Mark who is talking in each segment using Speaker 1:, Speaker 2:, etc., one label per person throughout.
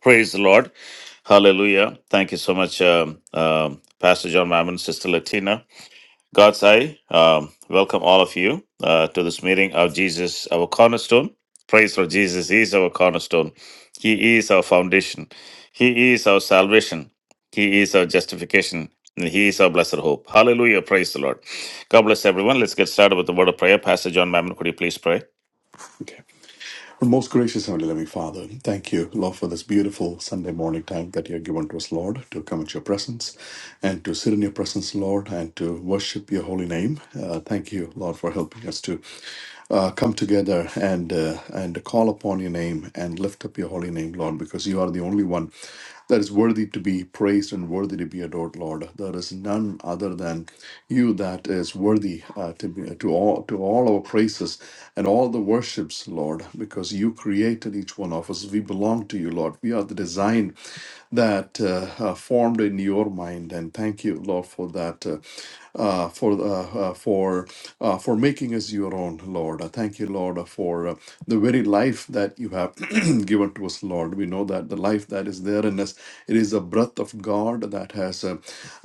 Speaker 1: Praise the Lord. Hallelujah. Thank you so much, um, um, Pastor John Mammon, Sister Latina. God's eye, um, welcome all of you uh, to this meeting of Jesus, our cornerstone. Praise for Jesus. is our cornerstone. He is our foundation. He is our salvation. He is our justification. And he is our blessed hope. Hallelujah. Praise the Lord. God bless everyone. Let's get started with the word of prayer. Pastor John Mammon, could you please pray?
Speaker 2: Okay. Well, most gracious Heavenly Loving Father, thank you, Lord, for this beautiful Sunday morning time that you have given to us, Lord, to come into your presence and to sit in your presence, Lord, and to worship your holy name. Uh, thank you, Lord, for helping us to uh, come together and uh, and call upon your name and lift up your holy name, Lord, because you are the only one that is worthy to be praised and worthy to be adored, Lord. There is none other than you that is worthy uh, to be, to all to all our praises and all the worships, Lord, because you created each one of us. We belong to you, Lord. We are the design that uh, uh, formed in your mind, and thank you, Lord, for that. Uh, uh, for uh, uh, for uh, for making us your own, Lord. I thank you, Lord, for uh, the very life that you have given to us, Lord. We know that the life that is there in us, it is the breath of God that has uh,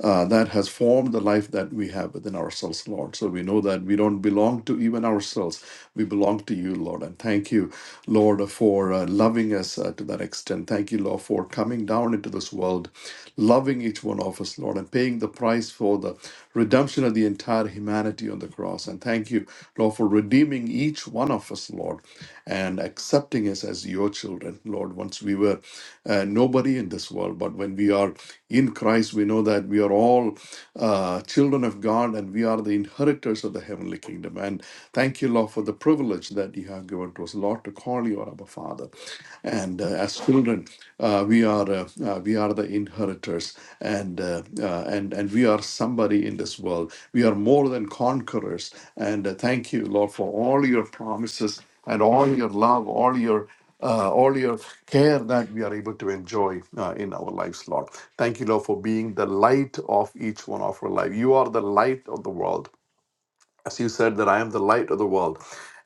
Speaker 2: uh, that has formed the life that we have within ourselves, Lord. So we know that we don't belong to even ourselves. We belong to you, Lord. And thank you, Lord, for uh, loving us uh, to that extent. Thank you, Lord, for coming down born into this world, loving each one of us, Lord, and paying the price for the redemption of the entire humanity on the cross. And thank you, Lord, for redeeming each one of us, Lord, and accepting us as your children, Lord. Once we were uh, nobody in this world, but when we are in Christ, we know that we are all uh, children of God and we are the inheritors of the heavenly kingdom. And thank you, Lord, for the privilege that you have given to us, Lord, to call you our Father. And uh, as children, uh, we are uh, uh, we are the inheritors, and uh, uh, and and we are somebody in this world. We are more than conquerors. And uh, thank you, Lord, for all your promises and all your love, all your uh, all your care that we are able to enjoy uh, in our lives, Lord. Thank you, Lord, for being the light of each one of our life. You are the light of the world. As you said, that I am the light of the world,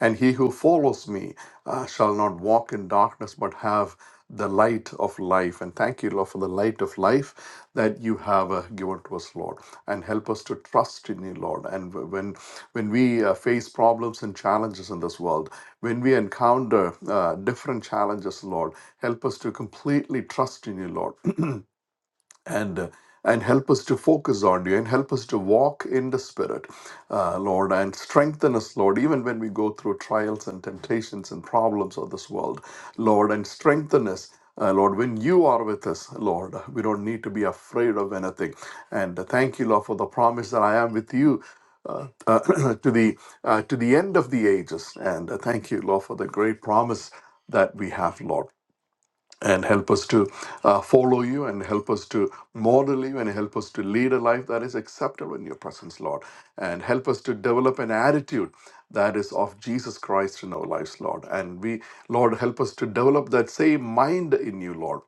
Speaker 2: and he who follows me uh, shall not walk in darkness, but have the light of life. And thank you, Lord, for the light of life that you have uh, given to us, Lord, and help us to trust in you, Lord. And w- when when we uh, face problems and challenges in this world, when we encounter uh, different challenges, Lord, help us to completely trust in you, Lord. and uh, and help us to focus on you and help us to walk in the spirit uh, lord and strengthen us lord even when we go through trials and temptations and problems of this world lord and strengthen us uh, Lord, when you are with us, Lord, we don't need to be afraid of anything. And uh, thank you, Lord, for the promise that I am with you uh, uh, to the uh, to the end of the ages. And uh, thank you, Lord, for the great promise that we have, Lord and help us to uh, follow you and help us to model you and help us to lead a life that is acceptable in your presence, Lord. And help us to develop an attitude that is of Jesus Christ in our lives, Lord. And we, Lord, help us to develop that same mind in you, Lord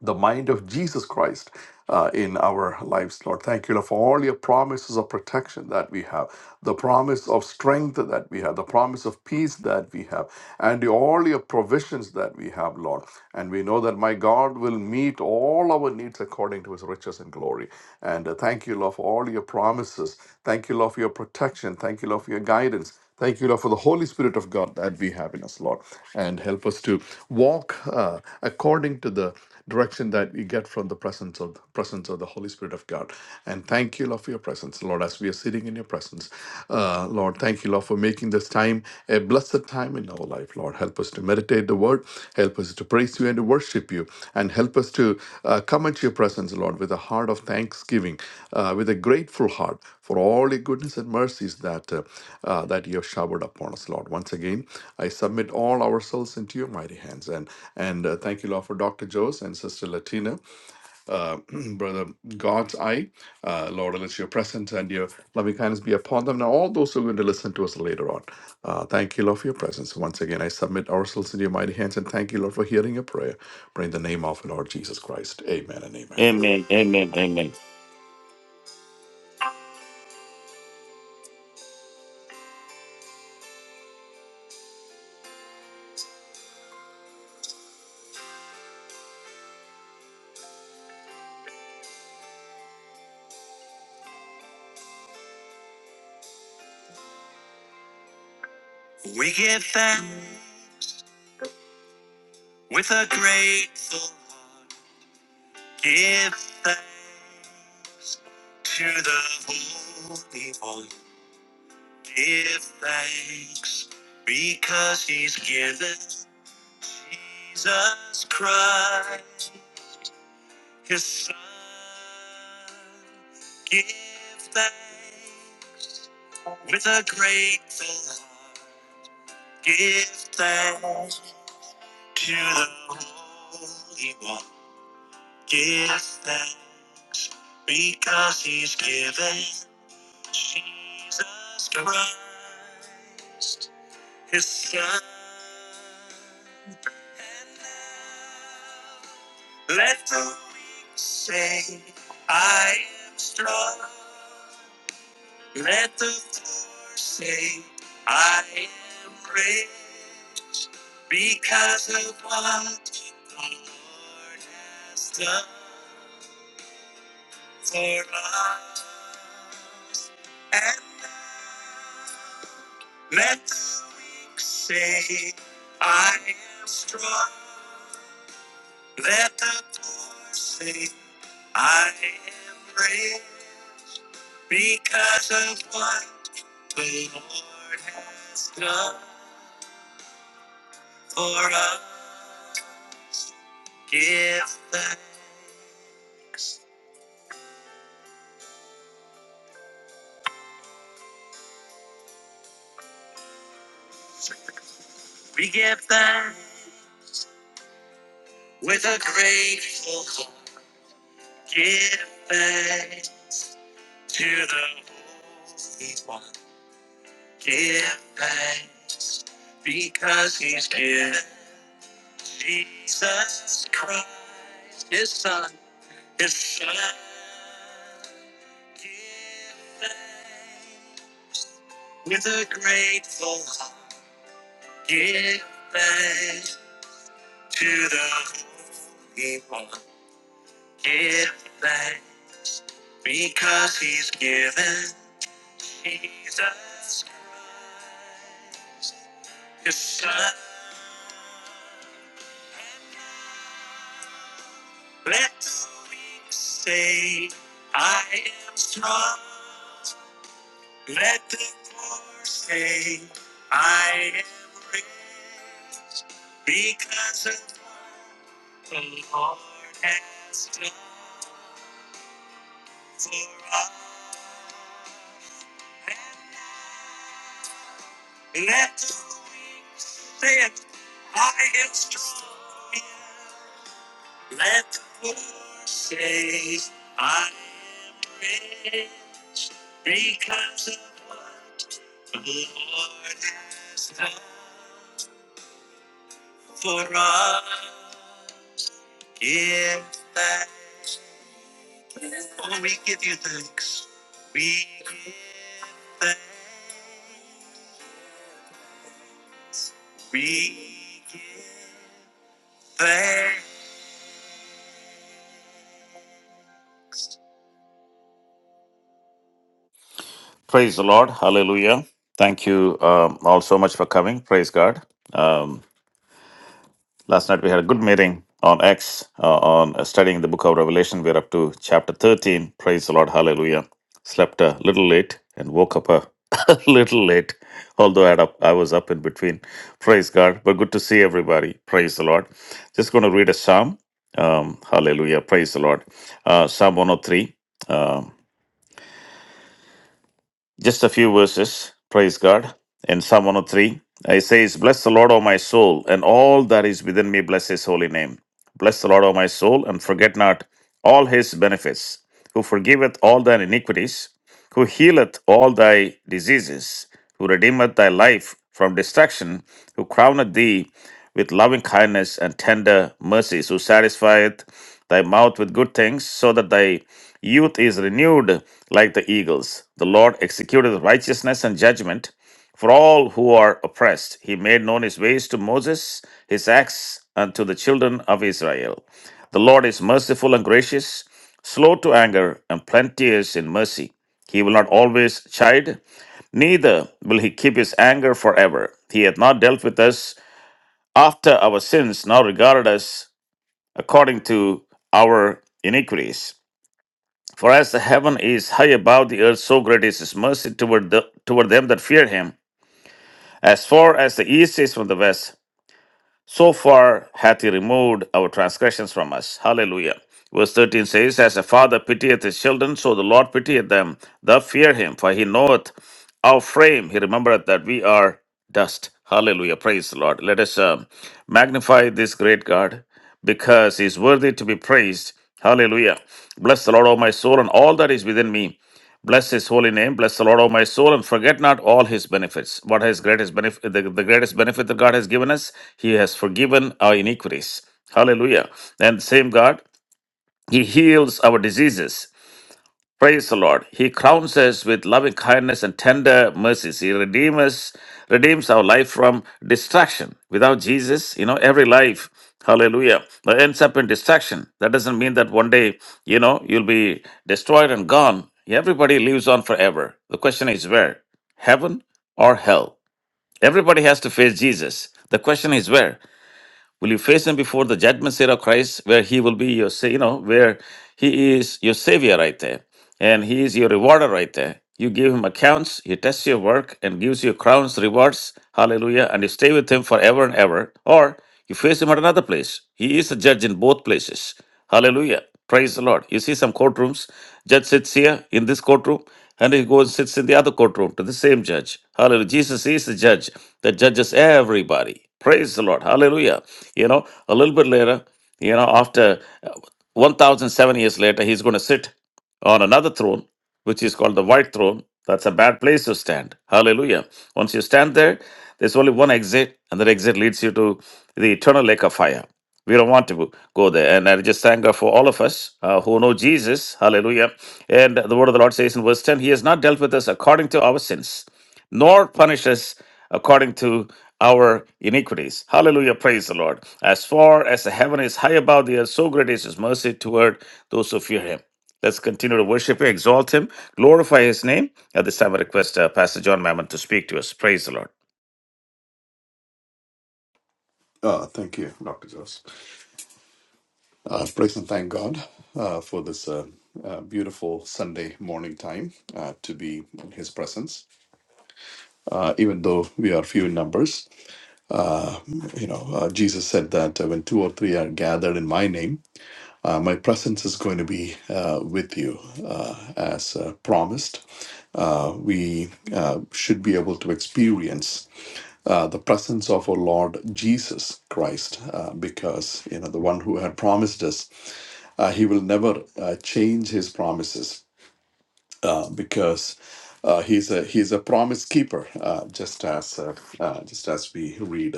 Speaker 2: the mind of Jesus Christ uh, in our lives, Lord. Thank you Lord, for all your promises of protection that we have, the promise of strength that we have, the promise of peace that we have, and all your provisions that we have, Lord. And we know that my God will meet all our needs according to his riches and glory. And uh, thank you, Lord, for all your promises. Thank you, Lord, for your protection. Thank you, Lord, for your guidance. Thank you, Lord, for the Holy Spirit of God that we have in us, Lord, and help us to walk uh, according to the direction that we get from the presence of presence of the Holy Spirit of God. And thank you, Lord, for your presence, Lord, as we are sitting in your presence. Uh, Lord, thank you, Lord, for making this time a blessed time in our life. Lord, help us to meditate the word, help us to praise you and to worship you, and help us to just to uh, come into your presence, Lord, with a heart of thanksgiving, uh, with a grateful heart for all your goodness and mercies that uh, uh, that you have showered upon us, Lord. Once again, I submit all ourselves into your mighty hands, and and uh, thank you, Lord, for Doctor Jose and Sister Latina. Brother God's eye. Uh, Lord, let your presence and your loving kindness be upon them. Now, all those who are going to listen to us later on, uh, thank you, Lord, for your presence. Once again, I submit ourselves into your mighty hands and thank you, Lord, for hearing your prayer. Pray in the name of Lord Jesus Christ. Amen and amen.
Speaker 1: Amen. Amen. Amen. Praise the Lord. Hallelujah. Thank you um, all so much for coming. Praise God. Um, last night we had a good meeting on X uh, on uh, studying the book of Revelation. We're up to chapter 13. Praise the Lord. Hallelujah. Slept a little late and woke up a little late, although I, had up, I was up in between. Praise God. But good to see everybody. Praise the Lord. Just going to read a psalm. Um, hallelujah. Praise the Lord. Uh, psalm 103. Just a few verses, praise God. In Psalm 103, it says, Bless the Lord, O my soul, and all that is within me, bless his holy name. Bless the Lord, O my soul, and forget not all his benefits, who forgiveth all thine iniquities, who healeth all thy diseases, who redeemeth thy life from destruction, who crowneth thee with loving kindness and tender mercies, who satisfieth thy mouth with good things, so that thy youth is renewed like the eagles. The Lord executed righteousness and judgment for all who are oppressed. He made known his ways to Moses, his acts unto the children of Israel. The Lord is merciful and gracious, slow to anger, and plenteous in mercy. He will not always chide, Neither will he keep his anger forever. He hath not dealt with us after our sins, nor regarded us according to our iniquities. For as the heaven is high above the earth, so great is his mercy toward, the, toward them that fear him. As far as the east is from the west, so far hath he removed our transgressions from us. Hallelujah. Verse 13 says, As a father pitieth his children, so the Lord pitieth them that fear him, for he knoweth our frame. He remembered that we are dust. Hallelujah. Praise the Lord. Let us um, magnify this great God because He is worthy to be praised. Hallelujah. Bless the Lord, O my soul, and all that is within me. Bless his holy name. Bless the Lord, O my soul, and forget not all his benefits. What his greatest benefit, the, the greatest benefit that God has given us, he has forgiven our iniquities. Hallelujah. And same God, he heals our diseases. Praise the Lord. He crowns us with loving kindness and tender mercies. He redeems us, redeems our life from distraction. Without Jesus, you know, every life, hallelujah, that ends up in distraction. That doesn't mean that one day, you know, you'll be destroyed and gone. Everybody lives on forever. The question is where? Heaven or hell? Everybody has to face Jesus. The question is where? Will you face him before the judgment seat of Christ, where he will be your, sa- you know, where he is your savior right there, and he is your rewarder right there. You give him accounts, he tests your work and gives you crowns, rewards, hallelujah, and you stay with him forever and ever. Or you face him at another place. He is a judge in both places. Hallelujah. Praise the Lord. You see some courtrooms. Judge sits here in this courtroom and he goes sits in the other courtroom to the same judge. Hallelujah. Jesus is the judge that judges everybody. Praise the Lord. Hallelujah. You know, a little bit later, you know, after uh, 1007 years later, he's going to sit on another throne, which is called the white throne. That's a bad place to stand. Hallelujah. Once you stand there, there's only one exit, and that exit leads you to the eternal lake of fire. We don't want to go there. And I just thank God for all of us uh, who know Jesus. Hallelujah. And the word of the Lord says in verse 10 He has not dealt with us according to our sins, nor punished us according to our iniquities. Hallelujah. Praise the Lord. As far as the heaven is high above the earth, so great is His mercy toward those who fear Him. Let's continue to worship Him, exalt Him, glorify His name. At this time, I request uh, Pastor John Mammon to speak to us. Praise the Lord.
Speaker 2: Uh, thank you, Dr. Joss. Uh, praise and thank God uh, for this uh, uh, beautiful Sunday morning time uh, to be in His presence. Uh, even though we are few in numbers, you know, uh, Jesus said that uh, when two or three are gathered in my name, Uh, my presence is going to be uh, with you uh, as uh, promised. Uh, we uh, should be able to experience uh, the presence of our Lord Jesus Christ uh, because, you know, the one who had promised us, uh, he will never uh, change his promises uh, because. Uh, he's a he's a promise keeper, uh, just as uh, uh, just as we read,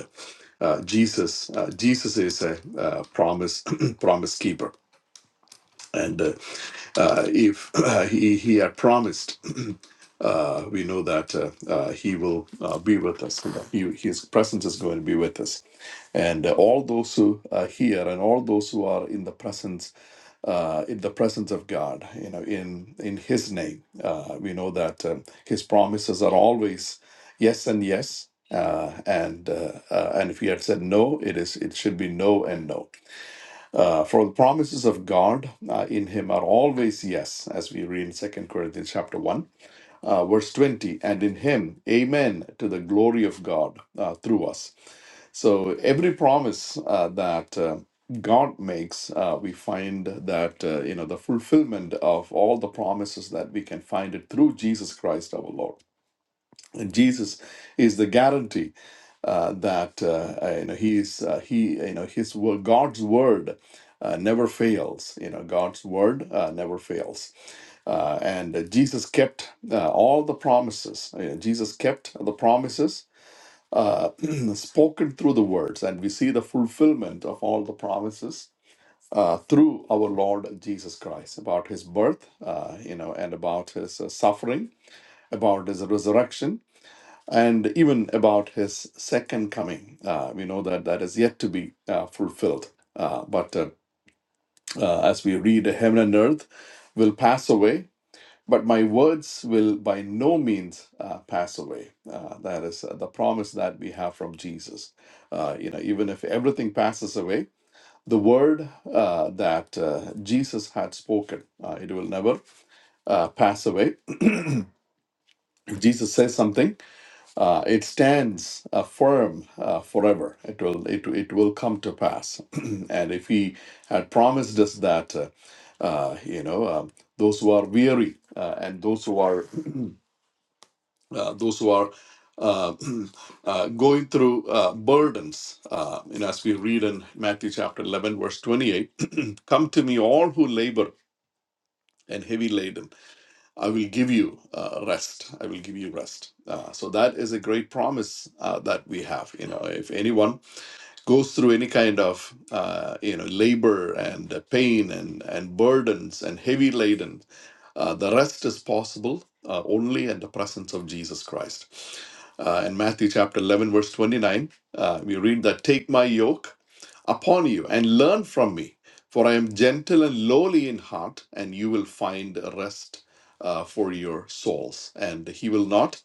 Speaker 2: uh, Jesus uh, Jesus is a uh, promise promise keeper and uh, uh, if uh, he, he had promised, uh, we know that uh, uh, he will uh, be with us. You know, he, his presence is going to be with us. And uh, all those who are here and all those who are in the presence, uh, in the presence of God, you know, in in His name, uh, we know that um, His promises are always yes and yes. Uh, and uh, uh, and if He had said no, it is it should be no and no uh, for the promises of God uh, in him are always yes, as we read in Second Corinthians chapter 1, uh, verse 20, and in him, amen, to the glory of God uh, through us. So every promise uh, that uh, God makes, uh, we find that, uh, you know, the fulfillment of all the promises that we can find it through Jesus Christ our Lord. And Jesus is the guarantee uh, that uh, uh, you know he is uh, he you know his wo- God's word uh, never fails. You know God's word uh, never fails, uh, and uh, Jesus kept uh, all the promises. You know, Jesus kept the promises uh, spoken through the words, and we see the fulfillment of all the promises. Uh, through our Lord Jesus Christ, about his birth, uh, you know, and about his uh, suffering, about his resurrection, and even about his second coming. Uh, we know that that is yet to be uh, fulfilled. Uh, but uh, uh, as we read, heaven and earth will pass away, but my words will by no means uh, pass away. Uh, that is uh, the promise that we have from Jesus. Uh, you know, even if everything passes away, the word uh, that uh, Jesus had spoken, uh, it will never uh, pass away. If Jesus says something, Uh, it stands uh, firm uh, forever. It will, it, it will come to pass. and if He had promised us that, uh, uh, you know, um, those who are weary uh, and those who are, uh, those who are uh, uh, going through uh, burdens, uh, you know, as we read in Matthew chapter eleven, verse twenty-eight, "Come to me, all who labor and heavy laden." I will give you uh, rest. I will give you rest. Uh, so that is a great promise uh, that we have. You know, if anyone goes through any kind of uh, you know labor and uh, pain and and burdens and heavy laden uh, the rest is possible uh, only in the presence of jesus christ uh, in matthew chapter 11 verse 29 uh, we read that take my yoke upon you and learn from me for i am gentle and lowly in heart and you will find rest uh, for your souls and he will not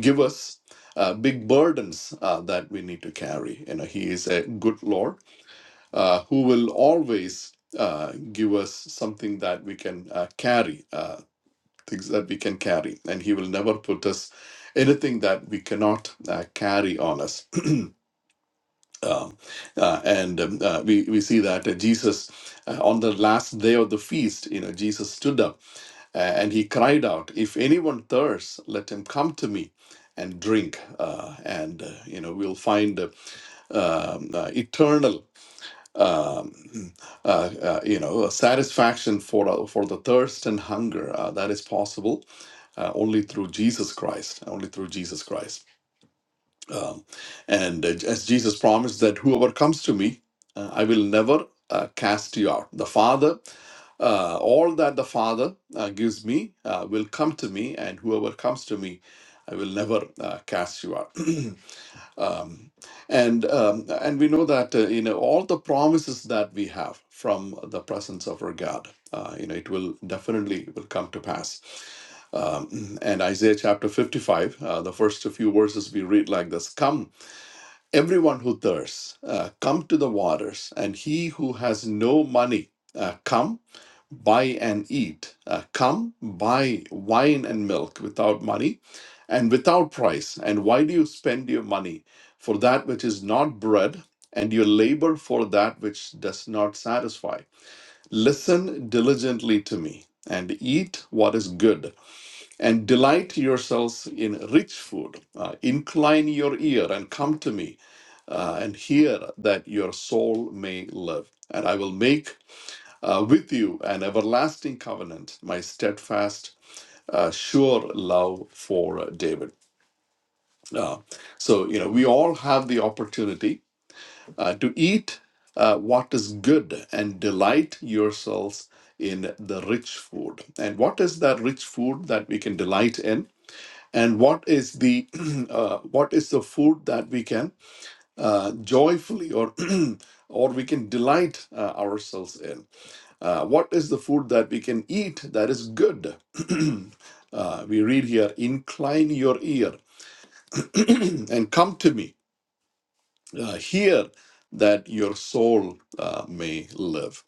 Speaker 2: give us uh, big burdens uh, that we need to carry. You know, He is a good Lord uh, who will always uh, give us something that we can uh, carry, uh, things that we can carry, and He will never put us anything that we cannot uh, carry on us. Um, uh, and um, uh, we, we see that uh, Jesus, uh, on the last day of the feast, you know, Jesus stood up uh, and he cried out, If anyone thirsts, let him come to me and drink. Uh, and, uh, you know, we'll find uh, um, uh, eternal um, uh, uh, you know satisfaction for uh, for the thirst and hunger uh, that is possible uh, only through Jesus Christ only through Jesus Christ um, and uh, as Jesus promised that whoever comes to me uh, I will never uh, cast you out the father uh, all that the father uh, gives me uh, will come to me and whoever comes to me I will never uh, cast you out um, and um, and we know that uh, you know all the promises that we have from the presence of our God, uh, you know, it will definitely will come to pass. Um, and Isaiah chapter fifty-five, uh, the first few verses we read like this: "Come, everyone who thirsts, uh, come to the waters, and he who has no money." Uh, come buy and eat. Uh, come, buy wine and milk without money and without price. And why do you spend your money for that which is not bread, and your labor for that which does not satisfy? Listen diligently to me. And eat what is good, and delight yourselves in rich food. Uh, incline your ear and come to me, uh, and hear that your soul may live. And I will make uh, with you an everlasting covenant, my steadfast, uh, sure love for uh, David. Uh, so, you know, we all have the opportunity uh, to eat uh, what is good and delight yourselves in the rich food. And what is that rich food that we can delight in? And what is the uh, what is the food that we can uh, joyfully or or we can delight uh, ourselves in? Uh, what is the food that we can eat that is good? Uh, we read here, incline your ear and come to me, uh, hear that your soul uh, may live.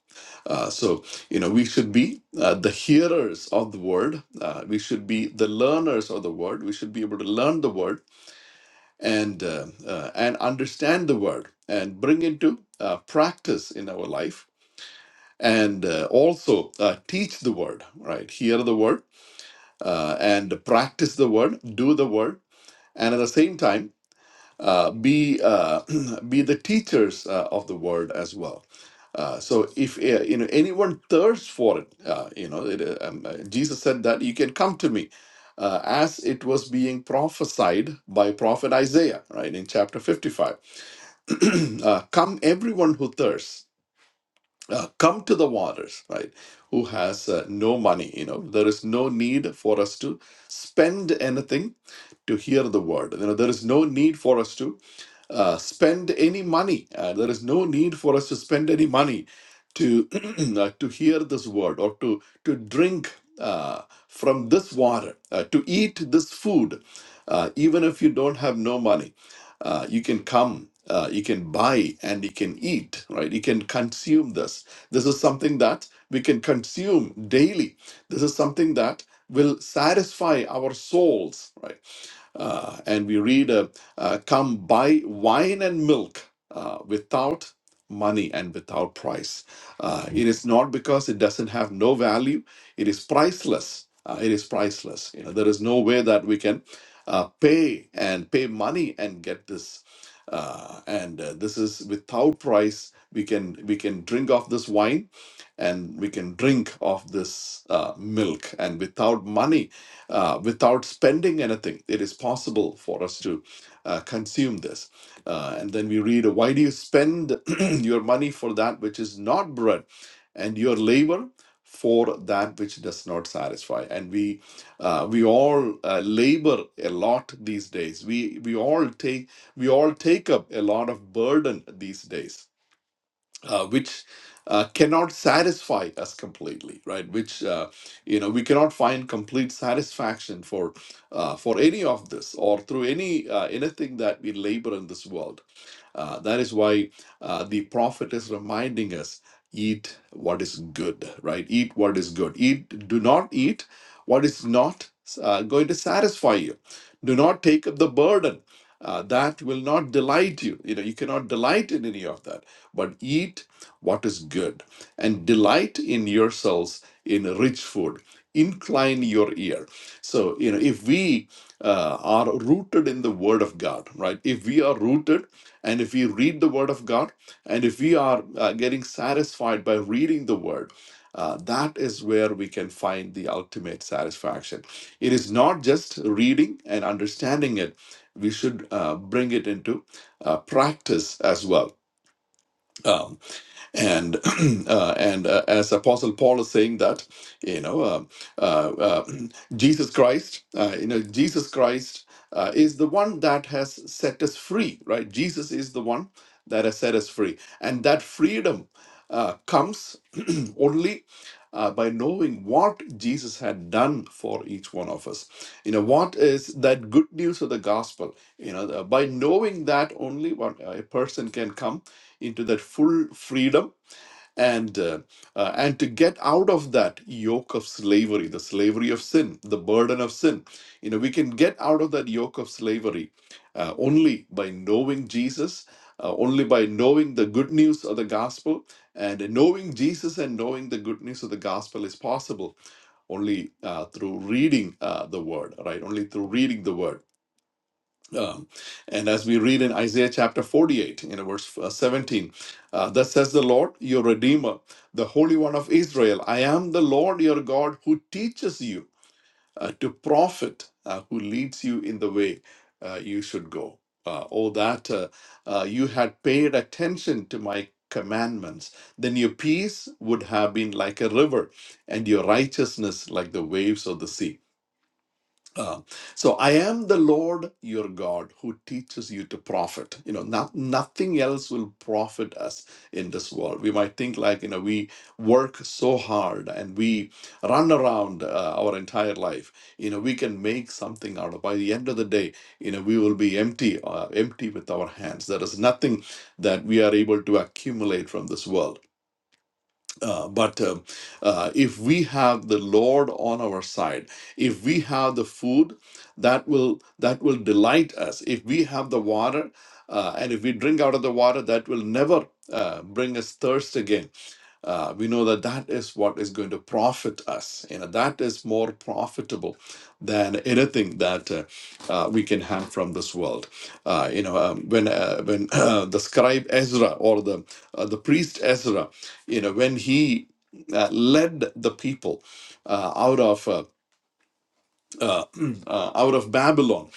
Speaker 2: Uh, so, you know, we should be uh, the hearers of the word. Uh, we should be the learners of the word. We should be able to learn the word and uh, uh, and understand the word and bring into uh, practice in our life and uh, also uh, teach the word. Right, hear the word uh, and practice the word, do the word, and at the same time, uh, be uh, be the teachers uh, of the word as well. Uh, so if uh, you know anyone thirsts for it, uh, you know it, uh, um, uh, Jesus said that you can come to me, uh, as it was being prophesied by prophet Isaiah, right in chapter fifty-five. uh, come, everyone who thirsts, uh, come to the waters, right? Who has uh, no money? You know there is no need for us to spend anything to hear the word. You know, there is no need for us to uh, spend any money. Uh, there is no need for us to spend any money to uh, to hear this word or to to drink uh, from this water, uh, to eat this food, uh, even if you don't have no money. Uh, you can come, uh, you can buy, and you can eat. Right? You can consume this. This is something that we can consume daily. This is something that will satisfy our souls. Right? Uh, and we read, uh, uh, Come buy wine and milk uh, without money and without price. Uh, it is not because it doesn't have no value, it is priceless. Uh, it is priceless. You know, there is no way that we can uh, pay and pay money and get this. Uh, and uh, this is without price. We can we can drink of this wine, and we can drink of this uh, milk. And without money, uh, without spending anything. It is possible for us to uh, consume this. Uh, and then we read, Why do you spend your money for that which is not bread, and your labor for that which does not satisfy? And we uh, we all uh, labor a lot these days. We we all take we all take up a lot of burden these days uh, which uh, cannot satisfy us completely, right? Which uh, you know we cannot find complete satisfaction for uh, for any of this or through any uh, anything that we labor in this world. Uh, that is why uh, the prophet is reminding us eat what is good, right? Eat what is good. Eat, do not eat what is not uh, going to satisfy you. Do not take up the burden. Uh, that will not delight you. You know, you cannot delight in any of that, but eat what is good and delight in yourselves in rich food. Incline your ear. So, you know, if we uh, are rooted in the Word of God, right? If we are rooted and if we read the Word of God, and if we are uh, getting satisfied by reading the Word, uh, that is where we can find the ultimate satisfaction. It is not just reading and understanding it, we should uh, bring it into uh, practice as well. Uh, and uh, and uh, as apostle paul is saying that you know uh, uh, uh, jesus christ uh, you know jesus christ uh, is the one that has set us free right jesus is the one that has set us free and that freedom uh, comes only uh, by knowing what jesus had done for each one of us you know what is that good news of the gospel you know the- by knowing that only one uh, a person can come into that full freedom and uh, uh, and to get out of that yoke of slavery the slavery of sin the burden of sin you know we can get out of that yoke of slavery uh, only by knowing jesus uh, only by knowing the good news of the gospel and knowing jesus and knowing the good news of the gospel is possible only uh, through reading uh, the word right only through reading the word um, and as we read in Isaiah chapter 48, in verse uh, 17, uh, thus says the Lord, your Redeemer, the Holy One of Israel, I am the Lord your God who teaches you uh, to profit, uh, who leads you in the way uh, you should go. Uh, oh, that uh, uh, you had paid attention to my commandments, then your peace would have been like a river and your righteousness like the waves of the sea. Uh, so I am the Lord your God who teaches you to profit. You know, not, nothing else will profit us in this world. We might think like, you know, we work so hard and we run around uh, our entire life. You know, we can make something out of. By the end of the day, you know, we will be empty, uh, empty with our hands. There is nothing that we are able to accumulate from this world. Uh, but um uh, if we have the Lord on our side, if we have the food that will that will delight us, if we have the water, uh, and if we drink out of the water, that will never uh, bring us thirst again uh, we know that that is what is going to profit us. You know, that is more profitable than anything that uh, uh, we can have from this world. Uh, you know, um, when uh, when uh, the scribe Ezra or the uh, the priest Ezra, you know, when he uh, led the people uh, out of uh, uh, uh, out of Babylon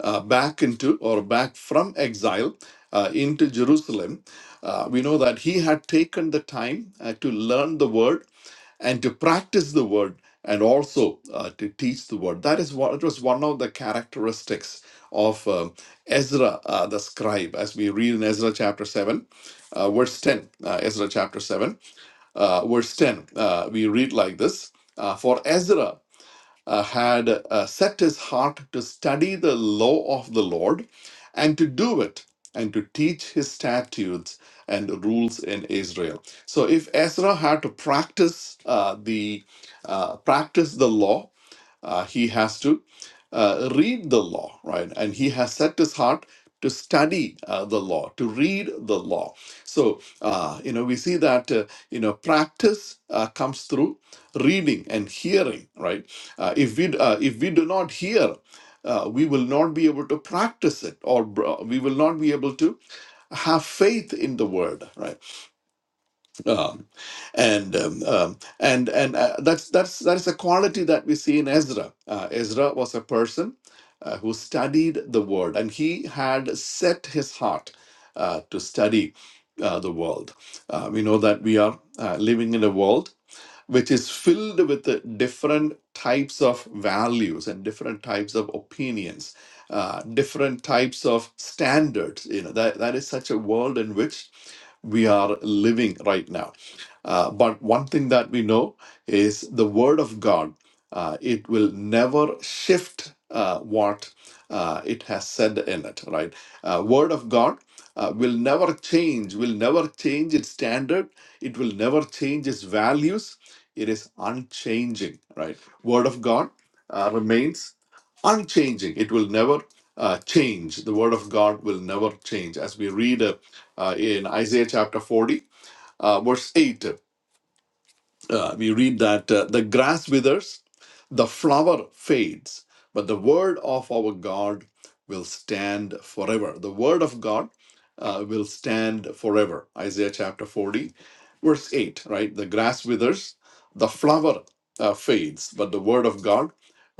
Speaker 2: uh, back into or back from exile uh, into Jerusalem. Uh, we know that he had taken the time uh, to learn the word and to practice the word and also uh, to teach the word. That is what it was one of the characteristics of um, Ezra uh, the scribe, as we read in Ezra chapter 7, uh, verse 10. Uh, Ezra chapter 7, uh, verse 10, uh, we read like this. Uh, for Ezra uh, had uh, set his heart to study the law of the Lord and to do it and to teach his statutes and rules in Israel. So if Ezra had to practice uh, the uh, practice the law uh, he has to uh, read the law, right? And he has set his heart to study uh, the law, to read the law. So, uh, you know, we see that, uh, you know, practice uh, comes through reading and hearing, right? Uh, if, we, uh, if we do not hear, uh, we will not be able to practice it or br- we will not be able to have faith in the word right um, and um, um, and and uh, that's that's that's a quality that we see in Ezra. Uh, Ezra was a person uh, who studied the word, and he had set his heart uh, to study uh, the world. Uh, we know that we are uh, living in a world which is filled with the different types of values and different types of opinions, uh, different types of standards. You know, that, that is such a world in which we are living right now. Uh, but one thing that we know is the Word of God, uh, it will never shift uh, what uh, it has said in it, right? Uh, Word of God uh, will never change, will never change its standard, it will never change its values it is unchanging right word of god uh, remains unchanging it will never uh, change the word of god will never change as we read uh, uh, in isaiah chapter 40 uh, verse 8 uh, we read that uh, the grass withers, the flower fades, but the word of our God will stand forever. The word of God uh, will stand forever. Isaiah chapter 40, verse 8, right? The grass withers, the flower uh, fades, but the word of God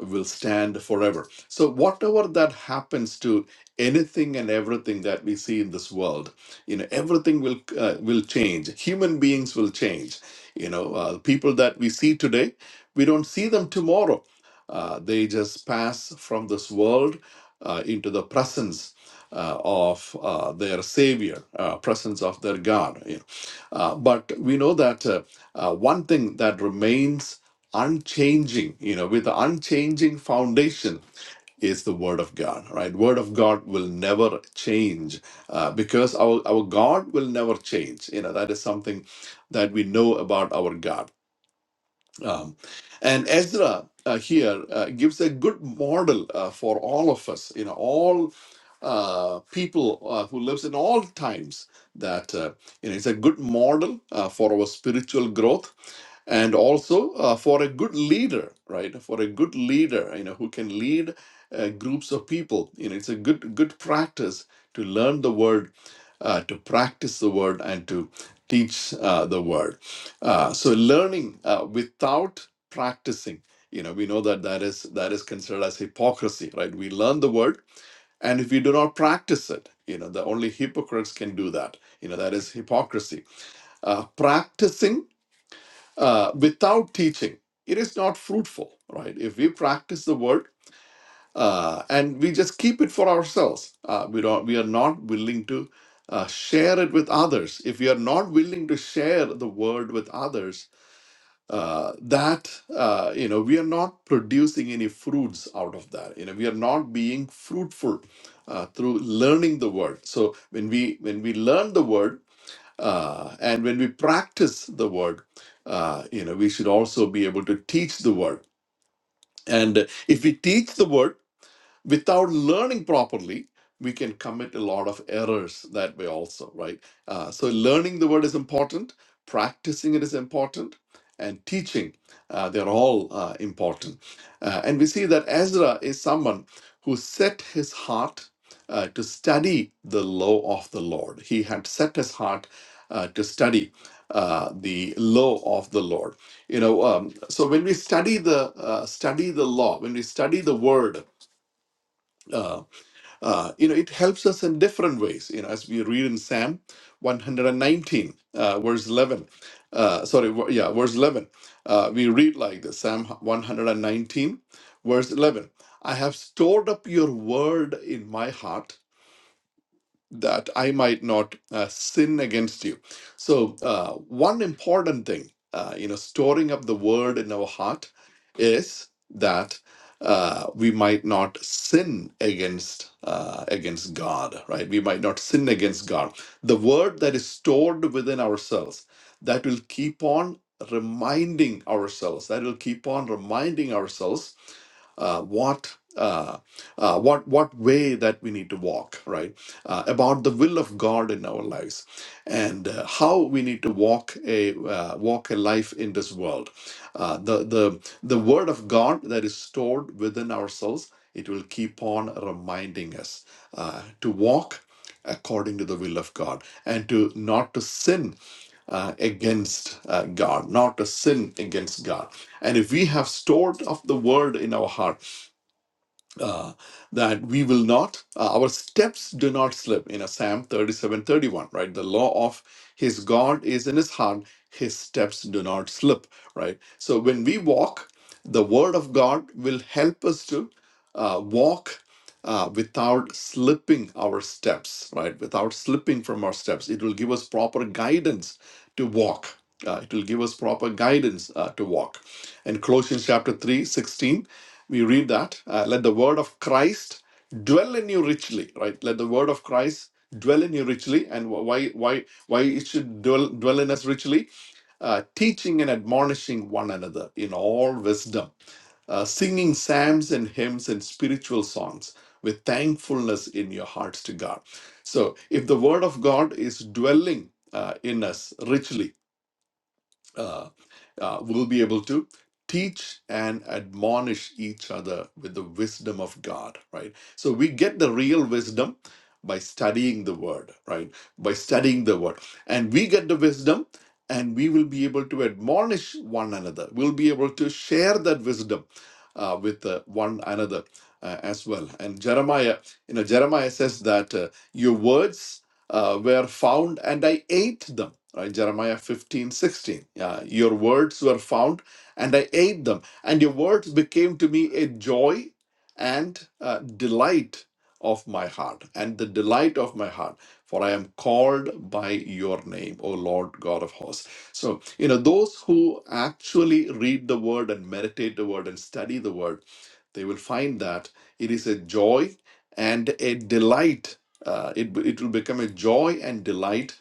Speaker 2: will stand forever. So, whatever that happens to anything and everything that we see in this world, you know, everything will uh, will change. Human beings will change you know, uh, the people that we see today, we don't see them tomorrow. Uh, they just pass from this world uh, into the presence uh, of uh, their Savior, uh, presence of their God. You know. Uh, but we know that uh, uh, one thing that remains unchanging, you know, with the unchanging foundation is the word of god right word of god will never change uh, because our, our god will never change you know that is something that we know about our god um, and Ezra uh, here uh, gives a good model uh, for all of us, you know, all uh, people uh, who lives in all times. That uh, you know, it's a good model uh, for our spiritual growth, and also uh, for a good leader, right? For a good leader, you know, who can lead uh, groups of people. You know, it's a good good practice to learn the word, uh, to practice the word, and to teach uh, the word. Uh, so learning uh, without practicing, you know, we know that that is that is considered as hypocrisy, right? We learn the word, and if we do not practice it, you know, the only hypocrites can do that. You know, that is hypocrisy. Uh, practicing uh, without teaching, it is not fruitful, right? If we practice the word uh, and we just keep it for ourselves, uh, we don't, we are not willing to. Uh, share it with others. If we are not willing to share the word with others, uh, that uh, you know we are not producing any fruits out of that you know we are not being fruitful uh, through learning the word so when we when we learn the word uh, and when we practice the word uh, you know we should also be able to teach the word and if we teach the word without learning properly we can commit a lot of errors that way also right uh, so learning the word is important practicing it is important and teaching uh, they're all uh, important Uh, and we see that ezra is someone who set his heart uh, to study the law of the lord he had set his heart uh, to study uh, the law of the lord you know um, so when we study the uh, study the law when we study the word uh, uh, you know, it helps us in different ways. You know, as we read in Psalm 119, uh, verse 11. Uh, sorry, ver- yeah, verse 11. Uh, we read like this Psalm 119, verse 11. I have stored up your word in my heart that I might not uh, sin against you. So, uh, one important thing, uh, you know, storing up the word in our heart is that uh, we might not sin against uh, against God, right? We might not sin against God. The word that is stored within ourselves that will keep on reminding ourselves that will keep on reminding ourselves uh, what uh, uh, what what way that we need to walk, right? Uh, about the will of God in our lives and uh, how we need to walk a uh, walk a life in this world. Uh, the the the word of God that is stored within ourselves, it will keep on reminding us uh, to walk according to the will of God and to not to sin uh, against uh, God, not to sin against God. And if we have stored of the word in our heart uh, that we will not, uh, our steps do not slip. In a Psalm 37 31, right? The law of his God is in his heart, his steps do not slip, right? So when we walk, the word of God will help us to uh, walk uh, without slipping our steps, right? Without slipping from our steps. It will give us proper guidance to walk. Uh, it will give us proper guidance uh, to walk. In Colossians chapter 3 16, we read that uh, let the word of Christ dwell in you richly, right? Let the word of Christ dwell in you richly. And wh- why why why it should dwell, dwell in us richly? Uh, teaching and admonishing one another in all wisdom uh, singing psalms and hymns and spiritual songs with thankfulness in your hearts to God. So, if the Word of God is dwelling uh, in us richly, uh, uh, we'll be able to teach and admonish each other with the wisdom of God, right? So we get the real wisdom by studying the word, right? By studying the word. And we get the wisdom and we will be able to admonish one another. We'll be able to share that wisdom uh, with uh, one another uh, as well. And Jeremiah, you know, Jeremiah says that uh, your words uh, were found and I ate them. Right? Jeremiah 15 16. Yeah, your words were found and I ate them. And your words became to me a joy and uh, delight of my heart. And the delight of my heart. For I am called by your name, O Lord God of hosts. So, you know, those who actually read the word and meditate the word and study the word, they will find that it is a joy and a delight uh, it, it will become a joy and delight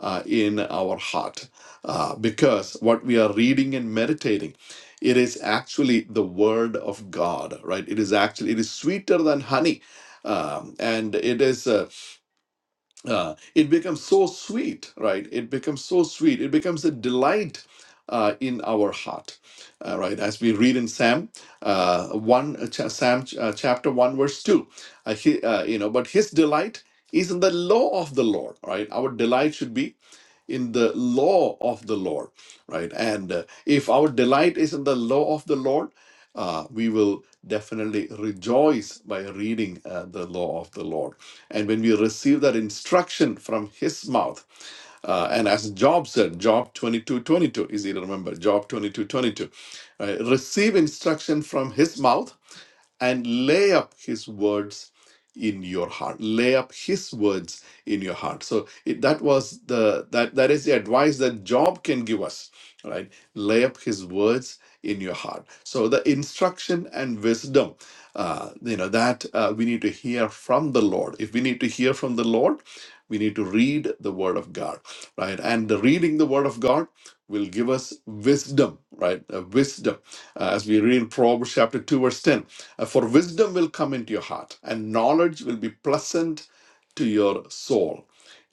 Speaker 2: uh, in our heart uh, because what we are reading and meditating it is actually the word of god right it is actually it is sweeter than honey um, and it is uh, uh, it becomes so sweet, right? It becomes so sweet. It becomes a delight uh, in our heart, uh, right? As we read in Sam uh, one, uh, cha- Sam uh, chapter one, verse two, uh, he, uh, you know, but his delight is in the law of the Lord, right? Our delight should be in the law of the Lord, right? And uh, if our delight is in the law of the Lord, uh, we will definitely rejoice by reading uh, the law of the Lord. And when we receive that instruction from His mouth, uh, and as Job said, Job 22:22, easy to remember, Job 22:22, right? receive instruction from His mouth and lay up his words in your heart lay up his words in your heart so it, that was the that that is the advice that job can give us right lay up his words in your heart so the instruction and wisdom uh, you know that uh, we need to hear from the lord if we need to hear from the lord we need to read the word of god right and the reading the word of god will give us wisdom right Uh, wisdom Uh, as we read in proverbs chapter 2 verse 10 uh, for wisdom will come into your heart and knowledge will be pleasant to your soul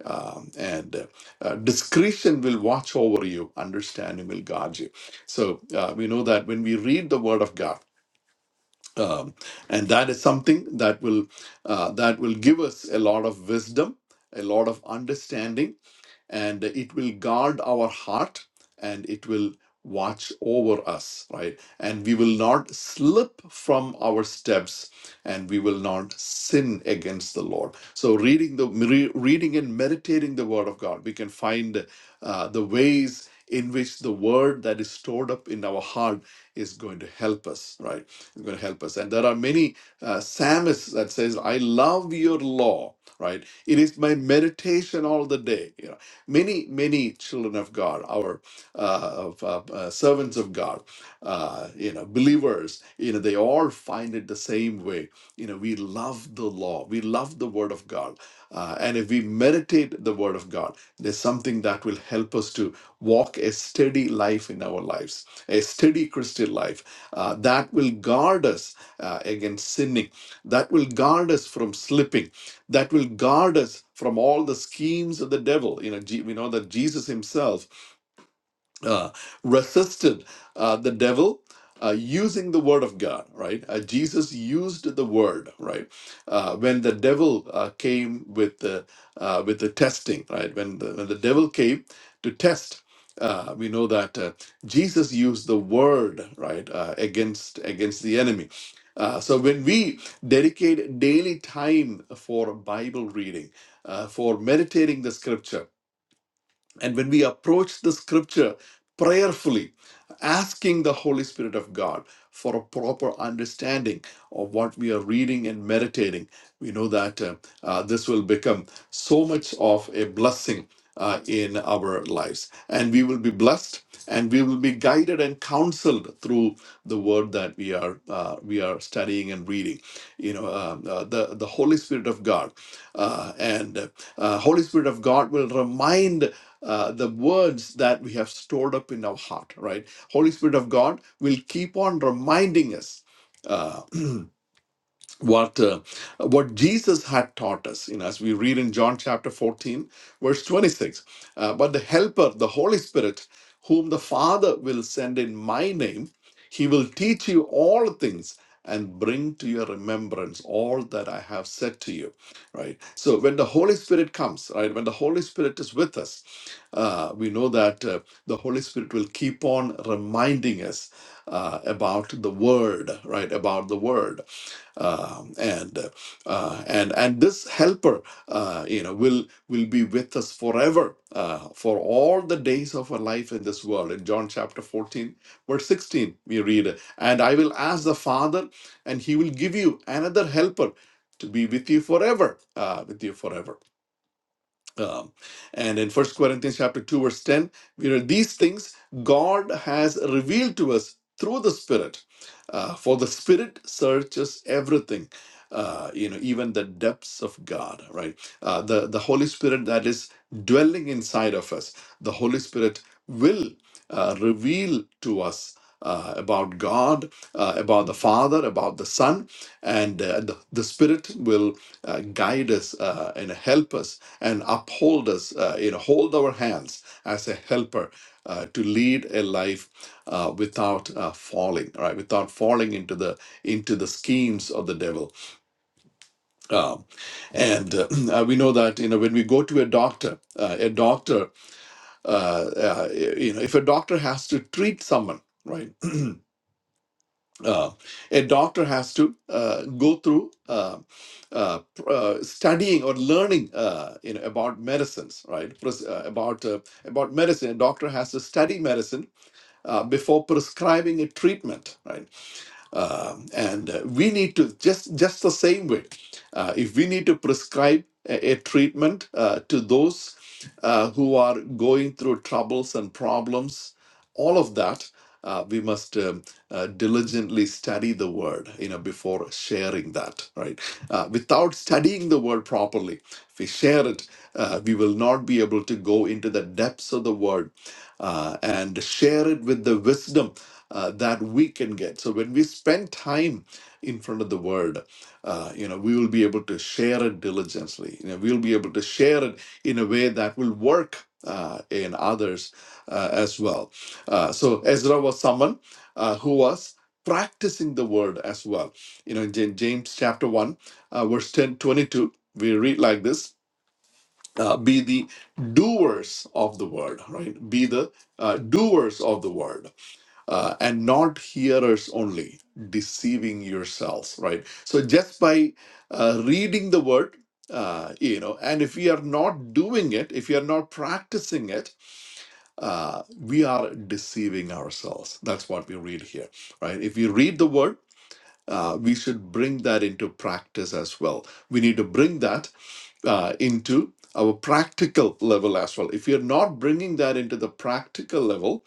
Speaker 2: um, and uh, uh, discretion will watch over you understanding will guard you so uh, we know that when we read the word of god um, and that is something that will uh, that will give us a lot of wisdom a lot of understanding and it will guard our heart and it will watch over us right and we will not slip from our steps and we will not sin against the lord so reading the re- reading and meditating the word of god we can find uh, the ways in which the word that is stored up in our heart is going to help us right it's going to help us and there are many uh, psalmists that says i love your law right it is my meditation all the day you know Many, many children of God, our uh, of, uh, uh, servants of God, uh, you know, believers, you know, they all find it the same way. You know, we love the law, we love the Word of God, uh, and if we meditate the Word of God, there's something that will help us to walk a steady life in our lives, a steady Christian life uh, that will guard us uh, against sinning, that will guard us from slipping that will guard us from all the schemes of the devil. You know, Je- we know that Jesus himself uh, resisted uh, the devil uh, using the word of God, right? Uh, Jesus used the word, right? Uh, when the devil uh, came with the uh, with the testing, right? When the, when the devil came to test, uh, we know that uh, Jesus used the word, right, uh, against against the enemy. Uh, so when we dedicate daily time for Bible reading, uh, for meditating the Scripture and when we approach the scripture prayerfully, asking the Holy Spirit of God for a proper understanding of what we are reading and meditating. We know that uh, uh, this will become so much of a blessing uh, in our lives. And we will be blessed and we will be guided and counseled through the word that we are uh, we are studying and reading you know um, uh, the the holy spirit of god uh, and uh, holy spirit of god will remind uh, the words that we have stored up in our heart right Holy Spirit of God will keep on reminding us. Uh, what uh, what Jesus had taught us. You know, as we read in John chapter 14, verse 26, uh, but the Helper, the Holy Spirit, whom the Father will send in my name, he will teach you all things and bring to your remembrance all that I have said to you. Right. So when the Holy Spirit comes, right, when the Holy Spirit is with us, uh, we know that uh, the Holy Spirit will keep on reminding us uh, about the Word, right, about the Word um, and uh, uh, and and this helper uh, you know will will be with us forever uh, for all the days of our life in this world in john chapter 14 verse 16 we read and i will ask the father and he will give you another helper to be with you forever uh, with you forever um, and in First Corinthians chapter 2, verse 10, we read these things God has revealed to us through the Spirit. Uh, for the Spirit searches everything, uh, you know, even the depths of God, right? Uh, the, the Holy Spirit that is dwelling inside of us, the Holy Spirit will uh, reveal to us. Uh, about God, uh, about the Father, about the Son, and uh, the, the Spirit will uh, guide us uh, and help us and uphold us, uh, you know, hold our hands as a helper uh, to lead a life uh, without uh, falling, right? without falling into the into the schemes of the devil. Um, and uh, we know that you know when we go to a doctor, uh, a doctor, uh, uh, you know, if a doctor has to treat someone, right. uh, a doctor has to uh, go through uh, uh, pr- uh, studying or learning uh, you know about medicines right Pres- uh, about uh, about medicine a doctor has to study medicine uh, before prescribing a treatment right um, and uh, we need to just just the same way. Uh, if we need to prescribe a, a treatment uh, to those uh, who are going through troubles and problems, all of that, uh, we must um, uh, diligently study the word, you know, before sharing that, right? Uh, without studying the word properly, if we share it, uh, we will not be able to go into the depths of the word uh, and share it with the wisdom uh, that we can get. So when we spend time in front of the Word, uh, you know, we will be able to share it diligently. You know, we'll be able to share it in a way that will work uh, in others uh, as well. Uh, so Ezra was someone uh, who was practicing the Word as well. You know, in Jan- James chapter one, uh, verse 10 22, we read like this. Uh, be the doers of the word, right? Be the uh, doers of the word uh, and not hearers only, deceiving yourselves, right? So just by uh, reading the word, uh, you know, and if we are not doing it, if we are not practicing it, uh, we are deceiving ourselves. That's what we read here, right? If we read the word, uh, we should bring that into practice as well. We need to bring that uh, into our practical level as well. If you're not bringing that into the practical level,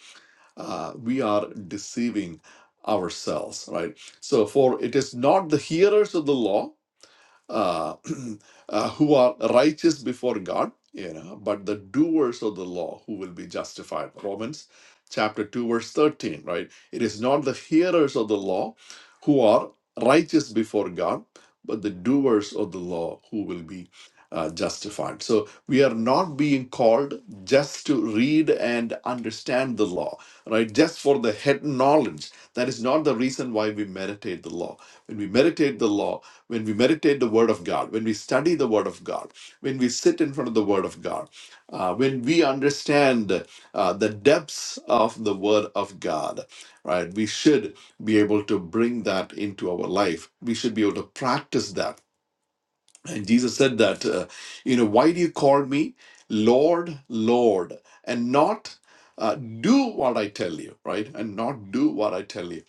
Speaker 2: uh, we are deceiving ourselves, right? So, for it is not the hearers of the law uh, uh, who are righteous before God, you know, but the doers of the law who will be justified. Romans chapter 2, verse 13, right? It is not the hearers of the law who are righteous before God, but the doers of the law who will be uh, justified. So we are not being called just to read and understand the law, right? Just for the head knowledge. That is not the reason why we meditate the law. When we meditate the law, when we meditate the Word of God, when we study the Word of God, when we sit in front of the Word of God, uh, when we understand uh, the depths of the Word of God, right? We should be able to bring that into our life. We should be able to practice that. And Jesus said that, uh, you know, why do you call me Lord, Lord, and not uh, do what I tell you, right? And not do what I tell you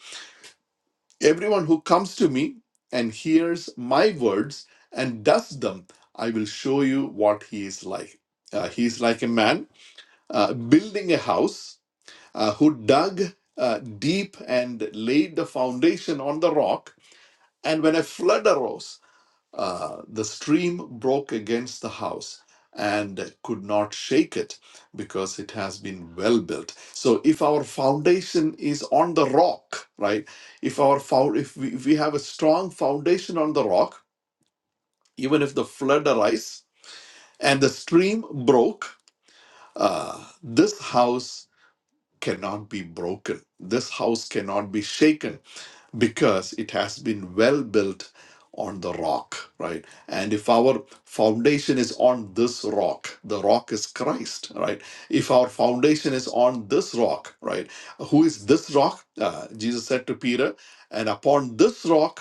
Speaker 2: Everyone who comes to me and hears my words and does them, I will show you what he is like. Uh, he is like a man uh, building a house uh, who dug uh, deep and laid the foundation on the rock. And when a flood arose, uh, the stream broke against the house and could not shake it because it has been well built so if our foundation is on the rock right if our fou if we, if we have a strong foundation on the rock even if the flood arise and the stream broke uh, this house cannot be broken this house cannot be shaken because it has been well built on the rock, right? And if our foundation is on this rock, the rock is Christ, right? If our foundation is on this rock, right? Who is this rock? Uh, Jesus said to Peter, and upon this rock,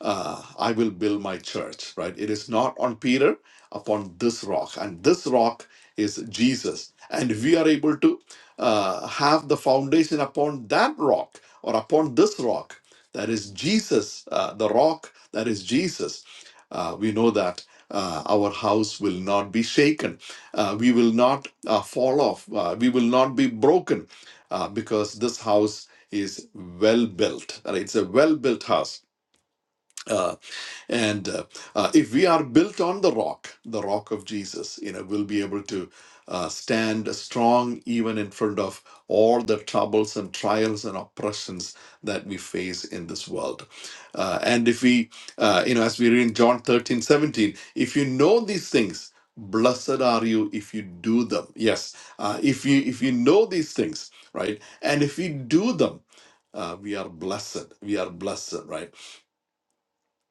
Speaker 2: uh, I will build my church, right? It is not on Peter, upon this rock. And this rock is Jesus. And we are able to uh, have the foundation upon that rock or upon this rock. That is Jesus, uh, the rock that is Jesus. Uh, we know that uh, our house will not be shaken. Uh, we will not uh, fall off. Uh, we will not be broken uh, because this house is well built. Right? It's a well built house Uh, and uh, uh, if we are built on the rock, the rock of Jesus, you know, we'll be able to uh, stand strong even in front of all the troubles and trials and oppressions that we face in this world. Uh, and if we, uh, you know, as we read in John 13 17, if you know these things, blessed are you if you do them yes uh, if you if you know these things right and if we do them uh, we are blessed we are blessed right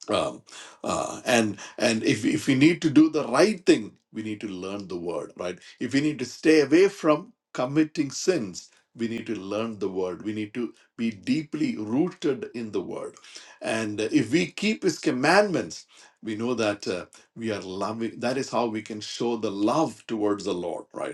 Speaker 2: um, uh, and and if if we need to do the right thing we need to learn the word right if we need to stay away from committing sins we need to learn the word we need to be deeply rooted in the word and uh, if we keep his commandments we know that uh, we are loving that is how we can show the love towards the lord right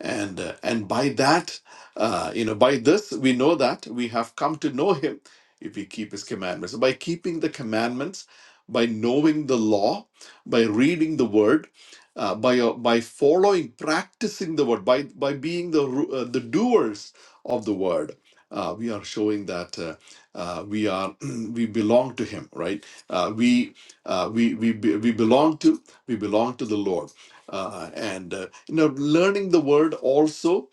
Speaker 2: and uh, and by that uh, you know by this we know that we have come to know him if we keep his commandments by keeping the commandments by knowing the law by reading the word uh, by uh, by following practicing the word by by being the ru- uh, the doers of the word uh, we are showing that uh, uh, we are we belong to him right uh, we uh, we we be- we belong to we belong to the lord uh, and uh, you know learning the word also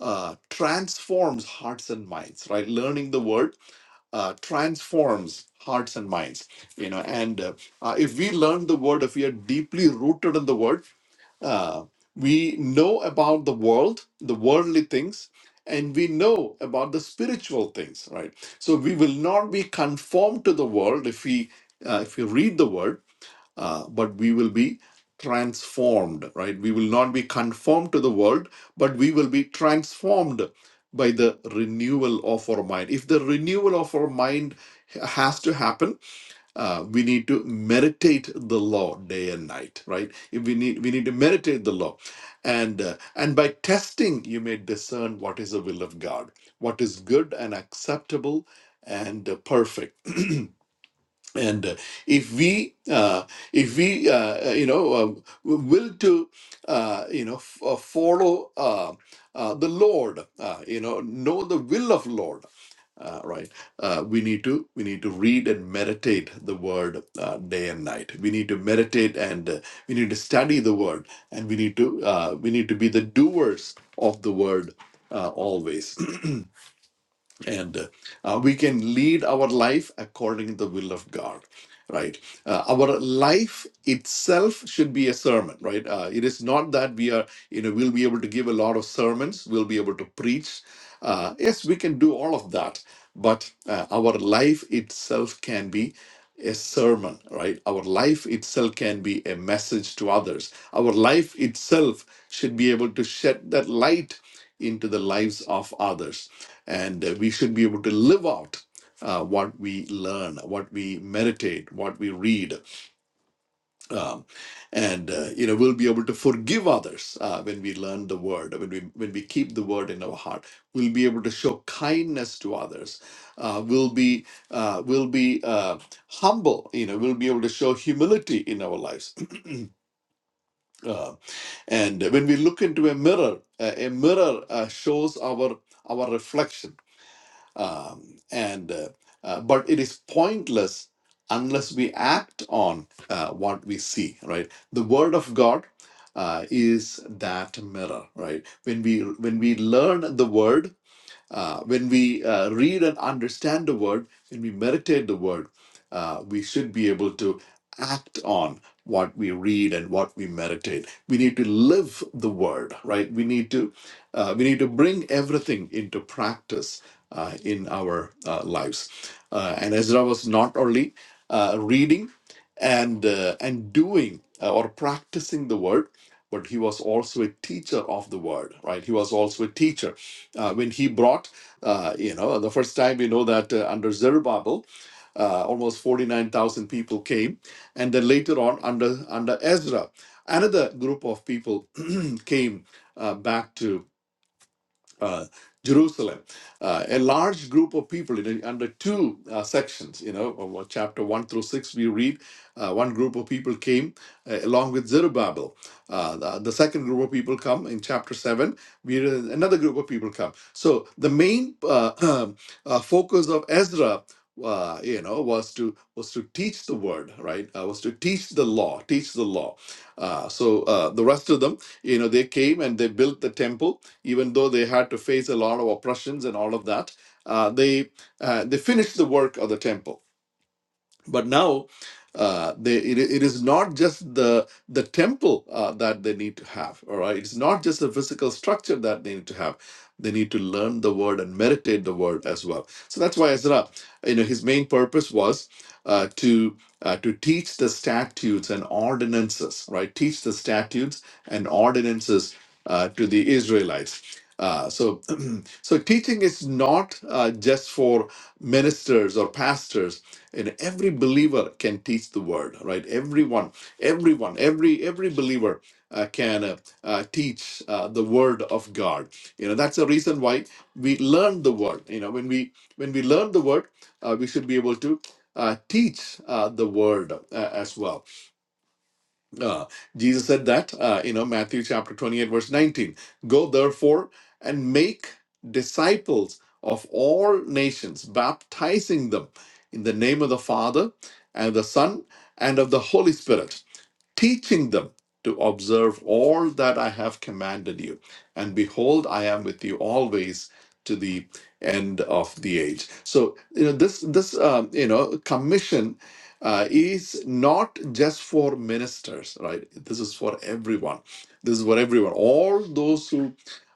Speaker 2: uh, transforms hearts and minds right learning the word uh, transforms hearts and minds you know and uh, uh, if we learn the word if we are deeply rooted in the word uh, we know about the world the worldly things and we know about the spiritual things right so we will not be conformed to the world if we uh, if we read the word uh, but we will be transformed, right? We will not be conformed to the world, but we will be transformed by the renewal of our mind. If the renewal of our mind has to happen, uh, we need to meditate the law day and night, right? If we need we need to meditate the law, and uh, and by testing you may discern what is the will of God, what is good and acceptable and uh, perfect and uh, if we uh, if we uh, uh, you know uh, w- will to uh, you know f- uh, follow uh, uh, the lord uh, you know know the will of lord uh, right uh, we need to we need to read and meditate the word uh, day and night we need to meditate and uh, we need to study the word and we need to uh, we need to be the doers of the word uh, always and uh, uh, we can lead our life according to the will of god right uh, our life itself should be a sermon right uh, it is not that we are you know we'll be able to give a lot of sermons we'll be able to preach uh, yes we can do all of that but uh, our life itself can be a sermon right our life itself can be a message to others our life itself should be able to shed that light into the lives of others and uh, we should be able to live out uh, what we learn, what we meditate, what we read, um, and uh, you know we'll be able to forgive others uh, when we learn the word, when we when we keep the word in our heart. We'll be able to show kindness to others. Uh, we'll be uh, we'll be uh, humble. You know, we'll be able to show humility in our lives. Uh, and when we look into a mirror, uh, a mirror uh, shows our our reflection Um, and uh, uh, but it is pointless unless we act on uh, what we see. Right, the word of God uh, is that mirror. Right, when we when we learn the word uh, when we uh, read and understand the word, when we meditate the word, uh, we should be able to act on what we read and what we meditate. We need to live the word, right? We need to uh, we need to bring everything into practice uh, in our uh, lives. Uh, and Ezra was not only uh, reading and uh, and doing uh, or practicing the word, but he was also a teacher of the word, right? He was also a teacher uh, when he brought, uh, you know, the first time we know that uh, under Zerubbabel, uh, almost 49,000 people came. And then later on, under, under Ezra, another group of people came uh, back to uh, Jerusalem. Uh, a large group of people in, under two uh, sections, you know, of what chapter 1 through 6, we read uh, one group of people came uh, along with Zerubbabel. Uh, the, the second group of people come in chapter 7, we read another group of people come. So the main uh, uh, focus of Ezra. Uh, you know, was to was to teach the word, right? Uh, was to teach the law, teach the law. Uh, so uh, the rest of them, you know, they came and they built the temple even though they had to face a lot of oppressions and all of that, uh, they uh, they finished the work of the temple but now uh, they, it, it is not just the the temple uh, that they need to have all right it's not just the physical structure that they need to have they need to learn the word and meditate the word as well so that's why ezra you know his main purpose was uh, to uh, to teach the statutes and ordinances right teach the statutes and ordinances uh, to the israelites uh, so so teaching is not uh, just for ministers or pastors and every believer can teach the word, right? Everyone, everyone, every every believer uh, can uh, uh, teach uh, the word of God. You know that's the reason why we learn the word. You know when we when we learn the word, uh, we should be able to uh, teach uh, the word uh, as well uh, Jesus said that, uh, you know, Matthew chapter 28, verse 19. Go therefore and make disciples of all nations, baptizing them in the name of the Father and the Son and of the Holy Spirit teaching them to observe all that I have commanded you. And behold, I am with you always to the end of the age. So you know this this um, you know commission uh, is not just for ministers, right? This is for everyone. This is for everyone. All those who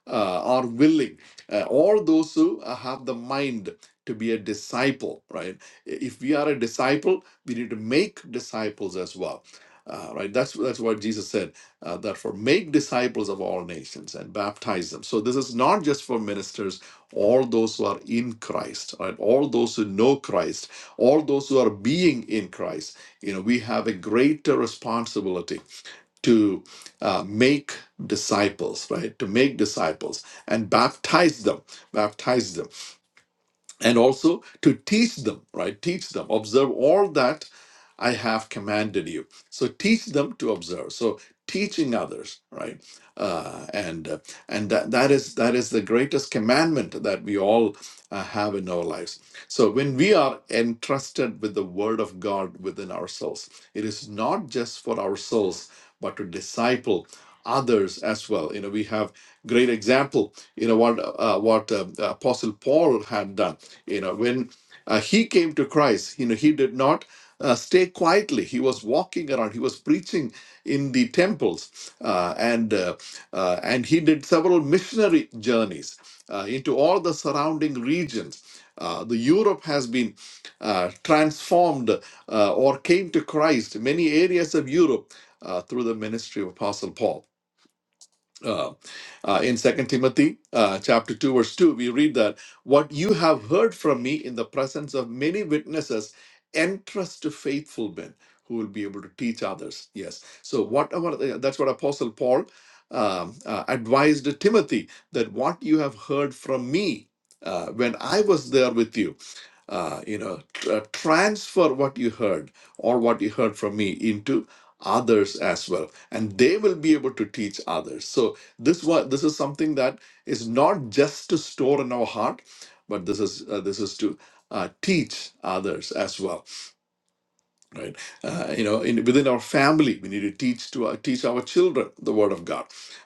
Speaker 2: uh, are willing, uh, all those who uh, have the mind to be a disciple, right? If we are a disciple, we need to make disciples as well uh, right, that's that's what Jesus said. Uh, therefore, make disciples of all nations and baptize them. So this is not just for ministers, all those who are in Christ, right? All those who know Christ, all those who are being in Christ. You know, we have a greater responsibility to uh, make disciples, right? To make disciples and baptize them, baptize them and also to teach them, right? Teach them, observe all that I have commanded you. So teach them to observe. So teaching others, right? Uh, and uh, and that, that is that is the greatest commandment that we all uh, have in our lives. So when we are entrusted with the Word of God within ourselves, it is not just for ourselves, but to disciple others as well. You know, we have great example. You know what uh, what uh, Apostle Paul had done. You know, when uh, he came to Christ, you know, he did not. Uh, stay quietly. He was walking around. He was preaching in the temples, uh, and uh, uh, and he did several missionary journeys uh, into all the surrounding regions. Uh, the Europe has been uh, transformed uh, or came to Christ, many areas of Europe, uh, through the ministry of Apostle Paul uh, uh, in second timothy uh, chapter 2 verse 2 we read that what you have heard from me in the presence of many witnesses entrust to faithful men who will be able to teach others yes so whatever uh, that's what apostle paul um, uh, advised timothy that what you have heard from me uh, when i was there with you uh, you know, tr- uh, transfer what you heard or what you heard from me into others as well, and they will be able to teach others. So this one, this is something that is not just to store in our heart, but this is uh, this is to uh, teach others as well right uh, you know in, within our family we need to teach to our, teach our children the word of god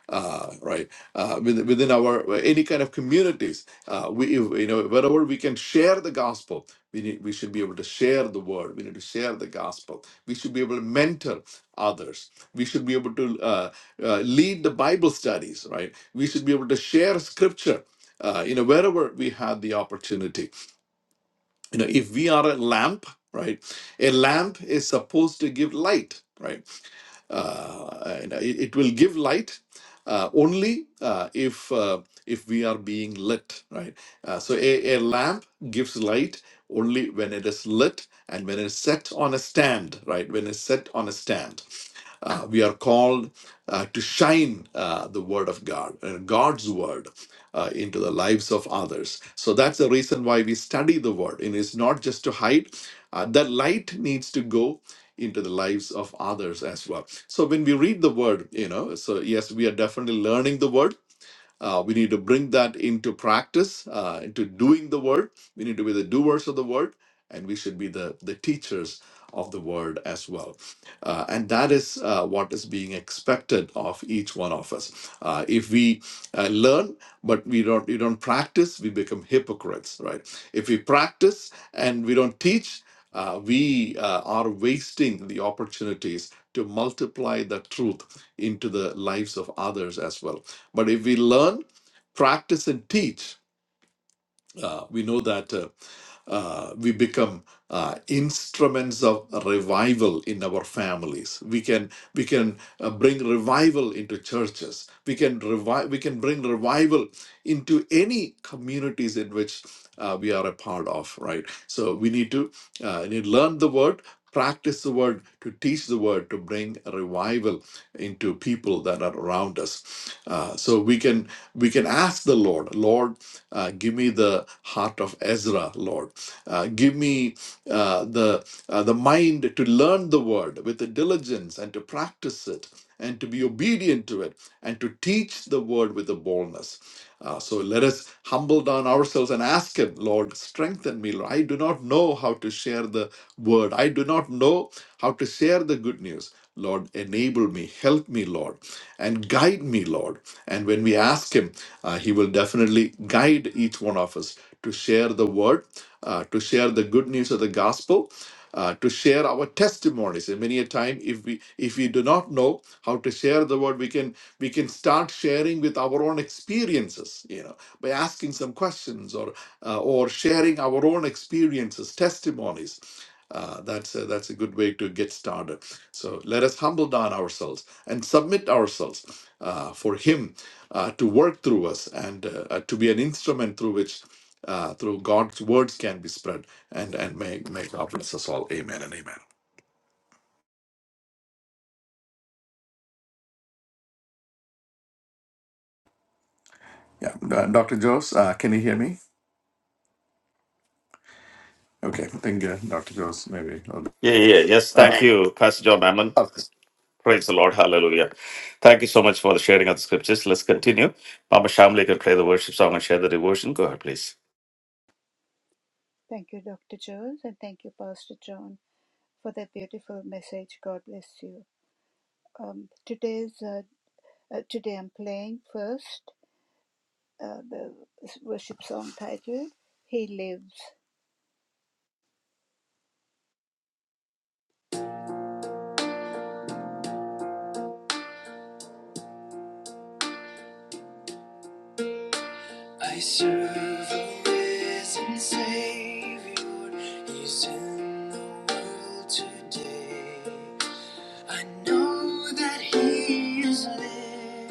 Speaker 2: uh, right uh, within, within our uh, any kind of communities uh, we if, you know wherever we can share the gospel we need, we should be able to share the word we need to share the gospel we should be able to mentor others we should be able to uh, uh, lead the bible studies right we should be able to share scripture uh, you know wherever we had the opportunity you know if we are a lamp right a lamp is supposed to give light right uh, and it, it will give light uh, only uh, if uh, if we are being lit right uh, so a, a lamp gives light only when it is lit and when it's set on a stand right when it's set on a stand uh, we are called uh, to shine uh, the word of god uh, god's word uh, into the lives of others so that's the reason why we study the word and it's not just to hide uh, the light needs to go into the lives of others as well so when we read the word you know so yes we are definitely learning the word uh, we need to bring that into practice, uh, into doing the word. We need to be the doers of the word, and we should be the, the teachers of the word as well. Uh, and that is uh, what is being expected of each one of us. Uh, if we uh, learn, but we don't, we don't practice, we become hypocrites, right? If we practice and we don't teach, uh, we uh, are wasting the opportunities to multiply the truth into the lives of others as well but if we learn, practice, and teach, uh, we know that uh, uh, we become uh, instruments of revival in our families. We can we can uh, bring revival into churches. We can revive. We can bring revival into any communities in which uh, we are a part of, right? So we need to uh, need to learn the word, practice the word, to teach the word, to bring a revival into people that are around us. Uh, so we can we can ask the Lord, Lord, uh, give me the heart of Ezra, Lord, uh, give me uh, the uh, the mind to learn the word with the diligence and to practice it and to be obedient to it and to teach the word with a boldness. Uh, so let us humble down ourselves and ask Him, Lord, strengthen me. Lord. I do not know how to share the word. I do not know how to share the good news. Lord, enable me, help me, Lord, and guide me, Lord. And when we ask Him, uh, He will definitely guide each one of us to share the word, uh, to share the good news of the gospel, uh, to share our testimonies. And many a time, if we if we do not know how to share the word, we can we can start sharing with our own experiences, you know, by asking some questions or uh, or sharing our own experiences, testimonies. Uh, that's a, that's a good way to get started. So let us humble down ourselves and submit ourselves uh, for Him uh, to work through us and uh, uh, to be an instrument through which uh, through God's words can be spread. And and may, may God bless us all. Amen and amen. Yeah, uh, Dr. Jose, uh, can you hear me? Okay, I think uh, Dr. Jose, maybe.
Speaker 1: Yeah, yeah, yes. Thank you, Pastor John Mammon.
Speaker 2: Uh,
Speaker 1: Praise the Lord. Hallelujah. Thank you so much for the sharing of the scriptures. Let's continue. Mama Shamli can play the worship song and share the devotion. Go ahead, please.
Speaker 3: Thank you, Dr. Jones, and thank you, Pastor John, for that beautiful message. God bless you. Um, today's uh, uh, today I'm playing first uh, the worship song titled "He Lives." I serve a risen Savior. He's in the world today. I know that He is living,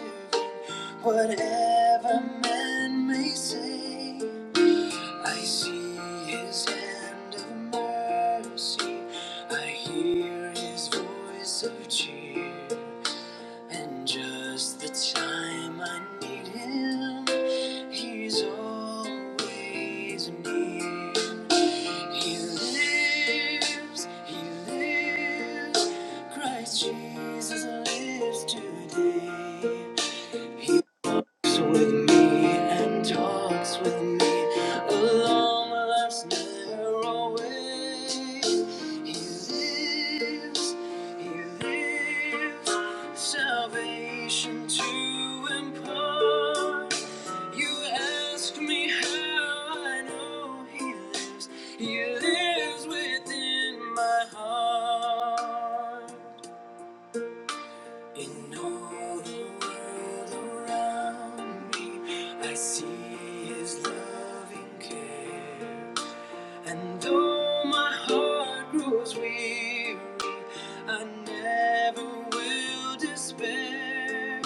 Speaker 3: whatever man may say. I see his hand of mercy. I hear his voice of cheer. And just the time I need him, he's always near. He lives, he lives. Christ Jesus lives today walks with me and talks with me along life's narrow way. He lives, he lives, salvation to impart. You ask me how I know he lives. He lives within my heart. In all the world around me, I see His loving care. And though my heart grows weary, I never will despair.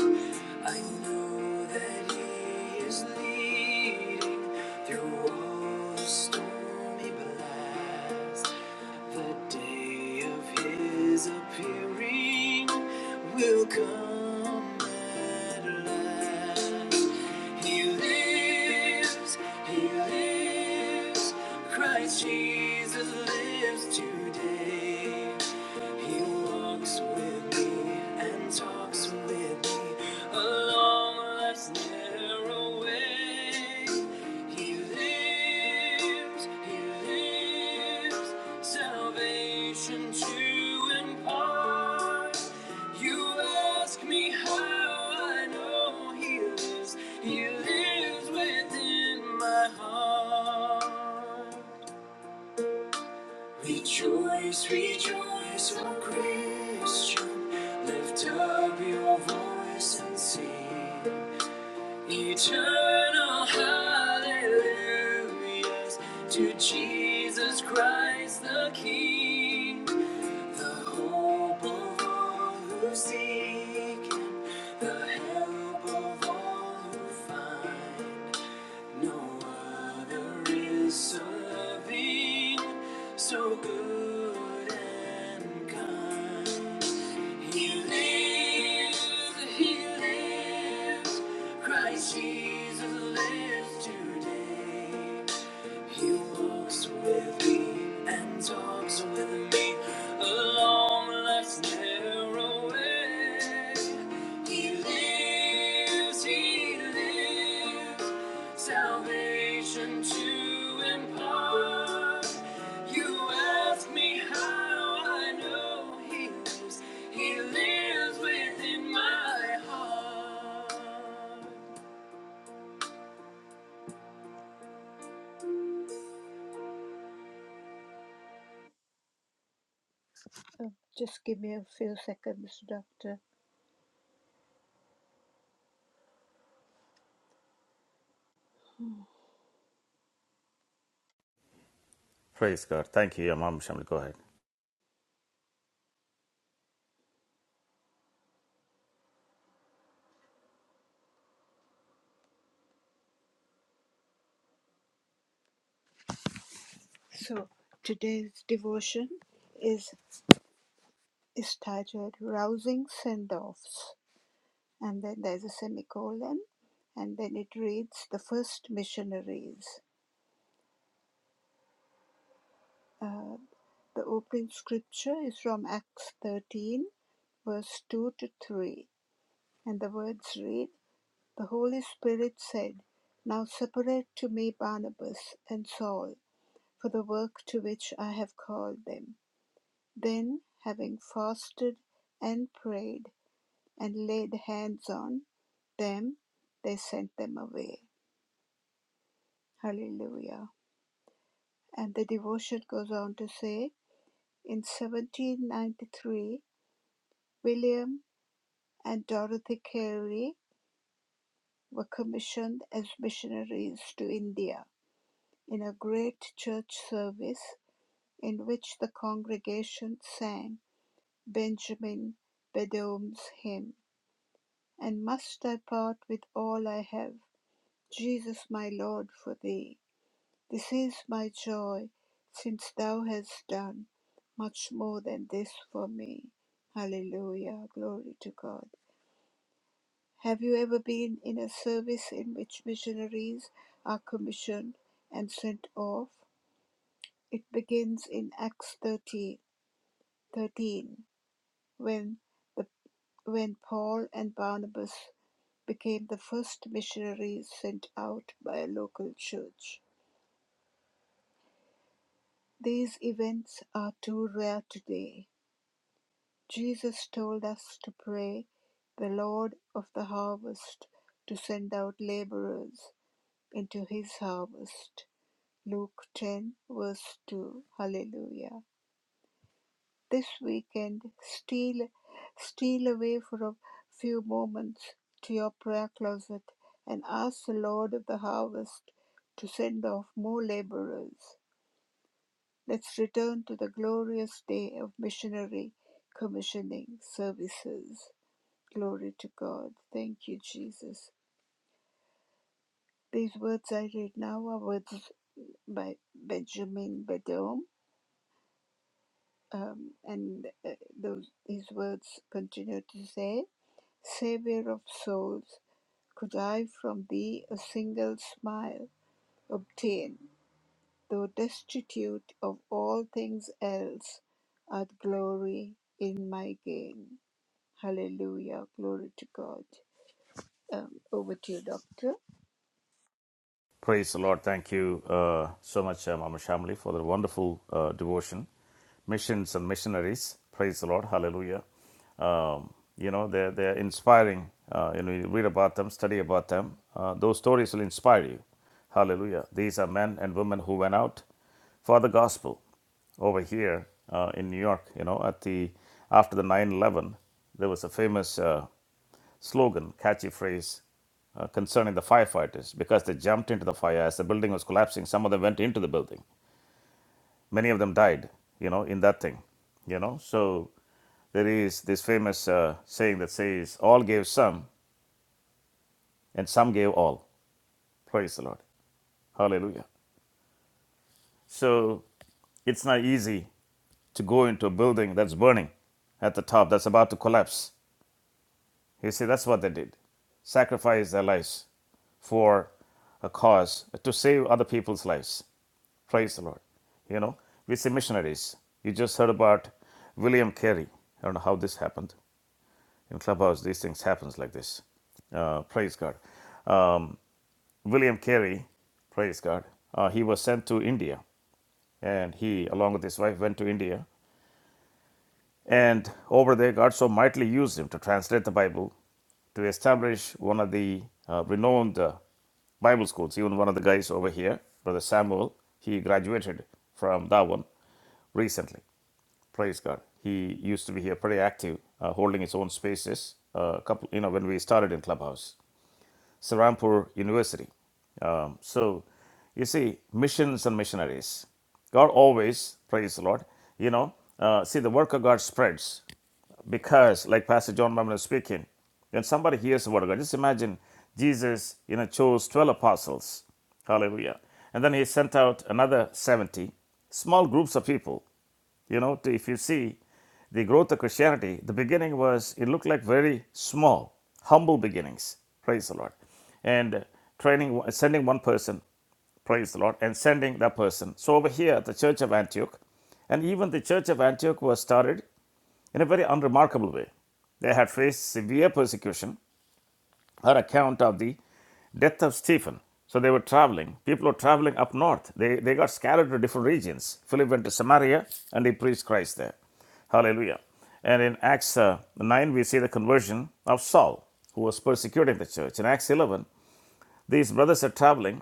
Speaker 3: I know that He is leading through all the storms stormy blast. The day of his appearing will come at last. He lives, he lives. Christ Jesus lives today. He walks with me and talks steps with me along life's narrow way. He lives, He lives, salvation to impart. You ask me how I know He lives. He lives within my heart. Rejoice, rejoice, O Christian. Lift up your voice and sing. Eternal hallelujahs to Jesus Christ the King. The hope of all who seek Him, the help of all who find. No other is so loving, so good and kind. He lives, He lives, Christ Jesus lives today. He walks with me and talks with me along life's narrow way. He lives, he lives, salvation to impart. You ask me how I know he lives, he lives within my heart. Oh, Just give me a few seconds, Doctor.
Speaker 1: Praise God. Thank you, yeah, Mom Shamli. Go ahead.
Speaker 3: So today's devotion is is titled Rousing Send Offs. And then there's a semicolon, and then it reads The First Missionaries. Uh, the opening scripture is from Acts 13, verse 2 to 3. And the words read The Holy Spirit said, Now separate to me Barnabas and Saul for the work to which I have called them. Then, having fasted and prayed, and laid hands on them, they sent them away. Hallelujah. And the devotion goes on to say in 1793, William and Dorothy Carey were commissioned as missionaries to India in a great church service in which the congregation sang Benjamin Bedome's hymn, And must I part with all I have, Jesus my Lord, for thee? This is my joy, since thou hast done much more than this for me. Hallelujah. Glory to God. Have you ever been in a service in which missionaries are commissioned and sent off? It begins in Acts 13, 13, when, the, when Paul and Barnabas became the first missionaries sent out by a local church. These events are too rare today Jesus told us to pray the Lord of the harvest to send out laborers into his harvest. Luke 10, verse 2. Hallelujah. This weekend, steal, steal away for a few moments to your prayer closet and ask the Lord of the harvest to send off more laborers. Let's return to the glorious day of missionary commissioning services. Glory to God. Thank you, Jesus. These words I read now are words by Benjamin Badom, um, and uh, those his words continue to say, "Savior of souls, could I from thee a single smile obtain, though destitute of all things else, art glory in my gain." Hallelujah, glory to God. Um, over to you, Doctor.
Speaker 1: Praise the Lord. Thank you uh, so much, uh, Mama Shamli, for the wonderful uh, devotion. Missions and missionaries. Praise the Lord. Hallelujah. Um, you know, they're, they're inspiring. Uh, you know, you read about them, study about them. Uh, those stories will inspire you. Hallelujah. These are men and women who went out for the gospel over here uh, in New York. You know, at the after the 9 11, there was a famous. Uh, slogan, catchy phrase uh, concerning the firefighters because they jumped into the fire as the building was collapsing. Some of them went into the building. Many of them died, you know, in that thing, you know. So there is this famous uh, saying that says, All gave some, and some gave all. Praise the Lord. Hallelujah. So it's not easy to go into a building that's burning at the top, that's about to collapse You see, that's what they did sacrifice their lives for a cause to save other people's lives. Praise the Lord. You know, we see missionaries. You just heard about William Carey. I don't know how this happened. In Clubhouse, these things happens like this. Uh, praise God. Um, William Carey, praise God, uh, he was sent to India. And he, along with his wife, went to India And over there, God so mightily used him to translate the Bible, to establish one of the uh, renowned uh, Bible schools. Even one of the guys over here, Brother Samuel, he graduated from that one recently. Praise God. He used to be here pretty active, uh, holding his own spaces. Uh, a couple, you know, when we started in Clubhouse, Sarampur University. Um, so, you see, missions and missionaries. God always, praise the Lord, you know, uh, see, the work of God spreads because, like Pastor John Mammon was speaking, when somebody hears the word of God, just imagine Jesus, you know, chose 12 apostles. Hallelujah. And then he sent out another 70, small groups of people. You know, to, if you see the growth of Christianity, the beginning was, it looked like very small, humble beginnings. Praise the Lord. And training, sending one person, praise the Lord, and sending that person. So over here, the church of Antioch, and even the church of Antioch was started in a very unremarkable way. They had faced severe persecution. Her account of the death of Stephen. So they were traveling. People were traveling up north. They, they got scattered to different regions. Philip went to Samaria and he preached Christ there. Hallelujah. And in Acts uh, 9, we see the conversion of Saul, who was persecuting the church. In Acts 11, these brothers are traveling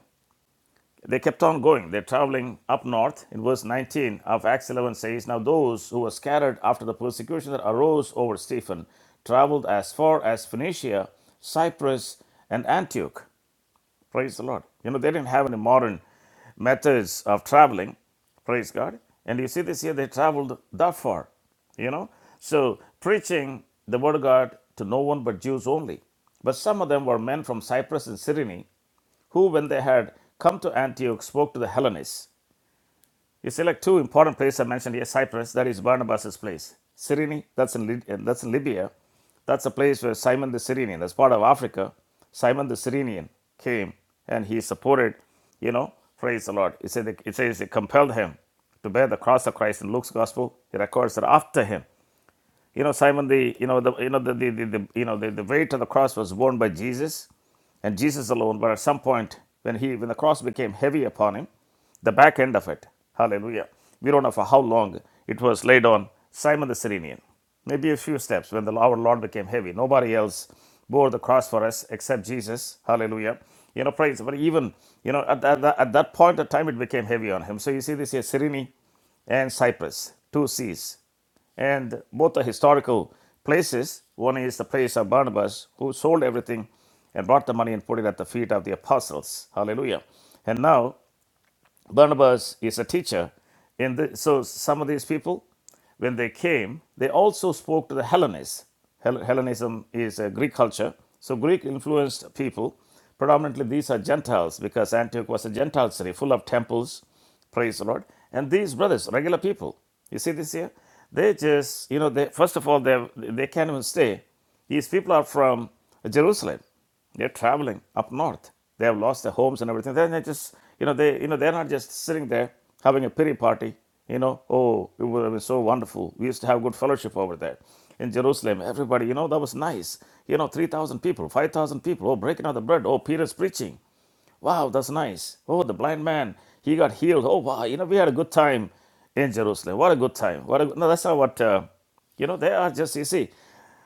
Speaker 1: they kept on going. They're traveling up north. In verse 19 of Acts 11 says, Now those who were scattered after the persecution that arose over Stephen traveled as far as Phoenicia, Cyprus, and Antioch. Praise the Lord. You know, they didn't have any modern methods of traveling. Praise God. And you see this here, they traveled that far. You know? So, preaching the word of God to no one but Jews only. But some of them were men from Cyprus and Cyrene who, when they had come to Antioch, spoke to the Hellenists. You see, like two important places I mentioned here Cyprus, that is Barnabas' place. Cyrene, that's in, that's in Libya. That's a place where Simon the Cyrenian, that's part of Africa, Simon the Cyrenian came and he supported, you know, praise the Lord. It, said, it says it compelled him to bear the cross of Christ in Luke's gospel. He records that after him, you know, Simon, the you know the you know the, the, the, the you know the, the weight of the cross was borne by Jesus and Jesus alone, but at some point when he when the cross became heavy upon him, the back end of it, hallelujah. We don't know for how long it was laid on Simon the Cyrenian. Maybe a few steps when the our Lord became heavy. Nobody else bore the cross for us except Jesus. Hallelujah. You know, praise. But even, you know, at, at, that- at that point of time, it became heavy on him. So you see this here, Cyrene and Cyprus, two seas. And both are historical places. One is the place of Barnabas, who sold everything and brought the money and put it at the feet of the apostles. Hallelujah. And now Barnabas is a teacher. In the, so some of these people, when they came, they also spoke to the Hellenists. Hel- Hellenism is a Greek culture. So Greek influenced people, predominantly these are Gentiles because Antioch was a Gentile city full of temples. Praise the Lord. And these brothers, regular people, you see this here? They just, you know, they, first of all, they, they can't even stay. These people are from Jerusalem. They're traveling up north. They have lost their homes and everything. Then they just, you know, they, you know, they're not just sitting there having a pity party. You know, oh, it would have been so wonderful. We used to have good fellowship over there in Jerusalem. Everybody, you know, that was nice. You know, three thousand people, five thousand people. Oh, breaking out the bread. Oh, Peter's preaching. Wow, that's nice. Oh, the blind man, he got healed. Oh, wow. You know, we had a good time in Jerusalem. What a good time. What a, no, that's not what, uh, you know, they are just, you see,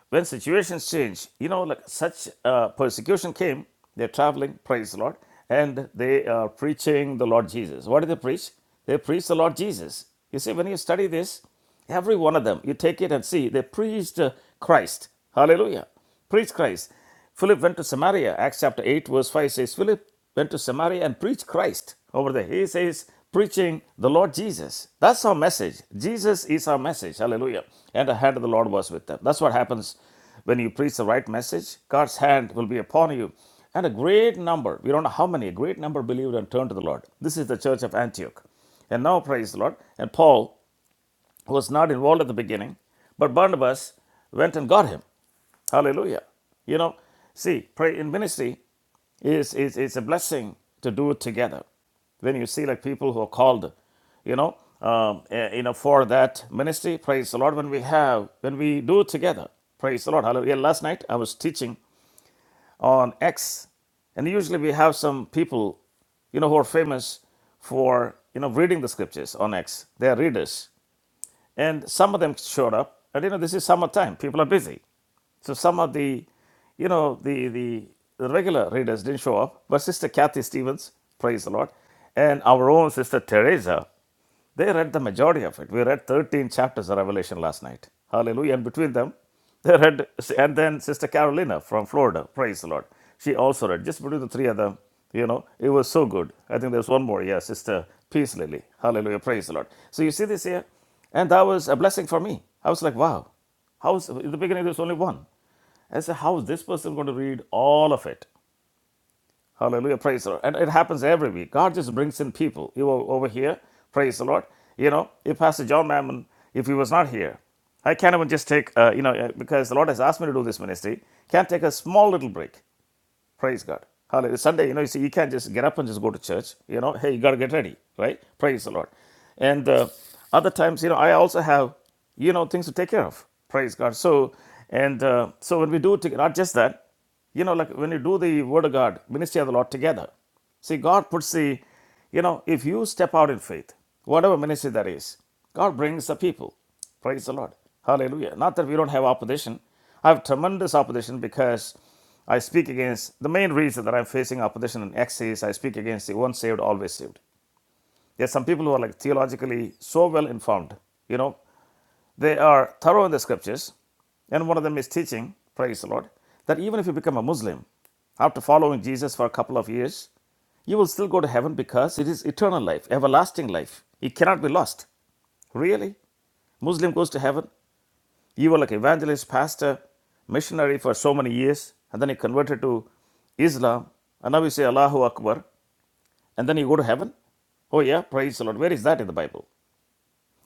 Speaker 1: when situations change, you know, like such uh, persecution came, they're traveling, praise the Lord, and they are preaching the Lord Jesus. What do they preach? They preach the Lord Jesus. You see, when you study this, every one of them, you take it and see, they preached uh, Christ. Hallelujah. Preach Christ. Philip went to Samaria. Acts chapter 8, verse 5 says, Philip went to Samaria and preached Christ over there. He says, preaching the Lord Jesus. That's our message. Jesus is our message. Hallelujah. And the hand of the Lord was with them. That's what happens when you preach the right message. God's hand will be upon you. And a great number, we don't know how many, a great number believed and turned to the Lord. This is the church of Antioch. And now, praise the Lord. And Paul who was not involved at the beginning, but Barnabas went and got him. Hallelujah. You know, see, pray in ministry is is is a blessing to do it together. When you see like people who are called, you know, um, eh, you know, for that ministry, praise the Lord. When we have, when we do it together, praise the Lord. Hallelujah. Last night I was teaching on X, and usually we have some people, you know, who are famous for you know reading the scriptures on X. They are readers. And some of them showed up. And you know, this is summertime, people are busy. So some of the, you know, the, the, the regular readers didn't show up, but Sister Kathy Stevens, praise the Lord, and our own Sister Teresa. They read the majority of it. We read 13 chapters of Revelation last night. Hallelujah. And between them, they read, and then Sister Carolina from Florida, praise the Lord. She also read, just between the three of them, you know, it was so good. I think there's one more, yeah, Sister Peace Lily. Hallelujah, praise the Lord. So you see this here? And that was a blessing for me. I was like, wow. How's in the beginning there was only one? I said, how is this person going to read all of it? Hallelujah. Praise the Lord. And it happens every week. God just brings in people. You were over here. Praise the Lord. You know, if Pastor John Mammon, if he was not here, I can't even just take, uh, you know, uh, because the Lord has asked me to do this ministry, can't take a small little break. Praise God. Hallelujah. Sunday, you know, you see, you can't just get up and just go to church. You know, hey, you got to get ready, right? Praise the Lord. And uh, other times, you know, I also have, you know, things to take care of. Praise God. So, and uh, so when we do, together, not just that, you know, like when you do the Word of God, ministry of the Lord together, see, God puts the you know, if you step out in faith, whatever ministry that is, God brings the people. Praise the Lord. Hallelujah. Not that we don't have opposition. I have tremendous opposition because I speak against the main reason that I'm facing opposition in X is I speak against the once saved, always saved. There's some people who are like theologically so well informed, you know, they are thorough in the scriptures, and one of them is teaching, praise the Lord, that even if you become a Muslim after following Jesus for a couple of years, you will still go to heaven because it is eternal life, everlasting life. It cannot be lost. Really? Muslim goes to heaven. You were like evangelist, pastor, missionary for so many years, and then you converted to Islam, and now you say Allahu Akbar, and then you go to heaven? Oh yeah, praise the Lord. Where is that in the Bible?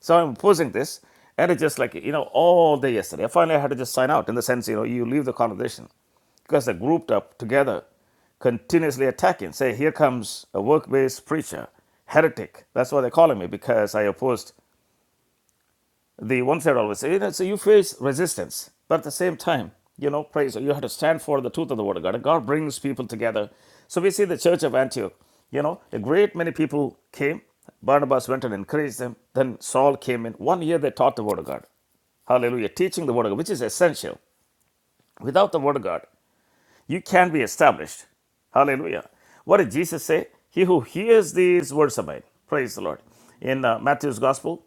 Speaker 1: So I'm posing this, and it's just like, you know, all day yesterday. I finally had to just sign out in the sense, you know, you leave the conversation because they're grouped up together, continuously attacking. Say, here comes a work based preacher, heretic. That's why they're calling me because I opposed the one side always you know, so you face resistance but at the same time you know praise you have to stand for the truth of the word of god and god brings people together so we see the church of antioch you know a great many people came barnabas went and encouraged them then saul came in one year they taught the word of god hallelujah teaching the word of god which is essential without the word of god you can be established. Hallelujah. What did Jesus say? He who hears these words of mine. Praise the Lord. In uh, Matthew's Gospel,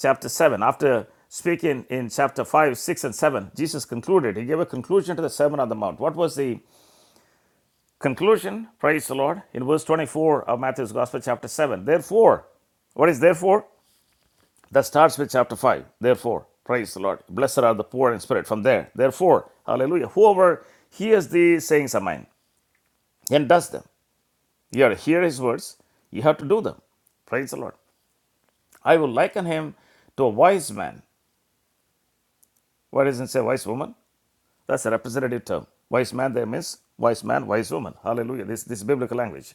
Speaker 1: chapter 7, after speaking in chapter 5, 6, and 7, Jesus concluded. He gave a conclusion to the Sermon on the Mount. What was the conclusion? Praise the Lord. In verse 24 of Matthew's Gospel, chapter 7. Therefore, what is therefore? That starts with chapter 5. Therefore, praise the Lord. Blessed are the poor in spirit. From there, therefore, hallelujah. Whoever hears the sayings of mine and does them, You have to hear his words, you have to do them. Praise the Lord. I will liken him to a wise man. Why doesn't it say wise woman? That's a representative term. Wise man there means wise man, wise woman. Hallelujah. This, this is biblical language.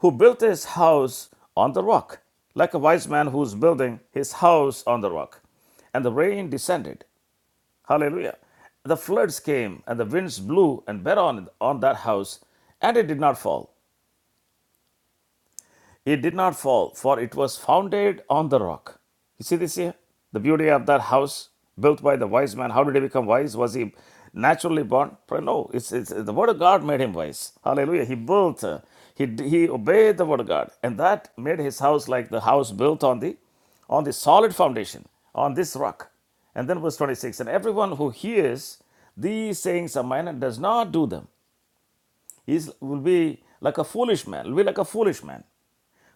Speaker 1: Who built his house on the rock, like a wise man who's building his house on the rock. And the rain descended. Hallelujah. The floods came, and the winds blew and beat on, on that house, and it did not fall It did not fall, for it was founded on the rock. You see this here? The beauty of that house built by the wise man. How did he become wise? Was he naturally born? No, it's, it's the word of God made him wise. Hallelujah. He built, uh, he, he obeyed the word of God, and that made his house like the house built on the on the solid foundation, on this rock. And then verse 26 And everyone who hears these sayings of mine and does not do them is will be like a foolish man, will be like a foolish man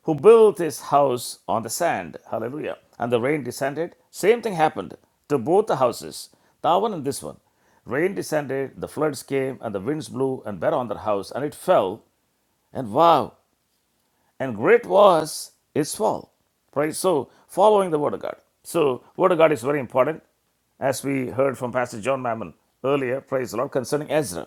Speaker 1: who built his house on the sand. Hallelujah. And the rain descended. Same thing happened to both the houses, that one and this one. Rain descended, the floods came, and the winds blew and were on their house, and it fell. And wow, and great was its fall. Right? So, following the Word of God. So, Word of God is very important, as we heard from Pastor John Mammon earlier, praise the Lord, concerning Ezra.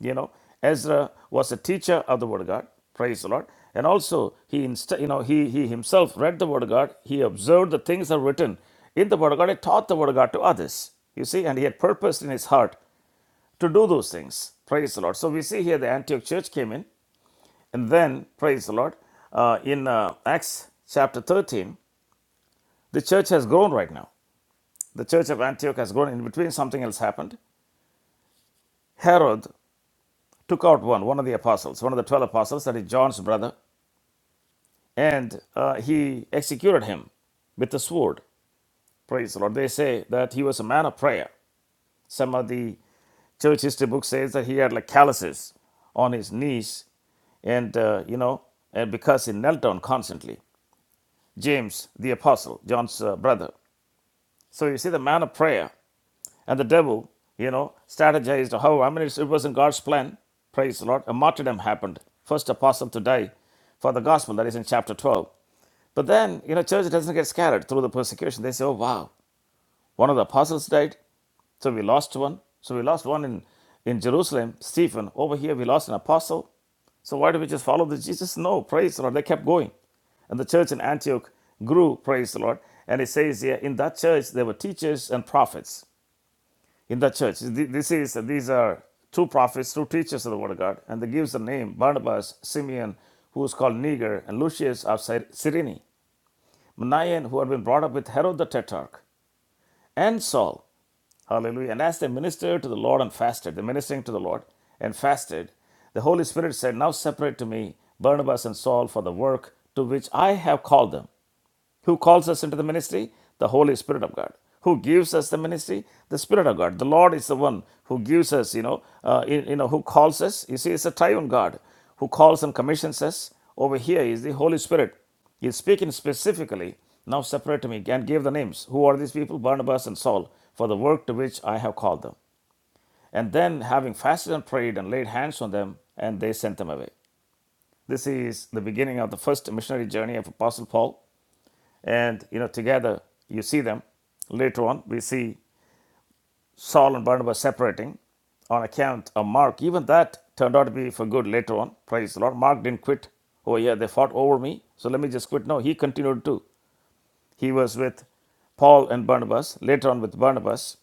Speaker 1: You know, Ezra was a teacher of the Word of God. Praise the Lord. And also, he inst- you know he he himself read the Word of God. He observed the things that are written in the Word of God. He taught the Word of God to others. You see, and he had purposed in his heart to do those things. Praise the Lord. So we see here the Antioch church came in, and then praise the Lord. Uh, in uh, Acts chapter thirteen, the church has grown right now. The church of Antioch has grown. In between, something else happened. Herod took out one, one of the apostles, one of the 12 apostles, that is John's brother. and uh, he executed him with the sword. Praise the Lord. They say that he was a man of prayer. Some of the church history book says that he had like calluses on his knees, and uh, you know, and because he knelt down constantly. James, the apostle, John's uh, brother. So you see, the man of prayer and the devil, you know, strategized how. I mean, it's, it was in God's plan. Praise the Lord. A martyrdom happened. First apostle to die for the gospel. That is in chapter twelve. But then, you know, church doesn't get scattered through the persecution. They say, oh, wow, one of the apostles died, so we lost one. So we lost one in, in Jerusalem, Stephen. Over here, we lost an apostle. So why do we just follow the Jesus? No, praise the Lord. They kept going. And the church in Antioch grew, praise the Lord. And it says here, in that church, there were teachers and prophets. In that church, this is, these are two prophets, two teachers of the word of God. And they gives the name Barnabas, Simeon, who was called Niger, and Lucius of Cy- Cyrene. Manaen, who had been brought up with Herod the Tetrarch, and Saul. Hallelujah. And as they ministered to the Lord and fasted, they ministering to the Lord and fasted, the Holy Spirit said, Now separate to me Barnabas and Saul for the work to which I have called them. Who calls us into the ministry? The Holy Spirit of God. Who gives us the ministry? The Spirit of God. The Lord is the one who gives us, you know, uh, you, know, who calls us. You see, it's a triune God who calls and commissions us. Over here is the Holy Spirit. He's speaking specifically. Now separate to me and give the names. Who are these people? Barnabas and Saul, for the work to which I have called them. And then, having fasted and prayed and laid hands on them, and they sent them away. This is the beginning of the first missionary journey of Apostle Paul and you know together you see them later on we see saul and barnabas separating on account of mark even that turned out to be for good later on praise the lord mark didn't quit oh yeah they fought over me so let me just quit no he continued too he was with paul and barnabas later on with barnabas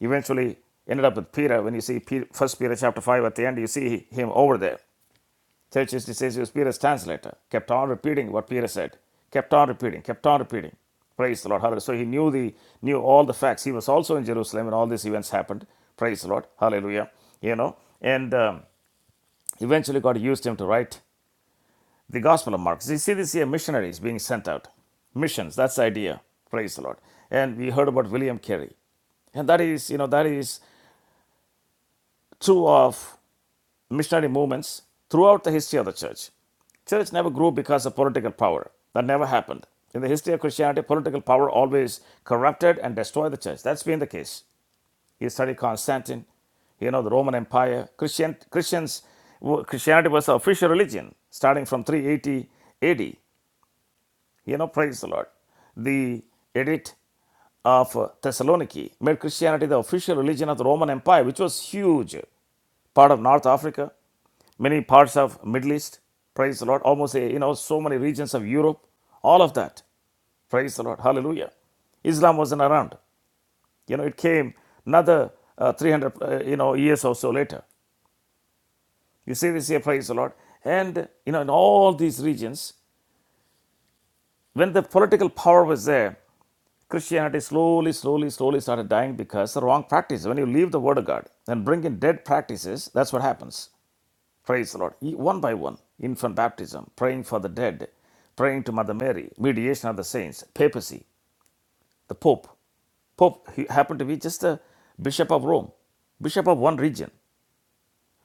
Speaker 1: eventually ended up with peter when you see first peter chapter 5 at the end you see him over there Church used to say she was Peter's translator, kept on repeating what Peter said, kept on repeating, kept on repeating. Praise the Lord. Hallelujah. So he knew the knew all the facts. He was also in Jerusalem when all these events happened. Praise the Lord. Hallelujah. You know, and um, eventually God used him to write the Gospel of Mark. You see this here, missionaries being sent out. Missions, that's the idea. Praise the Lord. And we heard about William Carey. And that is, you know, that is true of missionary movements throughout the history of the church. Church never grew because of political power. That never happened. In the history of Christianity, political power always corrupted and destroyed the church. That's been the case. You study Constantine, you know, the Roman Empire. Christian, Christians, Christianity was the official religion starting from 380 AD. You know, praise the Lord. The edict of Thessaloniki made Christianity the official religion of the Roman Empire, which was huge part of North Africa, many parts of Middle East. Praise the Lord. Almost, eh, you know, so many regions of Europe. All of that. Praise the Lord. Hallelujah. Islam wasn't around. You know, it came another uh, 300, uh, you know, years or so later. You see this here, praise the Lord. And, you know, in all these regions, when the political power was there, Christianity slowly, slowly, slowly started dying because the wrong practice. When you leave the Word of God and bring in dead practices, that's what happens. Praise the Lord. E- One by one, infant baptism, praying for the dead, praying to Mother Mary, mediation of the saints, papacy, the Pope. Pope he happened to be just the Bishop of Rome, Bishop of one region.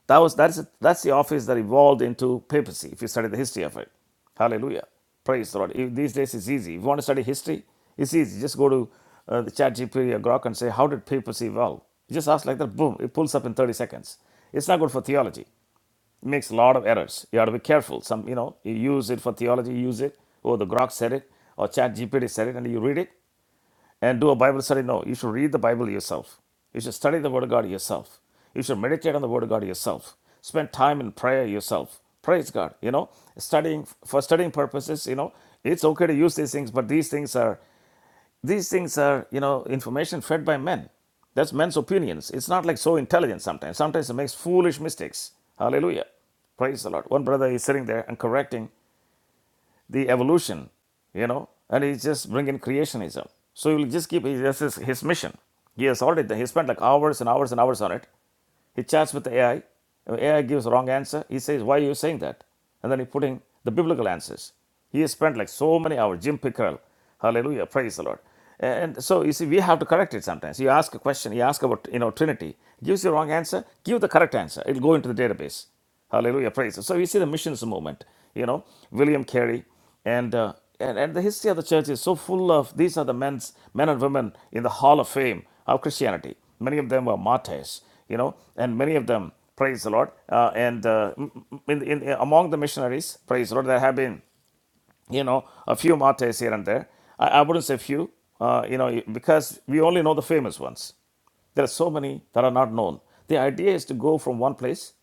Speaker 1: That was that's a, that's the office that evolved into papacy. If you study the history of it, Hallelujah. Praise the Lord. If these days it's easy. If you want to study history, it's easy. Just go to uh, the ChatGPT or Grok and say, how did papacy evolve? You just ask like that, boom, it pulls up in 30 seconds. It's not good for theology makes a lot of errors. You have to be careful. Some, you know, you use it for theology, you use it, or the Grok said it, or Chat GPT said it, and you read it and do a Bible study. No, you should read the Bible yourself. You should study the Word of God yourself. You should meditate on the Word of God yourself. Spend time in prayer yourself. Praise God. You know, studying for studying purposes, you know, it's okay to use these things, but these things are these things are, you know, information fed by men. That's men's opinions. It's not like so intelligent sometimes. Sometimes it makes foolish mistakes. Hallelujah. Praise the Lord. One brother is sitting there and correcting the evolution, you know, and he's just bringing creationism. So he'll just keep, this is his mission. He has already, done- he spent like hours and hours and hours on it. He chats with the AI. AI gives wrong answer. He says, why are you saying that? And then he putting the biblical answers. He has spent like so many hours, Jim Pickrell. Hallelujah, praise the Lord. And so you see, we have to correct it sometimes. You ask a question, you ask about, you know, Trinity. Gives you the wrong answer, give the correct answer. It'll go into the database. Hallelujah, praise. So we see the missions movement, you know, William Carey, and uh, and, and the history of the church is so full of these are the men's men and women in the Hall of Fame of Christianity. Many of them were martyrs, you know, and many of them, praise the Lord, uh, and uh, m- m- in, in, among the missionaries, praise the Lord, there have been, you know, a few martyrs here and there. I, I wouldn't say few, uh, you know, because we only know the famous ones. There are so many that are not known. The idea is to go from one place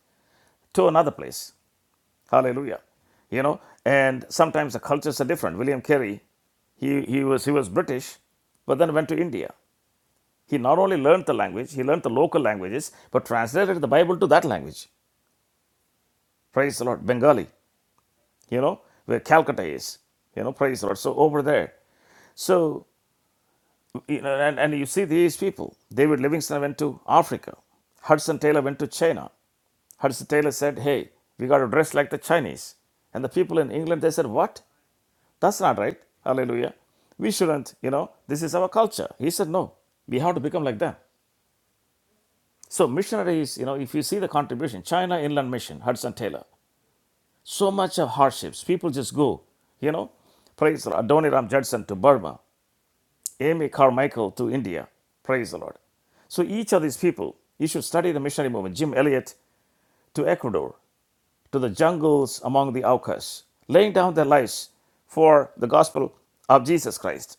Speaker 1: to another place. Hallelujah. You know, and sometimes the cultures are different. William Carey, he, he was he was British, but then went to India. He not only learned the language, he learned the local languages, but translated the Bible to that language. Praise the Lord. Bengali, you know, where Calcutta is. You know, praise the Lord. So over there. So you know, and, and you see these people. David Livingstone went to Africa. Hudson Taylor went to China. Hudson Taylor said, Hey, we got to dress like the Chinese. And the people in England, they said, What? That's not right. Hallelujah. We shouldn't, you know, this is our culture. He said, no, we have to become like that. So, missionaries, you know, if you see the contribution, China Inland Mission, Hudson Taylor, so much of hardships. People just go, you know, praise the Lord. Adoniram Judson to Burma, Amy Carmichael to India, praise the Lord. So, each of these people, you should study the missionary movement, Jim Elliot to Ecuador, to the jungles among the Aucas, laying down their lives for the gospel of Jesus Christ.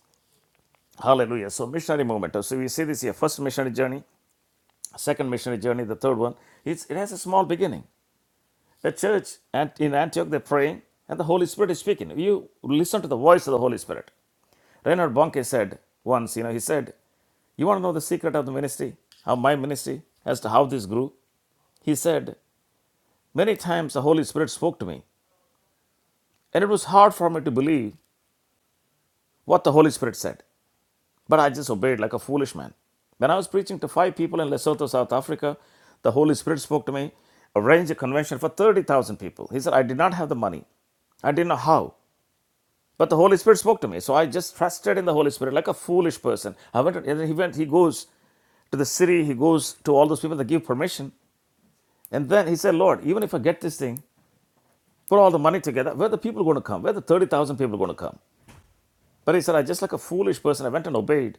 Speaker 1: Hallelujah. So missionary movement. So we see this here. First missionary journey, second missionary journey, the third one. It's, it has a small beginning. The church at, in Antioch, they're praying and the Holy Spirit is speaking. You listen to the voice of the Holy Spirit. Reinhard Bonnke said once, you know, he said, you want to know the secret of the ministry, of my ministry, as to how this grew? He said, Many times the Holy Spirit spoke to me, and it was hard for me to believe what the Holy Spirit said. But I just obeyed like a foolish man. When I was preaching to five people in Lesotho, South Africa, the Holy Spirit spoke to me, arrange a convention for 30,000 people. He said, I did not have the money. I didn't know how. But the Holy Spirit spoke to me. So I just trusted in the Holy Spirit like a foolish person. I went, and then he went, he goes to the city, he goes to all those people that give permission. And then he said, Lord, even if I get this thing, put all the money together, where are the people going to come? Where are the 30,000 people going to come? But he said, I just like a foolish person, I went and obeyed,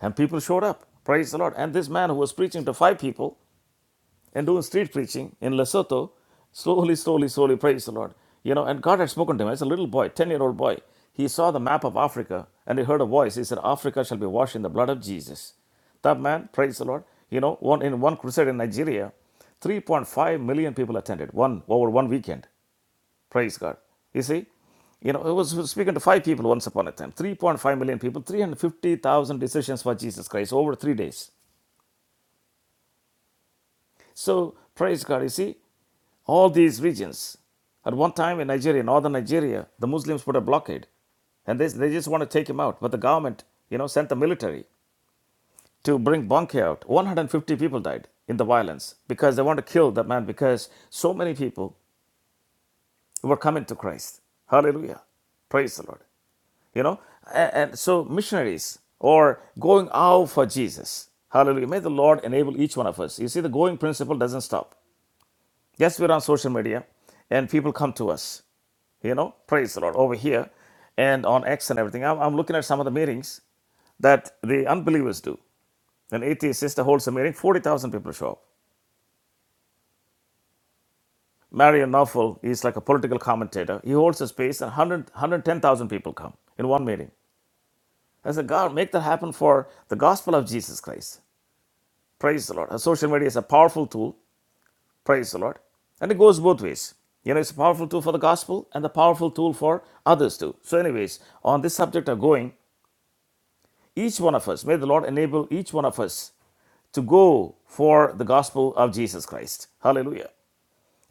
Speaker 1: and people showed up. Praise the Lord. And this man who was preaching to five people and doing street preaching in Lesotho, slowly, slowly, slowly, praise the Lord. You know, and God had spoken to him as a little boy, 10 year old boy. He saw the map of Africa and he heard a voice. He said, Africa shall be washed in the blood of Jesus. That man, praise the Lord, you know, one, in one crusade in Nigeria, 3.5 million people attended, one over one weekend. Praise God. You see, you know, I was speaking to five people once upon a time 3.5 million people, 350,000 decisions for Jesus Christ over three days. So, praise God. You see, all these regions. At one time in Nigeria, northern Nigeria, the Muslims put a blockade and they, they just want to take him out. But the government, you know, sent the military to bring Bonke out. 150 people died in the violence because they want to kill that man because so many people were coming to Christ. Hallelujah. Praise the Lord. you know and, and so missionaries or going out for jesus hallelujah may the lord enable each one of us you see the going principle doesn't stop yes we're on social media and people come to us you know praise the lord over here and on x and everything i'm, I'm looking at some of the meetings that the unbelievers do an atheist sister holds a meeting 40000 people show up marion Knopfel is like a political commentator he holds a space and 100, people come in one meeting i said god make that happen for the gospel of jesus christ Praise the Lord. Uh, Social media is a powerful tool. Praise the Lord. And it goes both ways. You know, it's a powerful tool for the gospel and a powerful tool for others too. So, anyways, on this subject of going, each one of us, may the Lord enable each one of us to go for the gospel of Jesus Christ. Hallelujah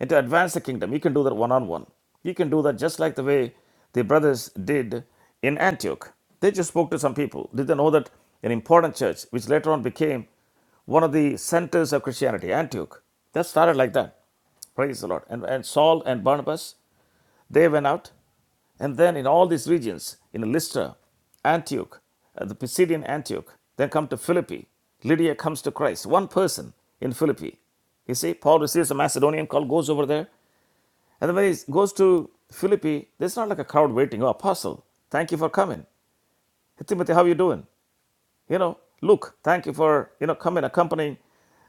Speaker 1: and to advance the kingdom. You can do that one on one. You can do that just like the way the brothers did in Antioch. They just spoke to some people. Did they know that an important church, which later on became one of the centers of Christianity, Antioch, that started like that. Praise the Lord. And, and Saul and Barnabas, they went out. And then in all these regions, in Lystra, Antioch, uh, the Pisidian Antioch, then come to Philippi. Lydia comes to Christ. One person in Philippi. You see, Paul receives a Macedonian call, goes over there. And then when he goes to Philippi, there's not like a crowd waiting. Oh, apostle, thank you for coming. Hey, Timothy, how are you doing? You know, Luke, thank you for, you know, coming, accompanying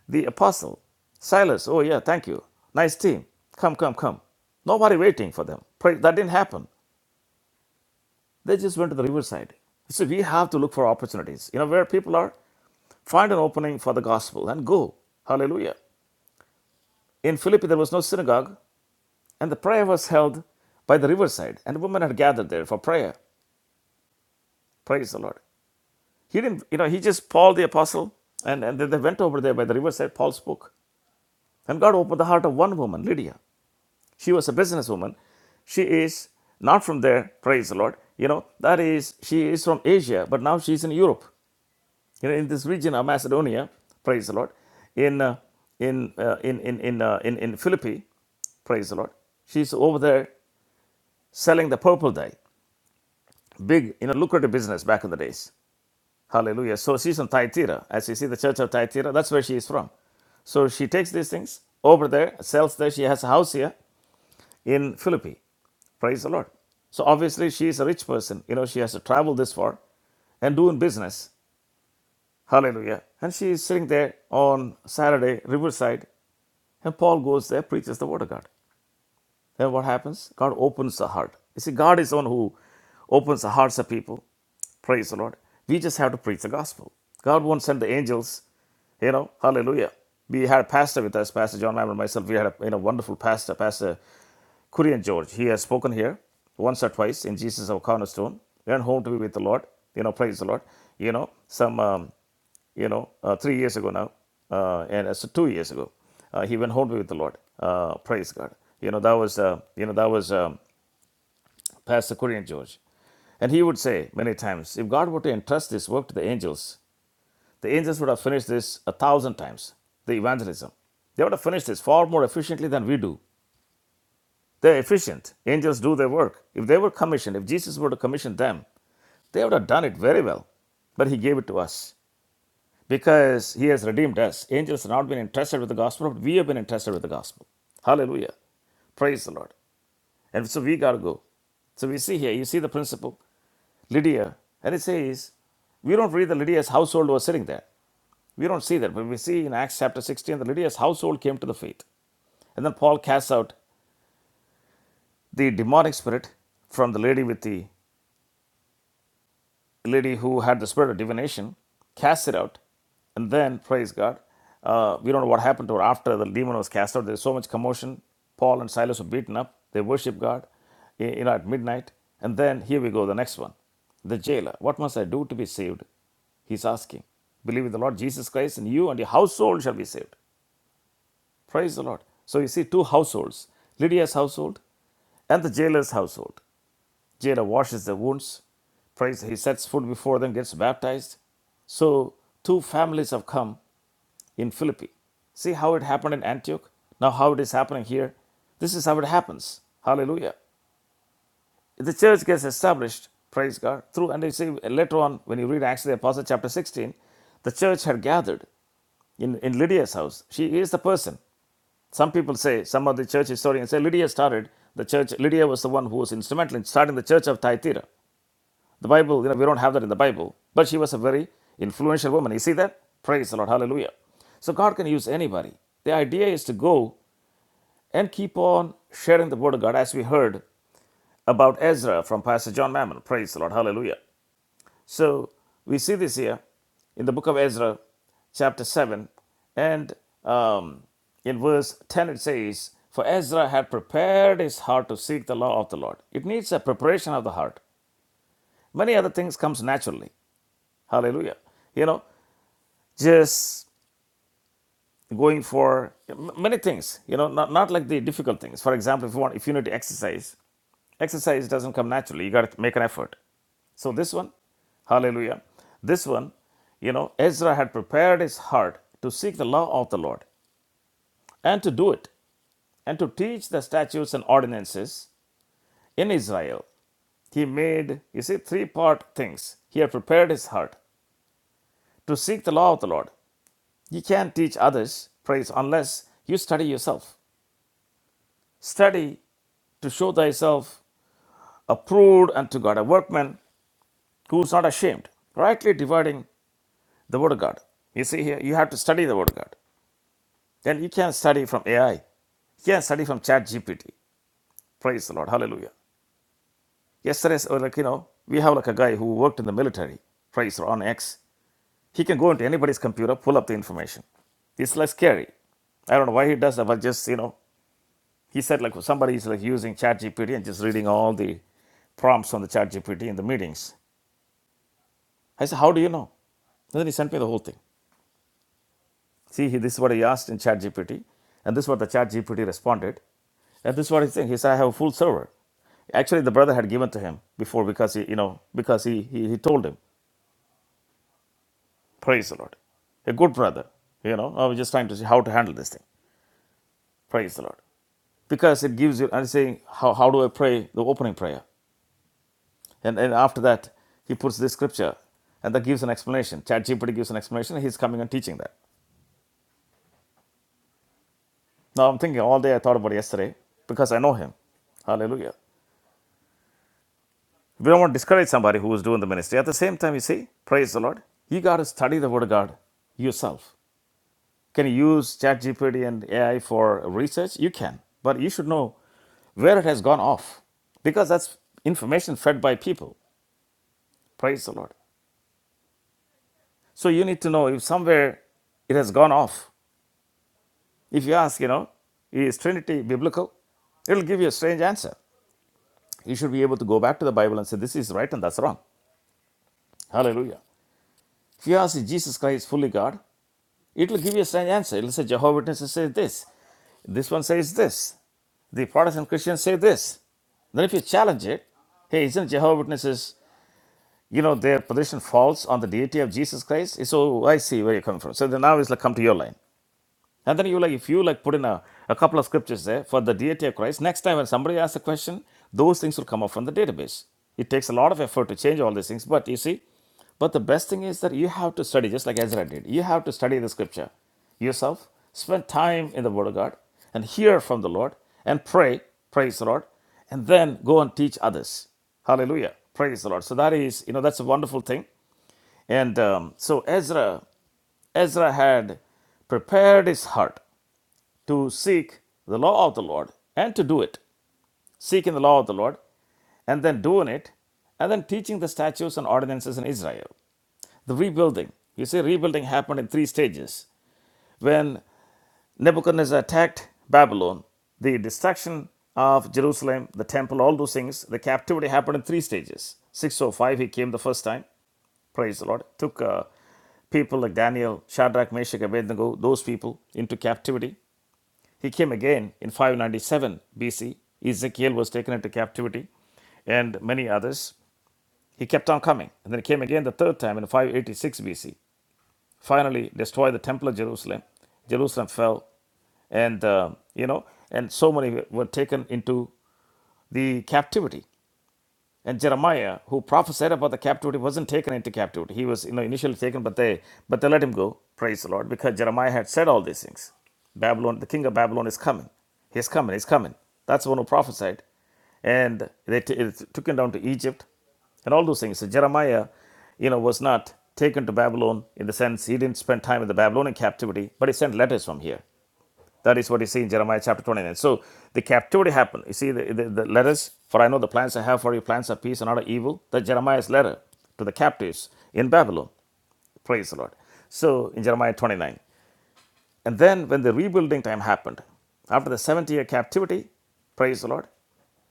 Speaker 1: the apostle. Silas, oh yeah, thank you. Nice team. Come, come, come. Nobody waiting for them. Pray, that didn't happen. They just went to the riverside. So we have to look for opportunities. You know, where people are, find an opening for the gospel and go. Hallelujah. In Philippi, there was no synagogue, and the prayer was held by the riverside, and women had gathered there for prayer. Praise the Lord. He didn't, you know, he just, Paul the apostle, and, and then they went over there by the riverside. Paul spoke. And God opened the heart of one woman, Lydia. She was a businesswoman. She is not from there, praise the Lord. You know, that is, she is from Asia, but now she's in Europe, you know, in this region of Macedonia, praise the Lord, in, uh, in, uh, in, in, in, uh, in, in Philippi, praise the Lord. She's over there selling the purple dye, big, you know, lucrative business back in the days. Hallelujah. So she's from Thyatira. As you see, the church of Thyatira, that's where she is from. So she takes these things over there, sells there. She has a house here in Philippi. Praise the Lord. So obviously, she is a rich person. You know, she has to travel this far and doing business. Hallelujah. And she is sitting there on Saturday, Riverside, and Paul goes there, preaches the word of God. Then what happens? God opens the heart. You see, God is the one who opens the hearts of people. Praise the Lord. We just have to preach the gospel. God won't send the angels, you know, hallelujah. We had a pastor with us, Pastor John Mammon and myself. We had a you know, wonderful pastor, Pastor Kurian George. He has spoken here once or twice in Jesus of Cornerstone. Went home to be with the Lord, you know, praise the Lord. You know, some. Um, you know, uh, three years ago now, uh, and uh, so two years ago, uh, he went home with the Lord. Uh, praise God. You know, that was, uh, you know, that was um, Pastor Korean George. And he would say many times, if God were to entrust this work to the angels, the angels would have finished this a thousand times, the evangelism. They would have finished this far more efficiently than we do. They're efficient. Angels do their work. If they were commissioned, if Jesus were to commission them, they would have done it very well. But he gave it to us. because he has redeemed us. Angels have not been entrusted with the gospel, but we have been entrusted with the gospel. Hallelujah. Praise the Lord. And so we got to go. So we see here, you see the principle, Lydia, and it says, we don't read that Lydia's household was sitting there. We don't see that, but we see in Acts chapter 16 that Lydia's household came to the faith. And then Paul casts out the demonic spirit from the lady with the lady who had the spirit of divination cast it out, and then praise God. Uh, we don't know what happened to her after the demon was cast out. There's so much commotion. Paul and Silas were beaten up. They worship God, eh, you know, at midnight. And then here we go, the next one. The jailer. What must I do to be saved? He's asking. Believe in the Lord Jesus Christ, and you and your household shall be saved. Praise the Lord. So you see two households Lydia's household and the jailer's household. Jailer washes the wounds, prays, he sets food before them, gets baptized. So two families have come in Philippi. See how it happened in Antioch? Now how it is happening here? This is how it happens. Hallelujah. The church gets established, praise God, through, and you see later on when you read Acts of the Apostle chapter 16, the church had gathered in, in Lydia's house. She is the person. Some people say, some of the church historians say Lydia started the church. Lydia was the one who was instrumental in starting the church of Thyatira. The Bible, you know, we don't have that in the Bible, but she was a very influential woman. You see that? Praise the Lord. Hallelujah. So God can use anybody. The idea is to go and keep on sharing the word of God as we heard about Ezra from Pastor John Mammon. Praise the Lord. Hallelujah. So we see this here in the book of Ezra, chapter 7, and um, in verse 10 it says, For Ezra had prepared his heart to seek the law of the Lord. It needs a preparation of the heart. Many other things comes naturally. Hallelujah. You know, just going for many things, you know, not, not like the difficult things. For example, if you want, if you need to exercise, exercise doesn't come naturally. You got to make an effort. So this one, hallelujah. This one, you know, Ezra had prepared his heart to seek the law of the Lord and to do it and to teach the statutes and ordinances in Israel. He made, you see, three part things. He had prepared his heart to seek the law of the Lord You can't teach others praise unless you study yourself. Study to show thyself approved unto God, a workman who is not ashamed, rightly dividing the word of God. You see here, you have to study the word of God. Then you can study from AI. You can study from Chat GPT. Praise the Lord. Hallelujah. Yesterday, so like you know, we have like a guy who worked in the military. Praise the Lord, on X. He can go into anybody's computer, pull up the information. It's like scary. I don't know why he does that, but just you know, He said like somebody is like using ChatGPT and just reading all the prompts on the ChatGPT in the meetings. I said, how do you know? And then he sent me the whole thing. See, he, this is what he asked in ChatGPT, and this is what the ChatGPT responded, and this is what he said. He said, I have a full server. Actually, the brother had given to him before because he, you know, because he he, he told him, praise the Lord a good brother. You know, I was just trying to see how to handle this thing. Praise the Lord. Because it gives you, I'm saying, how, how do I pray the opening prayer? And, and after that, he puts this scripture and that gives an explanation. ChatGPT gives an explanation. He's coming and teaching that. Now I'm thinking all day I thought about yesterday because I know him. Hallelujah. We don't want to discourage somebody who is doing the ministry. At the same time, you see, praise the Lord. You got to study the Word of God yourself. Can you use ChatGPT and AI for research? You can. But you should know where it has gone off because that's information fed by people. Praise the Lord. So you need to know if somewhere it has gone off If you ask, you know, is Trinity biblical? It'll give you a strange answer. You should be able to go back to the Bible and say, this is right and that's wrong. Hallelujah. If you ask, is Jesus Christ fully God? It'll give you a strange answer. It'll say, Jehovah Witnesses say this. This one says this. The Protestant Christians say this. Then if you challenge it, hey, isn't Jehovah Witnesses, you know, their position falls on the deity of Jesus Christ? So I see where you're coming from. So then now it's like, come to your line. And then you like, if you like put in a, a couple of scriptures there for the deity of Christ, next time when somebody asks a question, those things will come up from the database. It takes a lot of effort to change all these things, but you see, but the best thing is that you have to study, just like Ezra did. You have to study the scripture yourself, spend time in the Word of God, and hear from the Lord, and pray, praise the Lord, and then go and teach others. Hallelujah. Praise the Lord. So that is, you know, that's a wonderful thing. And um, so Ezra, Ezra had prepared his heart to seek the law of the Lord and to do it, seeking the law of the Lord and then doing it, and then teaching the statutes and ordinances in Israel. The rebuilding, you see, rebuilding happened in three stages. When Nebuchadnezzar attacked Babylon, the destruction of Jerusalem, the temple, all those things, the captivity happened in three stages. 605, he came the first time, praise the Lord, took uh, people like Daniel, Shadrach, Meshach, Abednego, those people into captivity. He came again in 597 BC. Ezekiel was taken into captivity and many others. He kept on coming. And then he came again the third time in 586 BC. Finally, destroyed the temple of Jerusalem. Jerusalem fell. And, uh, you know, and so many were taken into the captivity. And Jeremiah, who prophesied about the captivity, wasn't taken into captivity. He was you know, initially taken, but they but they let him go. Praise the Lord, because Jeremiah had said all these things. Babylon, the king of Babylon is coming. He's coming. He's coming. That's the one who prophesied, and they t- it took him down to Egypt, and all those things. So Jeremiah, you know, was not taken to Babylon in the sense he didn't spend time in the Babylonian captivity, but he sent letters from here. That is what you see in Jeremiah chapter 29. So the captivity happened. You see, the, the, the letters, for I know the plans I have for you, plans of peace and not of evil. That Jeremiah's letter to the captives in Babylon. Praise the Lord. So in Jeremiah 29. And then when the rebuilding time happened, after the 70 year captivity, praise the Lord,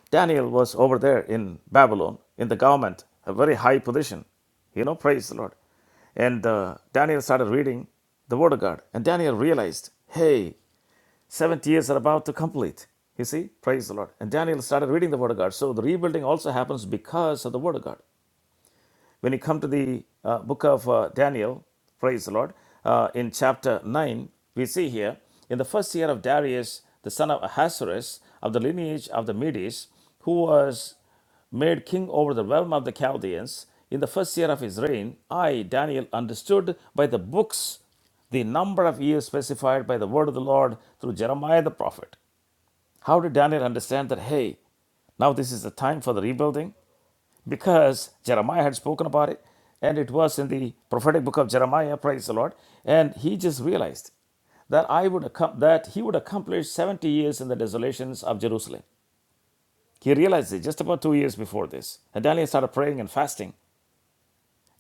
Speaker 1: Daniel was over there in Babylon in the government, a very high position. You know, praise the Lord. And uh, Daniel started reading the Word of God. And Daniel realized, hey, 70 years are about to complete. You see? Praise the Lord. And Daniel started reading the Word of God. So the rebuilding also happens because of the Word of God. When you come to the uh, book of uh, Daniel, praise the Lord, uh, in chapter 9, we see here, in the first year of Darius, the son of Ahasuerus, of the lineage of the Medes, who was made king over the realm of the Chaldeans, in the first year of his reign, I, Daniel, understood by the books the number of years specified by the word of the Lord through Jeremiah the prophet. How did Daniel understand that, hey, now this is the time for the rebuilding? because Jeremiah had spoken about it, and it was in the prophetic book of Jeremiah, praise the Lord. And he just realized that I would accom- that he would accomplish 70 years in the desolations of Jerusalem. He realized it just about two years before this. And Daniel started praying and fasting.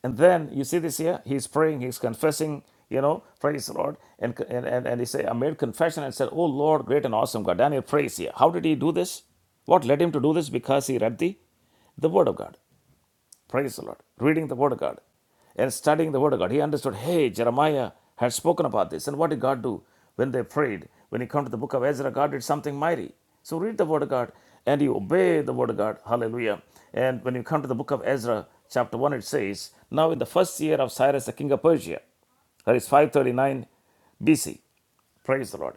Speaker 1: And then you see this here, he's praying, he's confessing, you know, praise the Lord. And, and, and, and he said, I made confession and said, Oh Lord, great and awesome God. Daniel prays here. How did he do this? What led him to do this? Because he read the, the Word of God. Praise the Lord. Reading the Word of God and studying the Word of God. He understood, hey, Jeremiah had spoken about this. And what did God do when they prayed? When you come to the book of Ezra, God did something mighty. So read the Word of God and you obey the Word of God. Hallelujah. And when you come to the book of Ezra, chapter 1, it says, Now in the first year of Cyrus, the king of Persia, that is 539 BC. Praise the Lord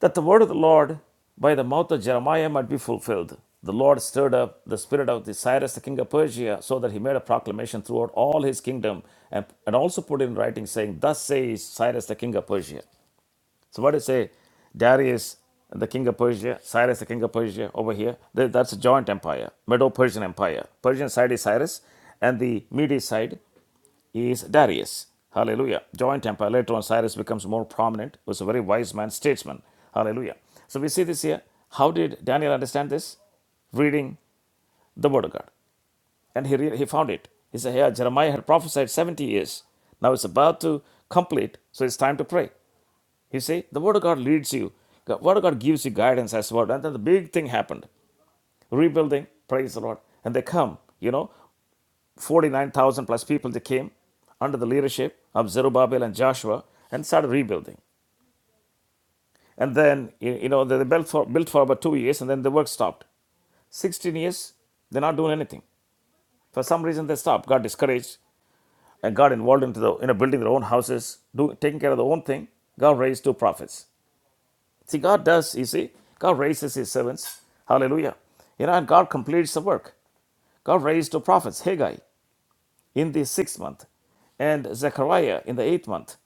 Speaker 1: that the word of the Lord by the mouth of Jeremiah might be fulfilled. The Lord stirred up the spirit of the Cyrus, the king of Persia, so that he made a proclamation throughout all his kingdom and, and also put in writing, saying, Thus says Cyrus, the king of Persia. So, what do you say? Darius, the king of Persia, Cyrus, the king of Persia, over here, Th- that's a joint empire, Medo Persian empire. Persian side is Cyrus, and the Mede side is Darius. Hallelujah. Joint Empire. Later on, Cyrus becomes more prominent, was a very wise man, statesman. Hallelujah. So we see this here. How did Daniel understand this? Reading the Word of God. And he, re- he found it. He said, Here, Jeremiah had prophesied 70 years. Now it's about to complete, so it's time to pray. You see, the Word of God leads you. The Word of God gives you guidance as well. And then the big thing happened rebuilding, praise the Lord. And they come, you know, 49,000 plus people that came under the leadership of Zerubbabel and Joshua and started rebuilding. And then, you know, they they built for, built for about two years and then the work stopped. 16 years, they're not doing anything. For some reason, they stopped, got discouraged, and got involved into the, you know, building their own houses, do, taking care of their own thing. God raised two prophets. See, God does, you see, God raises his servants. Hallelujah. You know, and God completes the work. God raised two prophets, Haggai in the sixth month, and Zechariah in the eighth month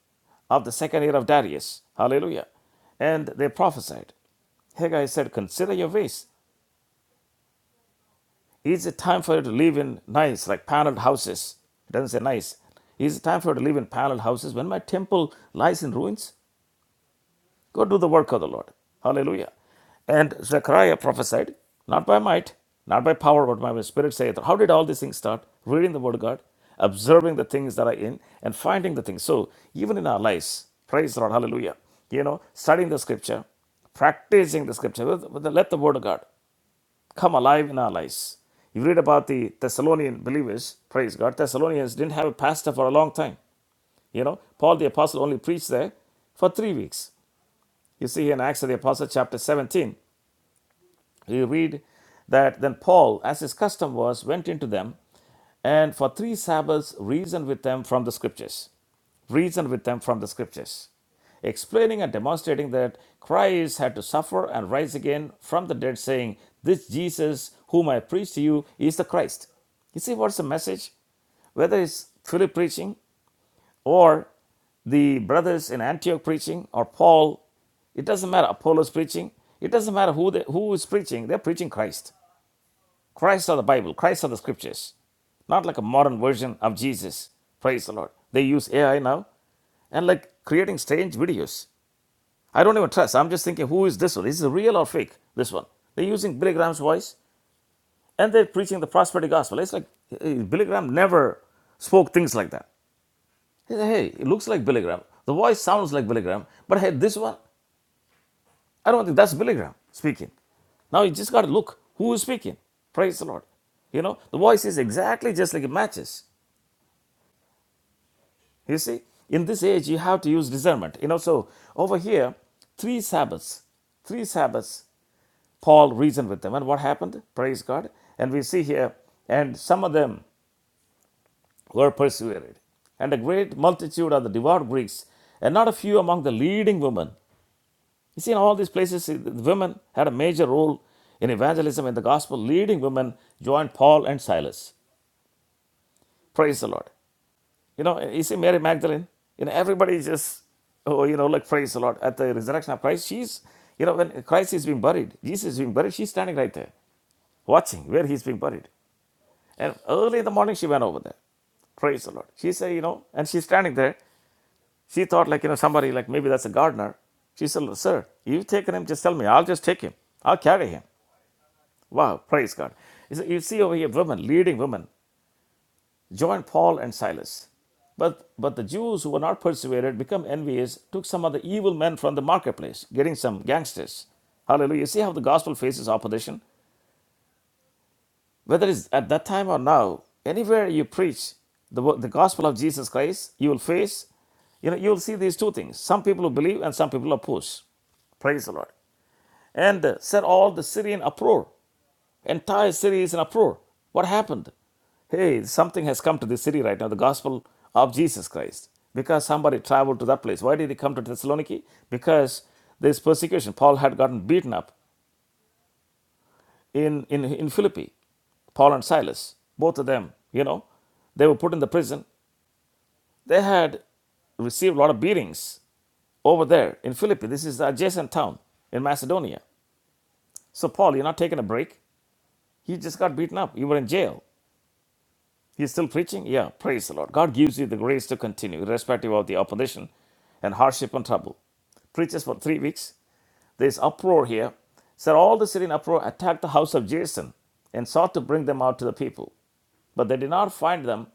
Speaker 1: of the second year of Darius. Hallelujah. And they prophesied. Haggai said, Consider your ways. Is it time for you to live in nice, like paneled houses? It doesn't say nice. Is it time for you to live in paneled houses when my temple lies in ruins? Go do the work of the Lord. Hallelujah. And Zechariah prophesied, not by might, not by power, but by my spirit saith. How did all these things start? Reading the word of God, observing the things that are in, and finding the things. So even in our lives, praise the Lord, hallelujah. You know, studying the scripture, practicing the scripture, with- with the- let the word of God come alive in our lives. You read about the Thessalonian believers, praise God. Thessalonians didn't have a pastor for a long time. You know, Paul the apostle only preached there for three weeks. You see in Acts of the Apostles, chapter 17, you read that then Paul, as his custom was, went into them and for three Sabbaths reasoned with them from the scriptures. Reasoned with them from the scriptures, explaining and demonstrating that Christ had to suffer and rise again from the dead, saying, This Jesus whom I preach to you is the Christ. You see what's the message? Whether it's Philip preaching or the brothers in Antioch preaching, or Paul, it doesn't matter, Apollo's preaching, it doesn't matter who, they, who is preaching, they're preaching Christ. Christ or the Bible, Christ or the scriptures. Not like a modern version of Jesus. Praise the Lord. They use AI now and like creating strange videos. I don't even trust. I'm just thinking, who is this one? Is it real or fake? This one. They're using Billy Graham's voice and they're preaching the prosperity gospel. It's like eh, Billy Graham never spoke things like that. He said, hey, it looks like Billy Graham. The voice sounds like Billy Graham. But hey, this one, I don't think that's Billy Graham speaking. Now you just got to look who is speaking. Praise the Lord. You know, the voice is exactly just like it matches. You see, in this age, you have to use discernment. You know, so over here, three Sabbaths, three Sabbaths, Paul reasoned with them. And what happened? Praise God. And we see here, and some of them were persuaded. And a great multitude of the devout Greeks, and not a few among the leading women You see, in all these places, women had a major role in evangelism and the gospel. Leading women joined Paul and Silas. Praise the Lord. You know, you see Mary Magdalene. You know, everybody just, oh, you know, like praise the Lord at the resurrection of Christ. She's, you know, when Christ is being buried, Jesus is being buried. She's standing right there, watching where he's being buried. And early in the morning, she went over there. Praise the Lord. She said, you know, and she's standing there. She thought, like, you know, somebody, like maybe that's a gardener. She said, Sir, you've taken him, just tell me. I'll just take him. I'll carry him. Wow, praise God. You see you see over here women, leading women, joined Paul and Silas. But, but the Jews who were not persuaded, become envious, took some of the evil men from the marketplace, getting some gangsters. Hallelujah. You see how the gospel faces opposition? Whether it's at that time or now, anywhere you preach the, wo- the gospel of Jesus Christ, you will face, you know, you will see these two things. Some people who believe and some people oppose. Praise the Lord. And uh, set all the Syrian uproar. Entire city is in uproar. What happened? Hey, something has come to this city right now, the gospel of Jesus Christ. Because somebody traveled to that place. Why did he come to Thessaloniki? Because this persecution, Paul had gotten beaten up in, in, in Philippi. Paul and Silas, both of them, you know, they were put in the prison. They had received a lot of beatings over there in Philippi. This is the adjacent town in Macedonia. So, Paul, you're not taking a break. He just got beaten up. You were in jail. He's still preaching? Yeah, praise the Lord. God gives you the grace to continue, irrespective of the opposition and hardship and trouble. Preaches for three weeks. There's uproar here. So all the Syrian uproar attacked the house of Jason and sought to bring them out to the people. But they did not find them,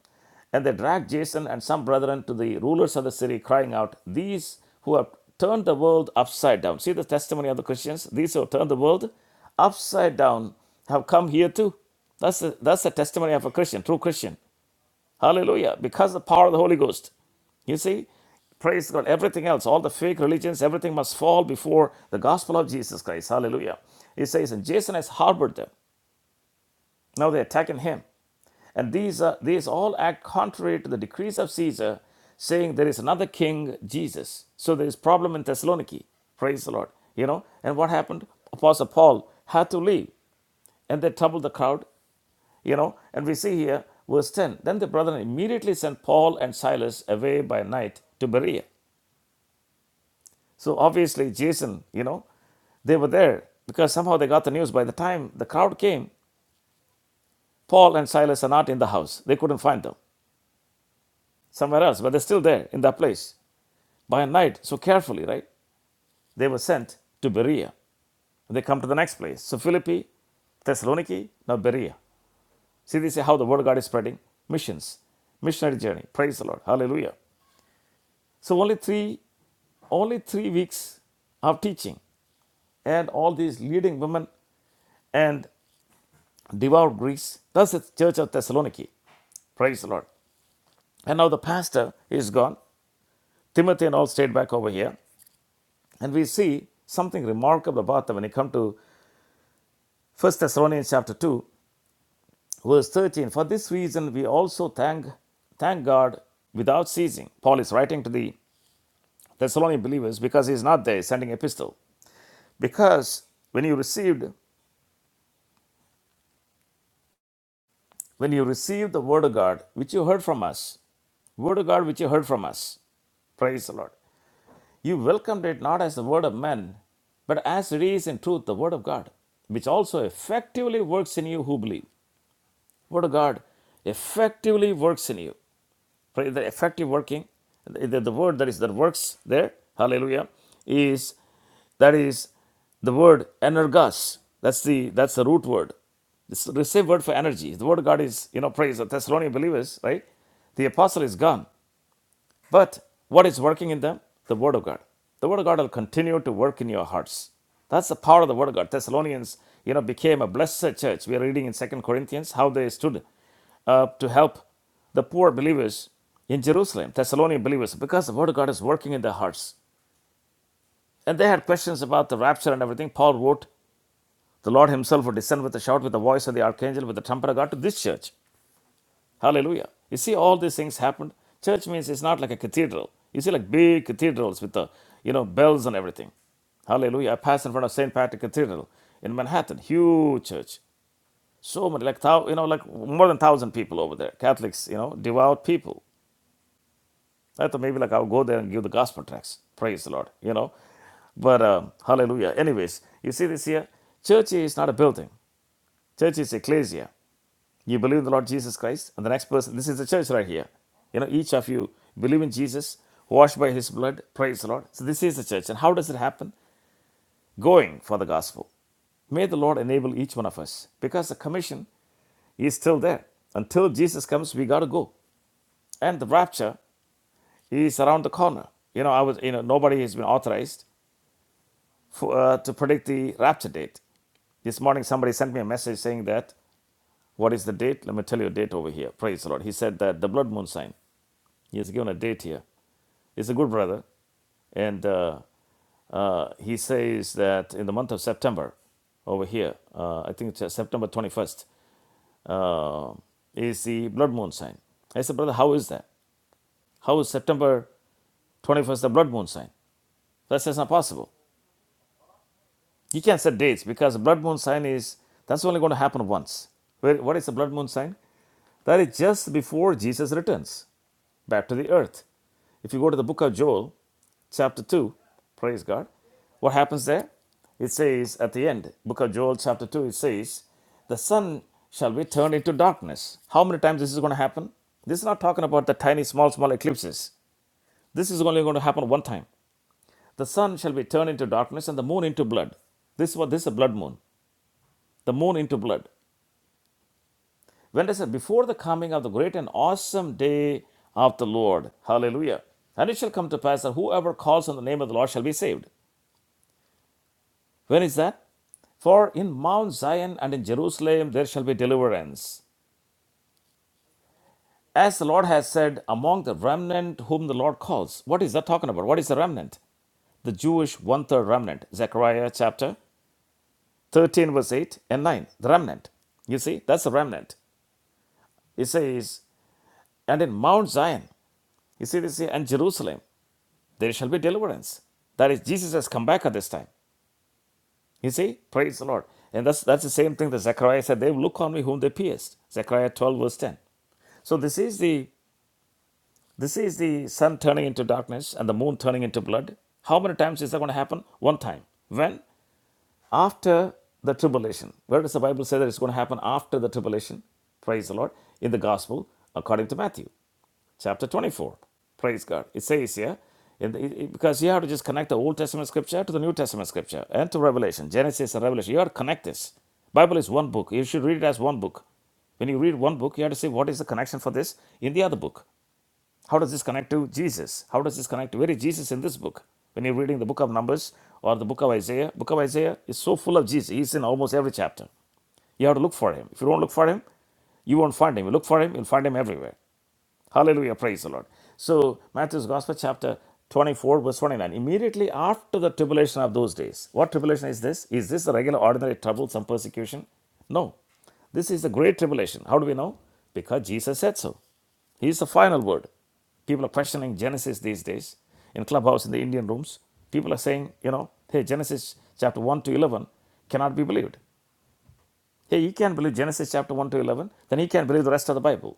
Speaker 1: and they dragged Jason and some brethren to the rulers of the city, crying out, These who have turned the world upside down. See the testimony of the Christians? These who have turned the world upside down have come here too. That's the, that's the testimony of a Christian, true Christian. Hallelujah. Because the power of the Holy Ghost. You see, praise God. Everything else, all the fake religions, everything must fall before the gospel of Jesus Christ. Hallelujah. It says, and Jason has harbored them. Now they're attacking him. And these, uh, these all act contrary to the decrees of Caesar, saying there is another king, Jesus. So there is problem in Thessaloniki. Praise the Lord. You know, and what happened? Apostle Paul had to leave. And they troubled the crowd. You know, and we see here verse 10 Then the brethren immediately sent Paul and Silas away by night to Berea. So obviously, Jason, you know, they were there because somehow they got the news. By the time the crowd came, Paul and Silas are not in the house. They couldn't find them somewhere else, but they're still there in that place by night. So carefully, right? They were sent to Berea. They come to the next place. So Philippi, Thessaloniki, now Berea. See, this is how the word of God is spreading missions, missionary journey. Praise the Lord. Hallelujah. So only three Only three weeks of teaching, and all these leading women and devout Greeks. Thus, the church of Thessaloniki. Praise the Lord. And now the pastor is gone. Timothy and all stayed back over here. And we see something remarkable about them when you come to First Thessalonians chapter 2, verse 13. For this reason, we also thank, thank God without ceasing. Paul is writing to the Thessalonian believers because he's not there, he's sending epistle. Because when you received when you receive the word of God, which you heard from us, word of God which you heard from us, praise the Lord, you welcomed it not as the word of men, but as it is in truth the word of God, which also effectively works in you who believe. Word of God effectively works in you. Right? They're effectively working. The, the word that is that works there, hallelujah, is that is the word energas. That's the that's the root word. It's the receive word for energy. The word of God is, you know, praise the Thessalonian believers, right? The apostle is gone. But what is working in them? The Word of God. The Word of God will continue to work in your hearts. That's the power of the Word of God. Thessalonians, you know, became a blessed church. We are reading in Second Corinthians how they stood uh, to help the poor believers in Jerusalem, Thessalonian believers, because the Word of God is working in their hearts. And they had questions about the rapture and everything. Paul wrote, The Lord Himself will descend with a shout, with the voice of the archangel, with the trumpet of God to this church. Hallelujah. You see, all these things happened. Church means it's not like a cathedral. You see, like big cathedrals with the, you know, bells and everything. Hallelujah. I passed in front of St. Patrick Cathedral in Manhattan. Huge church. So many, like, thou, you know, like more than 1,000 people over there. Catholics, you know, devout people. I thought maybe like I'll go there and give the gospel tracts. Praise the Lord, you know. But um, hallelujah. Anyways, you see this here? Church is not a building. Church is ecclesia. You believe in the Lord Jesus Christ, and the next person, this is the church right here. You know, each of you believe in Jesus, washed by his blood, praise the Lord. So this is the church. And how does it happen? Going for the gospel. May the Lord enable each one of us because the commission is still there. Until Jesus comes, we got to go. And the rapture is around the corner. You know, I was, you know, nobody has been authorized for, uh, to predict the rapture date. This morning, somebody sent me a message saying that, what is the date? Let me tell you a date over here. Praise the Lord. He said that the blood moon sign. He has given a date here. He's a good brother. And uh, uh, he says that in the month of September, over here, uh, I think it's uh, September 21st, uh, is the blood moon sign. I said, Brother, how is that? How is September 21st the blood moon sign? That's just not possible. You can't set dates because the blood moon sign is, that's only going to happen once. Where, what is the blood moon sign? That is just before Jesus returns back to the earth. If you go to the book of Joel, chapter 2. Praise God. What happens there? It says at the end, book of Joel, chapter 2, it says, The sun shall be turned into darkness. How many times this is going to happen? This is not talking about the tiny, small, small eclipses. This is only going to happen one time. The sun shall be turned into darkness and the moon into blood. This is what this is a blood moon. The moon into blood. When they said, Before the coming of the great and awesome day of the Lord. Hallelujah. And it shall come to pass that whoever calls on the name of the Lord shall be saved. When is that? For in Mount Zion and in Jerusalem there shall be deliverance. As the Lord has said, among the remnant whom the Lord calls. What is that talking about? What is the remnant? The Jewish one third remnant. Zechariah chapter 13, verse 8 and 9. The remnant. You see, that's the remnant. It says, and in Mount Zion, you see this here, and Jerusalem, there shall be deliverance. That is, Jesus has come back at this time. You see, praise the Lord. And that's that's the same thing that Zechariah said, they will look on me whom they pierced. Zechariah 12, verse 10. So this is the this is the sun turning into darkness and the moon turning into blood. How many times is that going to happen? One time. When? After the tribulation. Where does the Bible say that it's going to happen after the tribulation? Praise the Lord. In the gospel, according to Matthew chapter 24. Praise God. It says here, in the, it- because you have to just connect the Old Testament scripture to the New Testament scripture and to Revelation, Genesis and Revelation. You have to connect this. Bible is one book. You should read it as one book. When you read one book, you have to say what is the connection for this in the other book. How does this connect to Jesus? How does this connect to where is Jesus in this book? When you're reading the book of Numbers or the book of Isaiah, book of Isaiah is so full of Jesus. He's in almost every chapter. You have to look for him. If you don't look for him, you won't find him. You look for him, you'll find him everywhere. Hallelujah. Praise the Lord. So, Matthew's Gospel, chapter 24, verse 29. Immediately after the tribulation of those days. What tribulation is this? Is this the regular, ordinary trouble, some persecution? No. This is the great tribulation. How do we know? Because Jesus said so. He is the final word. People are questioning Genesis these days in clubhouse, in the Indian rooms. People are saying, you know, hey, Genesis chapter 1 to 11 cannot be believed. Hey, you can't believe Genesis chapter 1 to 11, then he can't believe the rest of the Bible.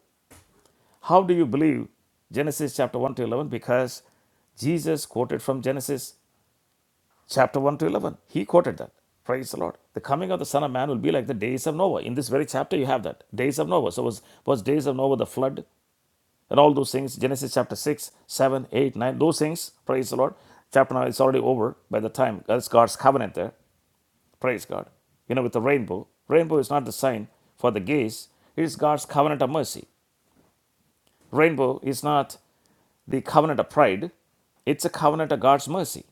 Speaker 1: How do you believe Genesis chapter 1 to 11? Because Jesus quoted from Genesis chapter 1 to 11. He quoted that. Praise the Lord. The coming of the Son of Man will be like the days of Noah. In this very chapter, you have that. Days of Noah. So, was, was days of Noah the flood and all those things? Genesis chapter 6, 7, 8, 9. Those things, praise the Lord. Chapter 9 is already over by the time that's God's covenant there. Praise God. You know, with the rainbow. Rainbow is not the sign for the gays, it is God's covenant of mercy. Rainbow is not the covenant of pride, it's a covenant of God's mercy.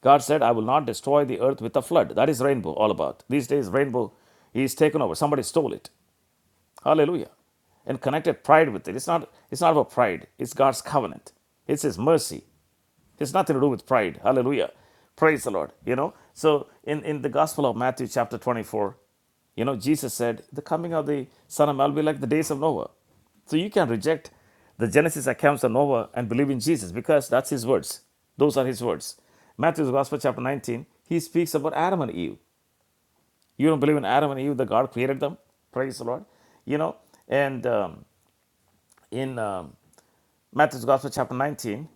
Speaker 1: God said, I will not destroy the earth with a flood. That is rainbow all about. These days, rainbow is taken over. Somebody stole it. Hallelujah. And connected pride with it. It's not, it's not about pride, it's God's covenant. It's His mercy. It's nothing to do with pride. Hallelujah. Praise the Lord. You know, so in, in the Gospel of Matthew, chapter 24, you know, Jesus said, The coming of the Son of Man will be like the days of Noah. So you can reject the Genesis accounts of Noah and believe in Jesus because that's his words. Those are his words. Matthew's Gospel, chapter 19, he speaks about Adam and Eve. You don't believe in Adam and Eve, that God created them? Praise the Lord. You know, and um, in um, Matthew's Gospel, chapter 19,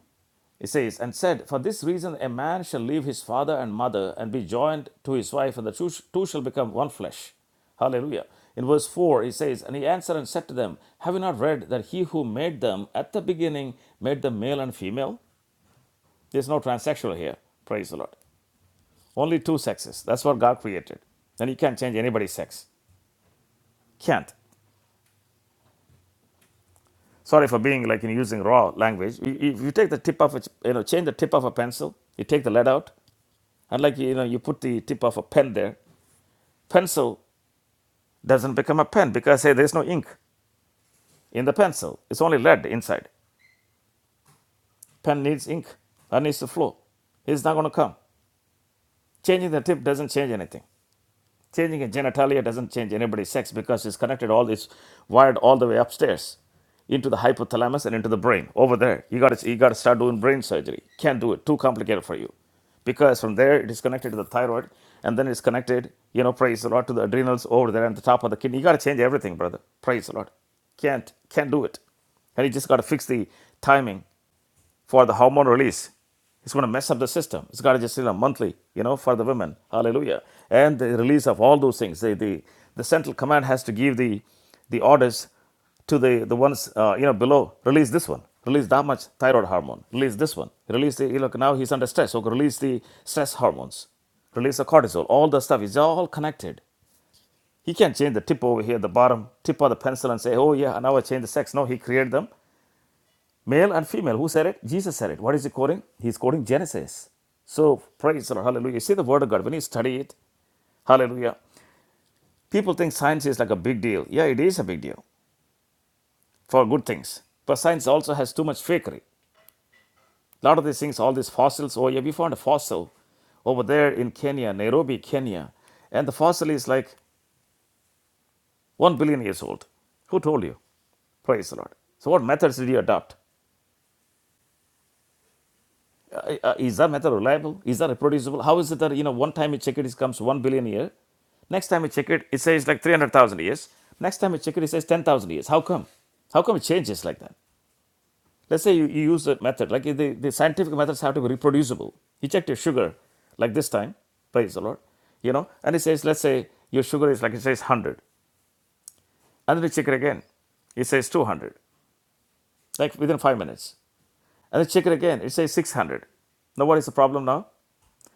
Speaker 1: it says, and said, For this reason a man shall leave his father and mother and be joined to his wife, and the two, two shall become one flesh. Hallelujah. In verse 4, he says, And he answered and said to them, Have you not read that he who made them at the beginning made them male and female? There's no transsexual here. Praise the Lord. Only two sexes. That's what God created. And you can't change anybody's sex. Can't. Sorry for being like in using raw language. you- If you take the tip of a, ch- you know, change the tip of a pencil, you take the lead out, and like you know, you put the tip of a pen there, Pencil doesn't become a pen because hey, there's no ink in the pencil. It's only lead inside. Pen needs ink. That needs to flow. It's not going to come. Changing the tip doesn't change anything. Changing a genitalia doesn't change anybody's sex because it's connected all this wired all the way upstairs into the hypothalamus and into the brain over there. You got to you got to start doing brain surgery. Can't do it. Too complicated for you. Because from there it is connected to the thyroid and then it's connected, you know, praise the Lord to the adrenals over there and the top of the kidney. You got to change everything, brother. Praise the Lord. Can't can't do it. And you just got to fix the timing for the hormone release. It's going to mess up the system. It's got to just, you know, monthly, you know, for the women. Hallelujah. And the release of all those things. The, the, the central command has to give the, the orders to the, the ones, uh, you know, below. Release this one. Release that much thyroid hormone. Release this one. Release the, you know, now he's under stress. So release the stress hormones. Release the cortisol. All the stuff is all connected. He can't change the tip over here, the bottom tip of the pencil, and say, "Oh yeah, now I change the sex." No, he created them. Male and female, who said it? Jesus said it. What is he quoting? He's quoting Genesis. So praise the Lord, hallelujah. See the word of God. When you study it, hallelujah. People think science is like a big deal. Yeah, it is a big deal for good things. But science also has too much fakery. A lot of these things, all these fossils, oh yeah, we found a fossil over there in Kenya, Nairobi, Kenya. And the fossil is like one billion years old. Who told you? Praise the Lord. So, what methods did you adopt? Uh, uh, is that method reliable? Is that reproducible? How is it that you know one time you check it, it comes one billion a year, next time you check it, it says like three hundred thousand years, next time you check it, it says ten thousand years. How come? How come it changes like that? Let's say you, you use a method like the, the scientific methods have to be reproducible. You checked your sugar like this time, praise the Lord, you know, and it says let's say your sugar is like it says one hundred, and then you check it again, it says two hundred, like within five minutes, and then check it again, it says six hundred. Now what is the problem now?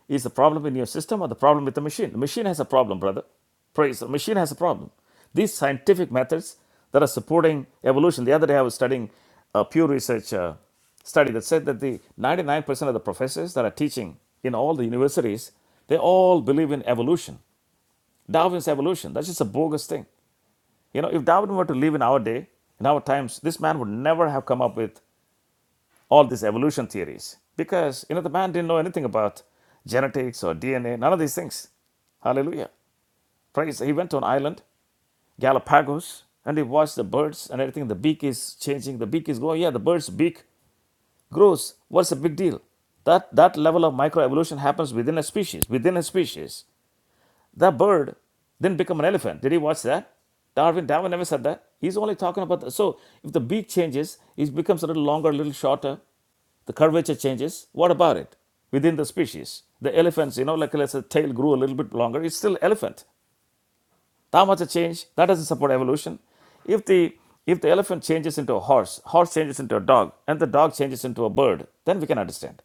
Speaker 1: Is the problem in your system or the problem with the machine? The machine has a problem, brother. Praise the machine has a problem. These scientific methods that are supporting evolution. The other day I was studying a Pew Research uh, study that said that the 99% of the professors that are teaching in all the universities, they all believe in evolution. Darwin's evolution. That's just a bogus thing. You know, if Darwin were to live in our day, in our times, this man would never have come up with all these evolution theories because you know the man didn't know anything about genetics or DNA, none of these things. Hallelujah. Praise. He went to an island, Galapagos, and he watched the birds and everything. The beak is changing, the beak is growing. Yeah, the bird's beak grows. What's the big deal? That that level of microevolution happens within a species, within a species. The bird didn't become an elephant. Did he watch that? Darwin, Darwin never said that. He's only talking about the, so if the beak changes, it becomes a little longer, a little shorter. The curvature changes. What about it within the species? The elephants, you know, like let's say tail grew a little bit longer. It's still elephant. That much a change, that doesn't support evolution. If the if the elephant changes into a horse, horse changes into a dog, and the dog changes into a bird, then we can understand.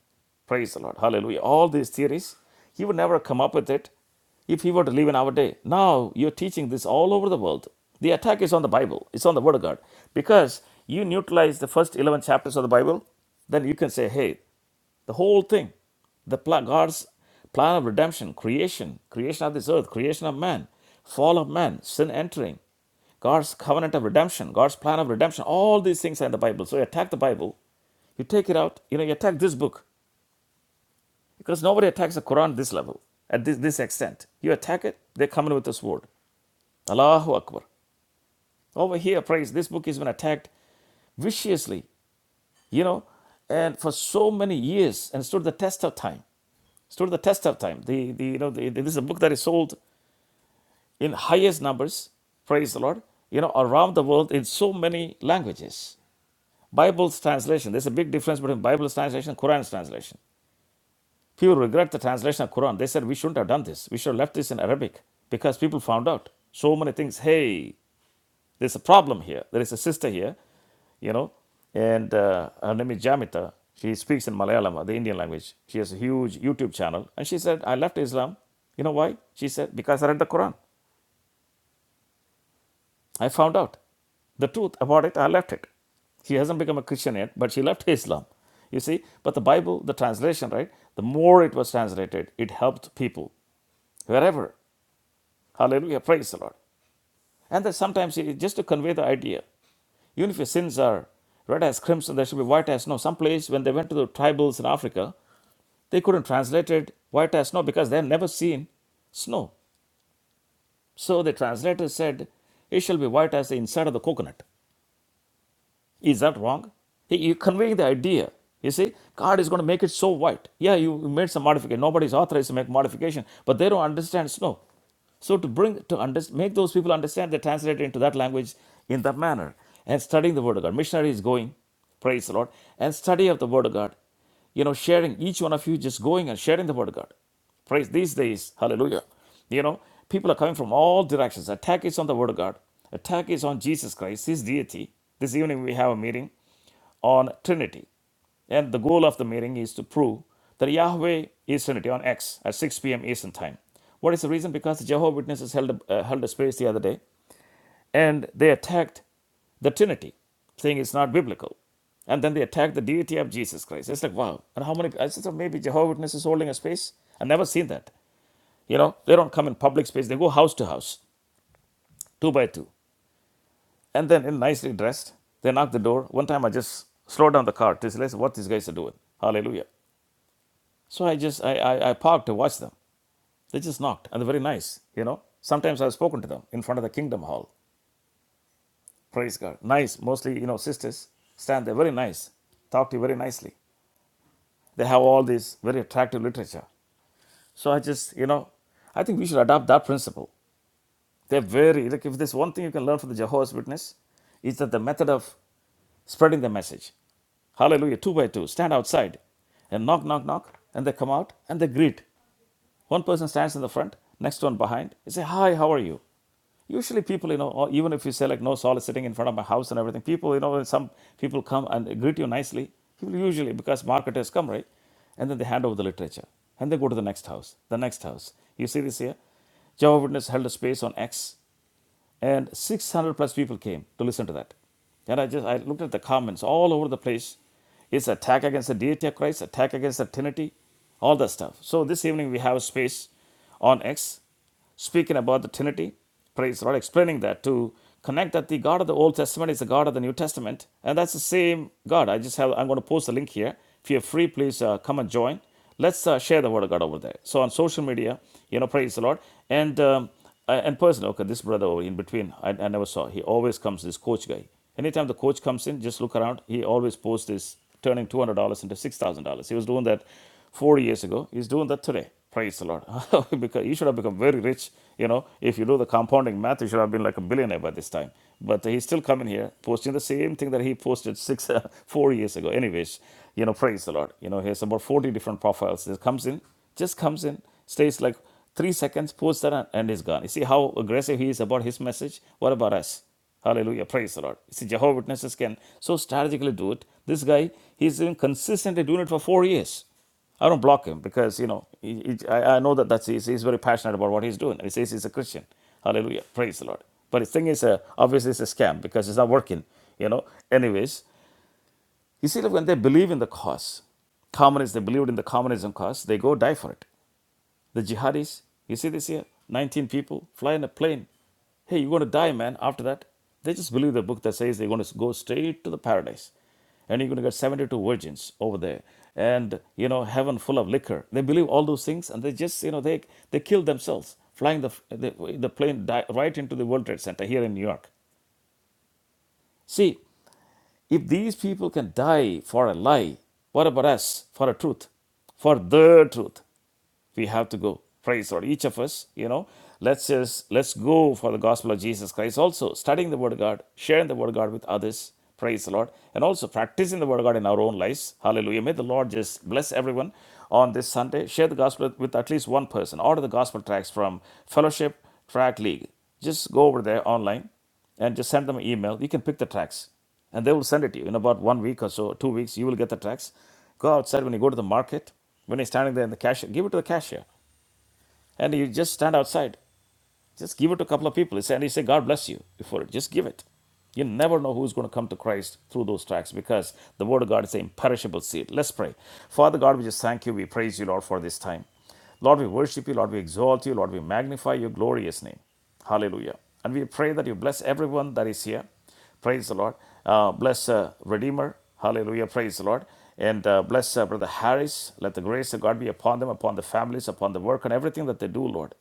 Speaker 1: Praise the Lord. Hallelujah. All these theories, he would never come up with it if he were to live in our day. Now you're teaching this all over the world. The attack is on the Bible, it's on the Word of God. Because you neutralize the first 11 chapters of the Bible, then you can say, hey, the whole thing. The pl- God's plan of redemption, creation, creation of this earth, creation of man, fall of man, sin entering, God's covenant of redemption, God's plan of redemption, all these things are in the Bible. So you attack the Bible, you take it out, you know, you attack this book. Because nobody attacks the Quran this level, at this, this extent. You attack it, they come in with a sword. Allahu Akbar. Over here, praise, this book has been attacked viciously, you know, and for so many years and stood the test of time. stood the test of time. The, the, you know, the, this is a book that is sold in highest numbers, praise the Lord, you know, around the world in so many languages. Bible's translation, there's a big difference between Bible's translation and Quran's translation. People regret the translation of Quran. They said, we shouldn't have done this. We should have left this in Arabic because people found out so many things. Hey, There's a problem here. There is a sister here, you know, and uh, her name is Jamita. She speaks in Malayalam, the Indian language. She has a huge YouTube channel. And she said, I left Islam. You know why? She said, because I read the Quran. I found out the truth about it. I left it. She hasn't become a Christian yet, but she left Islam. You see, but the Bible, the translation, right? The more it was translated, it helped people wherever. Hallelujah. Praise the Lord. And that sometimes it is just to convey the idea. Even if your sins are red as crimson, they should be white as snow. Some place when they went to the tribals in Africa, they couldn't translate it white as snow because they had never seen snow. So the translator said, It shall be white as the inside of the coconut. Is that wrong? You're conveying the idea. You see, God is going to make it so white. Yeah, you made some modification. Nobody's authorized to make modification, but they don't understand snow. So to bring to under, make those people understand, they translate it into that language in that manner and studying the Word of God. Missionary is going, praise the Lord, and study of the Word of God. You know, sharing each one of you just going and sharing the Word of God. Praise these days. Hallelujah. You know, people are coming from all directions. Attack is on the Word of God, attack is on Jesus Christ, His deity. This evening we have a meeting on Trinity. And the goal of the meeting is to prove that Yahweh is Trinity on X at 6 p.m. Eastern Time. What is the reason? Because the Jehovah Witnesses held a, uh, held a space the other day and they attacked the Trinity, saying it's not biblical. And then they attacked the deity of Jesus Christ. It's like, wow. And how many, I said, so maybe Jehovah's Witnesses holding a space? I've never seen that. You know, they don't come in public space, they go house to house, two by two. And then in nicely dressed, they knock the door. One time I just slowed down the car to realize what these guys are doing. Hallelujah. So I just, I, I, I parked to watch them. They just knocked, and they're very nice, you know. Sometimes I've spoken to them in front of the Kingdom Hall. Praise God. Nice. Mostly, you know, sisters stand there very nice, talk to you very nicely. They have all this very attractive literature. So I just, you know, I think we should adopt that principle. They're very, like, if there's one thing you can learn from the Jehovah's Witness, is that the method of spreading the message. Hallelujah. Two by two. Stand outside and knock, knock, knock. And they come out and they greet. One person stands in the front, next one behind. They say, Hi, how are you? Usually, people, you know, uh, even if you say like no Saul is sitting in front of my house and everything, people, you know, when some people come and greet you nicely, people usually because marketers come right, and then they hand over the literature and they go to the next house, the next house. You see this here. Jehovah Witness held a space on X and 600 plus people came to listen to that. And I just I looked at the comments all over the place. It's attack against the deity of Christ, attack against the Trinity, all that stuff. So this evening we have a space on X speaking about the Trinity. Praise the Lord, explaining that to connect that the God of the Old Testament is the God of the New Testament, and that's the same God. I just have I'm going to post the link here. If you're free, please uh, come and join. Let's uh, share the word of God over there. So on social media, you know, praise the Lord, and um, I, and personally, okay, this brother over in between, I, I never saw. He always comes, this coach guy. Anytime the coach comes in, just look around. He always posts this turning $200 into $6,000. He was doing that four years ago. He's doing that today. Praise the Lord. because he should have become very rich. You know, if you do the compounding math, he should have been like a billionaire by this time. But he's still coming here, posting the same thing that he posted six, four years ago. Anyways, you know, praise the Lord. You know, he has about 40 different profiles. He comes in, just comes in stays like three seconds, posts that, and is gone. You see how aggressive he is about his message? What about us? Hallelujah. Praise the Lord. You see, Jehovah Witnesses can so strategically do it. This guy, he's been consistently doing it for four years. I don't block him because, you know, he, he- I, I know that that's, he's, he's very passionate about what he's doing. He says he's a Christian. Hallelujah. Praise the Lord. But his thing is, uh, obviously, it's a scam because it's not working, you know. Anyways, you see, that when they believe in the cause, communists, they believed in the communism cause, they go die for it. The jihadis, you see this here? 19 people fly in a plane. Hey, you're going to die, man, after that. They just believe the book that says they're going to go straight to the paradise. And you're going to get 72 virgins over there. And, you know, heaven full of liquor. They believe all those things and they just, you know, they, they kill themselves flying the, the, the plane di- right into the World Trade Center here in New York. See, if these people can die for a lie, what about us for a truth? For the truth we have to go praise the lord each of us you know let's just let's go for the gospel of jesus christ also studying the word of god sharing the word of god with others praise the lord and also practicing the word of god in our own lives hallelujah may the lord just bless everyone on this sunday share the gospel with at least one person order the gospel tracks from fellowship track league just go over there online and just send them an email. You can pick the tracks, and they will send it to you in about one week or so, two weeks. You will get the tracks. Go outside when you go to the market. When you're standing there in the cashier, give it to the cashier, and you just stand outside. Just give it to a couple of people. and said, he said, God bless you for it. Just give it. You never know who's going to come to Christ through those tracks because the Word of God is an imperishable seed. Let's pray. Father God, we just thank you. We praise you, Lord, for this time. Lord, we worship you. Lord, we exalt you. Lord, we magnify your glorious name. Hallelujah. And we pray that you bless everyone that is here. Praise the Lord. Uh, bless uh, Redeemer. Hallelujah. Praise the Lord. And uh, bless uh, Brother Harris. Let the grace of God be upon them, upon the families, upon the work, and everything that they do, Lord.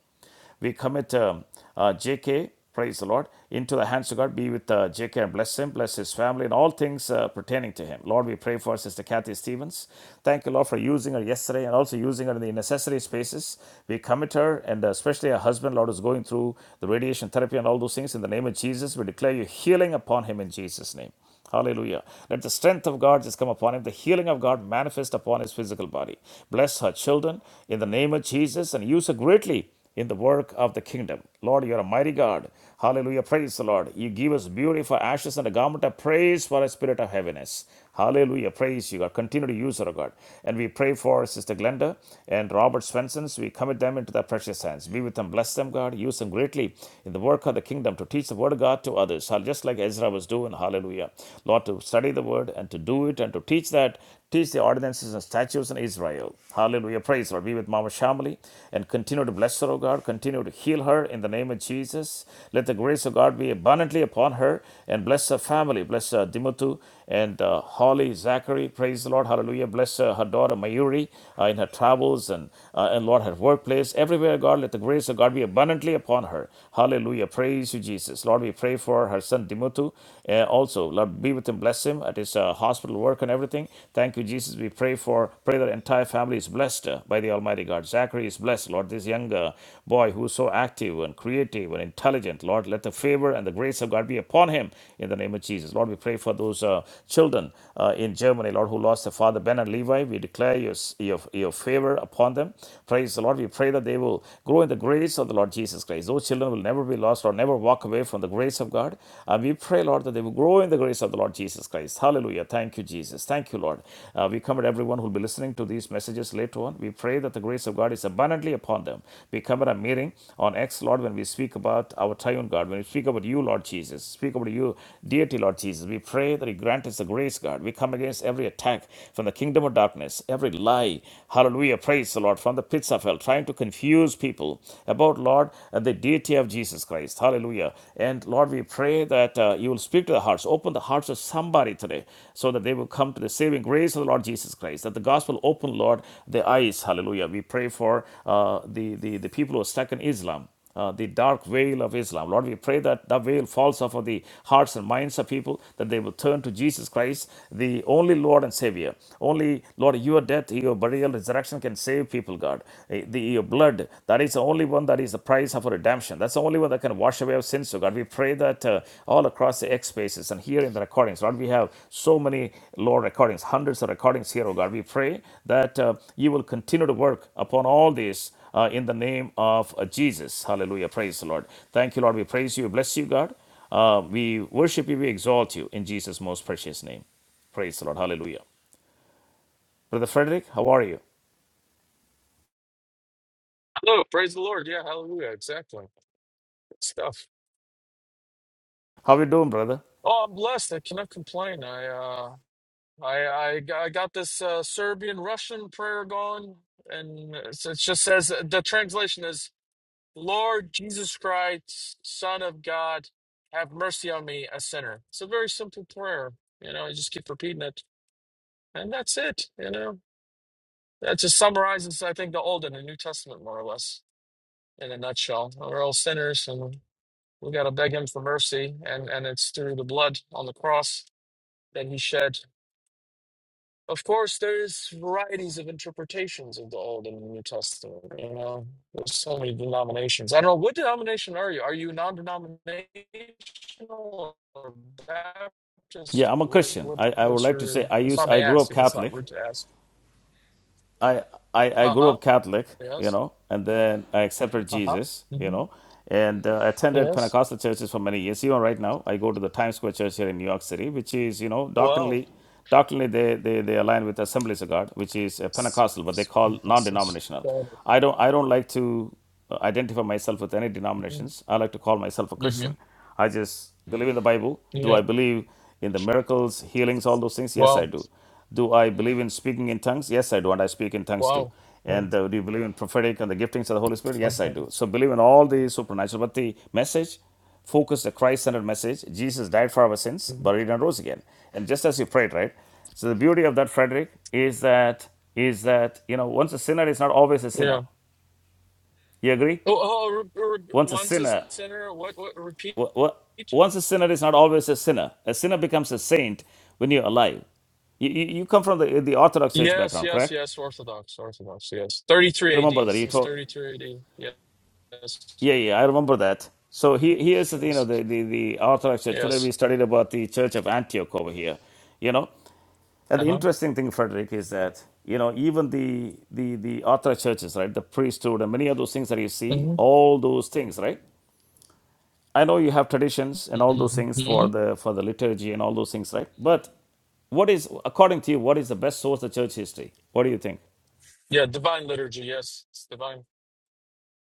Speaker 1: We commit um, uh, JK, praise the Lord, into the hands of God. Be with uh, JK and bless him, bless his family, and all things uh, pertaining to him. Lord, we pray for Sister Kathy Stevens. Thank you, Lord, for using her yesterday and also using her in the necessary spaces. We commit her and uh, especially her husband, Lord, is going through the radiation therapy and all those things. In the name of Jesus, we declare you healing upon him in Jesus' name. Hallelujah. Let the strength of God just come upon him, the healing of God manifest upon his physical body. Bless her children in the name of Jesus and use her greatly in the work of the kingdom. Lord, you're a mighty God. Hallelujah. Praise the Lord. You give us beauty for ashes and a garment of praise for a spirit of heaviness. Hallelujah. Praise you, God. Continue to use her, oh God. And we pray for Sister Glenda and Robert Swenson's. We commit them into thy precious hands. Be with them. Bless them, God. Use them greatly in the work of the kingdom to teach the word of God to others. Just like Ezra was doing. Hallelujah. Lord, to study the word and to do it and to teach that. Teach the ordinances and statutes in Israel. Hallelujah. Praise Lord. Be with Mama Shamali and continue to bless her, O God. Continue to heal her in the name of Jesus. Let the grace grace of God be abundantly upon her and bless her family. Bless uh, Dimutu and uh, Holly, Zachary. Praise the Lord. Hallelujah. Bless uh, her daughter Mayuri uh, in her travels and, uh, and Lord, her workplace. Everywhere, God, let the grace of God be abundantly upon her. Hallelujah. Praise you, Jesus. Lord, we pray for her son Dimutu. Uh, also, Lord, be with him, bless him at his uh, hospital work and everything. Thank you, Jesus. We pray for, pray that the entire family is blessed uh, by the Almighty God. Zachary. Zachary is blessed, Lord. This young uh, boy who is so active and creative and intelligent, Lord, let the favor and the grace of God be upon him in the name of Jesus. Lord, we pray for those uh, children uh, in Germany, Lord, who lost their father, Ben and Levi. We declare your, your, your favor upon them. Praise the Lord. We pray that they will grow in the grace of the Lord Jesus Christ. Those children will never be lost or never walk away from the grace of God. And we pray, Lord, that they will grow in the grace of the Lord Jesus Christ. Hallelujah. Thank you, Jesus. Jesus. Thank you, Lord. Uh, we commit everyone who will be listening to these messages later on. We pray that the grace of God is abundantly upon them. We commit our meeting on X, Lord, when we speak about our triune God, when we speak about you, Lord Jesus, speak about you, deity, Lord Jesus. We pray that you grant us the grace, God. We come against every attack from the kingdom of darkness, every lie, hallelujah, praise the Lord, from the pits of hell, trying to confuse people about, Lord, the deity of Jesus Christ, hallelujah. And and Lord, we pray that uh, you will speak to the hearts, open the hearts of somebody today so that they will come to the saving grace of the Lord Jesus Christ. That the gospel open, Lord, the eyes. Hallelujah. We pray for uh, the, the, the people who are stuck in Islam uh, the dark veil of Islam. Lord, we pray that the veil falls off of the hearts and minds of people, that they will turn to Jesus Christ, the only Lord and Savior. Only, Lord, your death, your burial, resurrection can save people, God. Eh, The, your your blood, that is the only one that is the price of redemption. That's the only one that can wash away our sins, so God. We pray that uh, all across the X spaces and here in the recordings, Lord, we have so many, Lord, recordings, hundreds of recordings here, oh God. We pray that uh, you will continue to work upon all these uh, in the name of uh, Jesus. Hallelujah. Praise the Lord. Thank you, Lord. We praise you. We Bless you, God. Uh, we worship you. We exalt you in Jesus' most precious name. Praise the Lord. Hallelujah. Brother Frederick, how are you?
Speaker 4: Oh, praise the Lord. Yeah, hallelujah. Exactly. Good stuff.
Speaker 1: How are you doing, brother?
Speaker 4: Oh, I'm blessed. I cannot complain. I uh I I, g- I got this uh Serbian Russian prayer going and it's, it just says the translation is Lord Jesus Christ, Son of God, have mercy on me, a sinner. It's a very simple prayer. You know, I just keep repeating it and that's it, you know. That just summarizes I think the old and the New Testament more or less in a nutshell. We're all sinners We got to beg him for mercy, and, and it's through the blood on the cross that he shed. Of course, there's varieties of interpretations of the Old and the New Testament. You know, there's so many denominations. I don't know what denomination are you? Are you non-denominational or Baptist?
Speaker 1: Yeah,
Speaker 4: Or
Speaker 1: I'm a
Speaker 4: what,
Speaker 1: Christian.
Speaker 4: what,
Speaker 1: I, I would
Speaker 4: what's
Speaker 1: like to say
Speaker 4: your?
Speaker 1: I
Speaker 4: If
Speaker 1: use
Speaker 4: I
Speaker 1: I
Speaker 4: may
Speaker 1: grew
Speaker 4: ask,
Speaker 1: up
Speaker 4: if it's
Speaker 1: Catholic,
Speaker 4: not rude to ask.
Speaker 1: I, I I
Speaker 4: Uh
Speaker 1: grew
Speaker 4: huh.
Speaker 1: up Catholic, you
Speaker 4: Yes.
Speaker 1: know, and then I accepted
Speaker 4: Uh huh.
Speaker 1: Jesus, you
Speaker 4: hmm
Speaker 1: know, and uh, attended
Speaker 4: Yes.
Speaker 1: Pentecostal churches for many years. Even right now, I go to the Times Square Church here in New York City, which is you know
Speaker 4: Wow.
Speaker 1: doctrinally doctrinally they, they, they align with Assemblies of God, which is uh, Pentecostal, but they call
Speaker 4: Pentecostals.
Speaker 1: non-denominational.
Speaker 4: Got
Speaker 1: I don't I don't like to uh, identify myself with any
Speaker 4: it. Mhm.
Speaker 1: denominations. I like to call myself a Christian.
Speaker 4: Mhm.
Speaker 1: I just believe in the Bible. Do
Speaker 4: Yeah.
Speaker 1: I believe in the miracles, healings, all those things? Yes,
Speaker 4: Wow.
Speaker 1: I do. Do I believe in speaking in tongues? Yes, I do, and I speak in tongues too.
Speaker 4: Wow. Oh,
Speaker 1: And uh, do you believe in prophetic and the giftings of the Holy Spirit?
Speaker 4: oh,
Speaker 1: Yes, I
Speaker 4: oh.
Speaker 1: do. So believe in all the supernatural. But the message, focus the Christ-centered message. Jesus died for our sins,
Speaker 4: Mhm.
Speaker 1: buried and rose again. And just as you prayed, right? So the beauty of that, Frederick, is that is that you know once a sinner is not always a sinner.
Speaker 4: Yeah.
Speaker 1: You agree?
Speaker 4: Oh, oh re- re-
Speaker 1: Once a
Speaker 4: once a
Speaker 1: sinner,
Speaker 4: sinner, what, what, repeat?
Speaker 1: wha- wha- once a sinner is not always a sinner. A sinner becomes a saint when you're alive. You, you, you come from the, the Orthodox Church
Speaker 4: Yes,
Speaker 1: background,
Speaker 4: yes,
Speaker 1: correct?
Speaker 4: yes, Orthodox, Orthodox, yes. 33
Speaker 1: remember
Speaker 4: AD,
Speaker 1: that he
Speaker 4: since
Speaker 1: told
Speaker 4: 33 AD. Yes,
Speaker 1: yeah yeah i remember that so he, here's the you know
Speaker 4: yes,
Speaker 1: the, the the orthodox church today
Speaker 4: yes.
Speaker 1: we studied about the church of antioch over here you know and the
Speaker 4: Uh-huh.
Speaker 1: interesting thing frederick is that you know even the the the orthodox churches right the priesthood and many of those things that you see all those things right i know you have traditions and all those
Speaker 4: hmm
Speaker 1: things for the for the liturgy and all those things right but what is according to you what is the best source of church history what do you think
Speaker 4: Yeah, divine liturgy, yes, it's divine.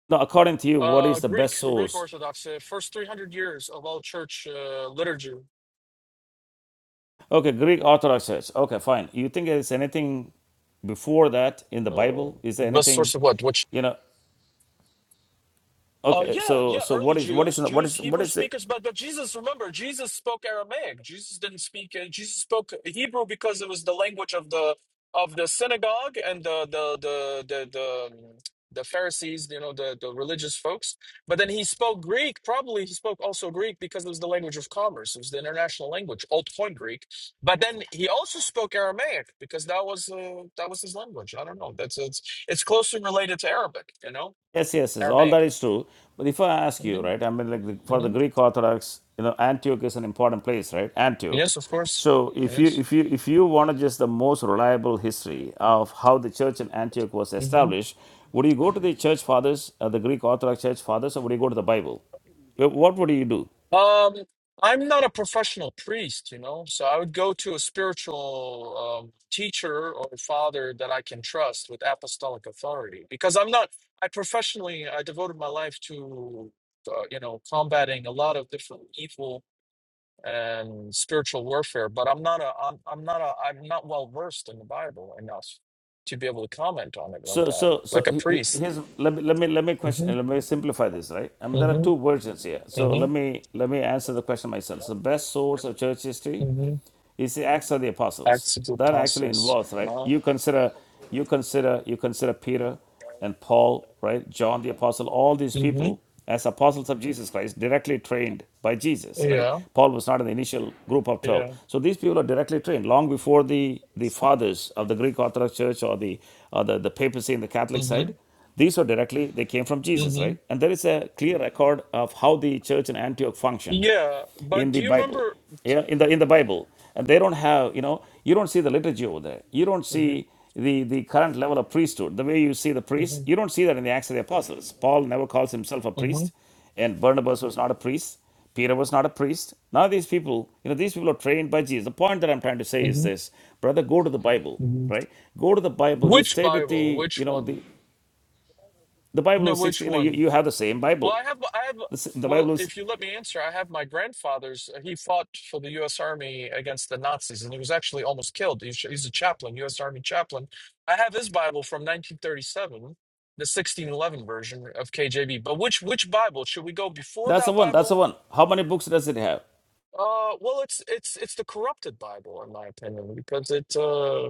Speaker 1: now according to you what is
Speaker 4: Uh,
Speaker 1: the
Speaker 4: Greek,
Speaker 1: best
Speaker 4: Greek
Speaker 1: source
Speaker 4: Orthodox, uh, first 300 years of all church uh, liturgy.
Speaker 1: Okay, Greek Orthodox Church. Okay, fine. You think there's anything before that in the
Speaker 4: Uh,
Speaker 1: Bible? Is there
Speaker 4: it was
Speaker 1: anything,
Speaker 4: source of what? What
Speaker 1: you know?
Speaker 4: Oh
Speaker 1: Okay,
Speaker 4: yeah,
Speaker 1: so
Speaker 4: yeah.
Speaker 1: so
Speaker 4: Early
Speaker 1: what is what is
Speaker 4: Jews,
Speaker 1: what
Speaker 4: Jews,
Speaker 1: is what
Speaker 4: Hebrew
Speaker 1: is it?
Speaker 4: speakers, but but Jesus, remember, Jesus spoke Aramaic. Jesus didn't speak. Uh, Jesus spoke Hebrew because it was the language of the of the synagogue and the the the the the, um, the Pharisees, you know, the the religious folks. But then he spoke Greek. Probably he spoke also Greek because it was the language of commerce. It was the international language, Old Coin Greek. But then he also spoke Aramaic because that was uh, that was his language. I don't know. That's it's it's closely related to Arabic. You know,
Speaker 1: Yes, yes, yes. All
Speaker 4: Aramaic.
Speaker 1: that is true. But if I ask
Speaker 4: Mm-hmm.
Speaker 1: you, right? I mean, like the- for the
Speaker 4: Mhm.
Speaker 1: Greek Orthodox, you know, Antioch is an important place, right? Antioch.
Speaker 4: Yes, of course.
Speaker 1: So if you
Speaker 4: Yes.
Speaker 1: if you if you wanted just the most reliable history of how the church in Antioch was
Speaker 4: hmm
Speaker 1: established, would you go to the church fathers, uh, the Greek Orthodox church fathers, or would you go to the Bible? Wh- What would you do?
Speaker 4: Um, I'm not a professional priest, you know, so I would go to a spiritual um, teacher or father that I can trust with apostolic authority because I'm not, I professionally, I devoted my life to, uh, you know, combating a lot of different evil and spiritual warfare, but I'm not a I'm I'm not a I'm not well versed in the Bible enough to be able to comment on it like
Speaker 1: So,
Speaker 4: that,
Speaker 1: so, so
Speaker 4: like a
Speaker 1: he- he-
Speaker 4: priest.
Speaker 1: here's let me let me let me
Speaker 4: hmm
Speaker 1: question let me simplify this, right? I mean, there are two versions here.
Speaker 4: hmm
Speaker 1: So
Speaker 4: hmm
Speaker 1: let me let me answer the question myself. So, best source of church history
Speaker 4: hmm
Speaker 1: is the Acts of the Apostles.
Speaker 4: Acts of the
Speaker 1: That actually
Speaker 4: apostles.
Speaker 1: involves, right?
Speaker 4: No.
Speaker 1: You consider,
Speaker 4: know?
Speaker 1: you consider, you consider Peter and Paul, right? John the Apostle, all these
Speaker 4: hmm
Speaker 1: people as apostles of Jesus Christ, directly trained by Jesus, right?
Speaker 4: Yeah.
Speaker 1: Paul was not in the initial group of 12.
Speaker 4: Yeah.
Speaker 1: So these people are directly trained long before the, the fathers of the Greek Orthodox Church or the, or the, the papacy in the Catholic
Speaker 4: hmm
Speaker 1: side these are directly they came from jesus
Speaker 4: hmm
Speaker 1: right and there is a clear record of how the church in antioch functioned
Speaker 4: Yeah. But
Speaker 1: in the
Speaker 4: do you
Speaker 1: Bible.
Speaker 4: remember?
Speaker 1: Yeah, in the in the Bible, and they don't have you know you don't see the liturgy over there. You don't
Speaker 4: Mhm.
Speaker 1: see the the current level of priesthood. The way you see the priest,
Speaker 4: Mhm.
Speaker 1: you don't see that in the Acts of the Apostles. Paul never calls himself a priest,
Speaker 4: Mhm.
Speaker 1: and Barnabas was not a priest. Peter was not a priest. None of these people, you know, these people are trained by Jesus. The point that I'm trying to say is
Speaker 4: Mhm.
Speaker 1: this, brother, go to the Bible,
Speaker 4: Mhm.
Speaker 1: right? Go to the Bible. You
Speaker 4: Which
Speaker 1: stay with
Speaker 4: Bible?
Speaker 1: the, you
Speaker 4: Which
Speaker 1: know,
Speaker 4: one?
Speaker 1: the the Bible
Speaker 4: No,
Speaker 1: is
Speaker 4: which
Speaker 1: 60, you know, you,
Speaker 4: one?
Speaker 1: you have the same
Speaker 4: Well,
Speaker 1: Bible.
Speaker 4: I have, I have.
Speaker 1: The, s- the Bible
Speaker 4: Well,
Speaker 1: is,
Speaker 4: if you let me answer, I have my grandfather's. Uh, He fought for the U.S. Army against the Nazis, and he was actually almost killed. He's, he's a chaplain, U.S. Army chaplain. I have his Bible from 1937, the 1611 version of KJV. But which which Bible should we go before
Speaker 1: that's the
Speaker 4: that
Speaker 1: one, that's the
Speaker 4: Bible
Speaker 1: one. How many books does it have?
Speaker 4: Uh, well, it's it's it's the corrupted Bible, in my opinion, because it uh,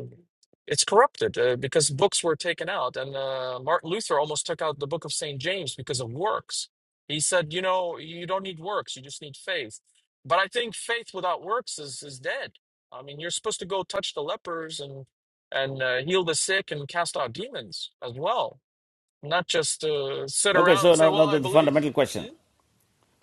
Speaker 4: it's corrupted uh, because books were taken out, and uh, Martin Luther almost took out the Book of Saint James because of works. He said, you know, you don't need works; you just need faith. But I think faith without works is is dead. I mean, you're supposed to go touch the lepers and and uh, heal the sick and cast out demons as well, not just uh, sit
Speaker 1: Okay,
Speaker 4: around and
Speaker 1: so
Speaker 4: say,
Speaker 1: now, now
Speaker 4: "Well,
Speaker 1: the,
Speaker 4: I
Speaker 1: the
Speaker 4: believe."
Speaker 1: fundamental question.
Speaker 4: hmm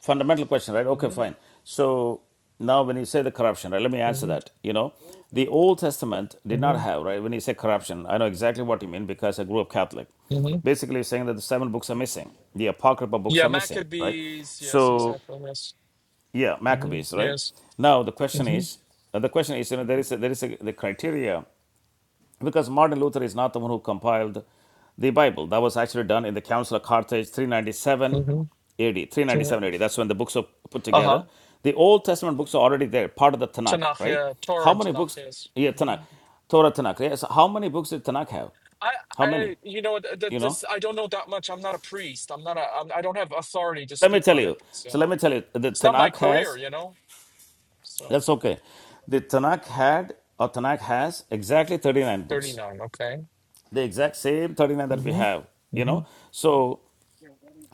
Speaker 1: Fundamental question, right? Okay,
Speaker 4: Mm-hmm.
Speaker 1: fine. So now when you say the corruption, right, let me answer that. You know, the
Speaker 4: Mm-hmm.
Speaker 1: Old Testament did not
Speaker 4: hmm
Speaker 1: have, right? When you say corruption, I know exactly what you mean because I grew up Catholic.
Speaker 4: hmm
Speaker 1: Basically, you're saying that the seven books are missing, the apocryphal books
Speaker 4: Yeah,
Speaker 1: are missing, right?
Speaker 4: Maccabees. Yes,
Speaker 1: So,
Speaker 4: exactly. Yes.
Speaker 1: yeah,
Speaker 4: hmm
Speaker 1: Maccabees, right?
Speaker 4: Yes.
Speaker 1: Now the question
Speaker 4: hmm
Speaker 1: is, uh, the question is, you know, there is a, there is a, the criteria because Martin Luther is not the one who compiled the Bible. That was actually done in the Council of Carthage 397 AD.
Speaker 4: hmm
Speaker 1: 397 AD. That's when the books are put
Speaker 4: Uh huh.
Speaker 1: together. The Old Testament books are already there, part of the Tanakh,
Speaker 4: Tanakh,
Speaker 1: right?
Speaker 4: yeah, Torah
Speaker 1: How
Speaker 4: and
Speaker 1: many
Speaker 4: Tanakh,
Speaker 1: books?
Speaker 4: yes.
Speaker 1: Yeah, Tanakh.
Speaker 4: Mhm.
Speaker 1: Torah Tanakh. Yes. How many books did Tanakh have?
Speaker 4: I,
Speaker 1: How many?
Speaker 4: I, you know, th- that
Speaker 1: You know?
Speaker 4: this, I don't know that much. I'm not a priest. I'm not a, I'm, I don't have authority to
Speaker 1: Let me
Speaker 4: speak
Speaker 1: tell
Speaker 4: on it.
Speaker 1: you.
Speaker 4: It's, you
Speaker 1: So let
Speaker 4: know,
Speaker 1: me tell you. The
Speaker 4: it's not my
Speaker 1: Tanakh
Speaker 4: career,
Speaker 1: has,
Speaker 4: you know. So,
Speaker 1: that's okay. The Tanakh had, or Tanakh has, exactly 39 books.
Speaker 4: 39, okay.
Speaker 1: The exact same 39 that we
Speaker 4: Mm-hmm.
Speaker 1: have, you
Speaker 4: Mm-hmm.
Speaker 1: know? So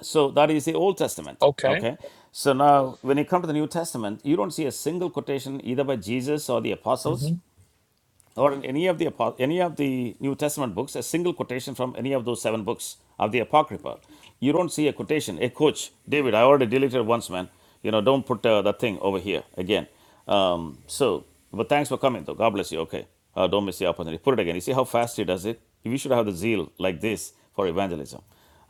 Speaker 1: So that is the Old Testament.
Speaker 4: Okay.
Speaker 1: Okay. So now, when you come to the New Testament, you don't see a single quotation either by Jesus or the
Speaker 4: Mm-hmm.
Speaker 1: apostles or in any of the any of the New Testament books, a single quotation from any of those seven books of the Apocrypha. You don't see a quotation. Hey, coach, David, I already deleted once, man. You know, don't put uh, that thing over here again. Um, so, but thanks for coming, though. God bless you. Okay, uh, don't miss the opportunity. Put it again. You see how fast he does it. We should have the zeal like this for evangelism.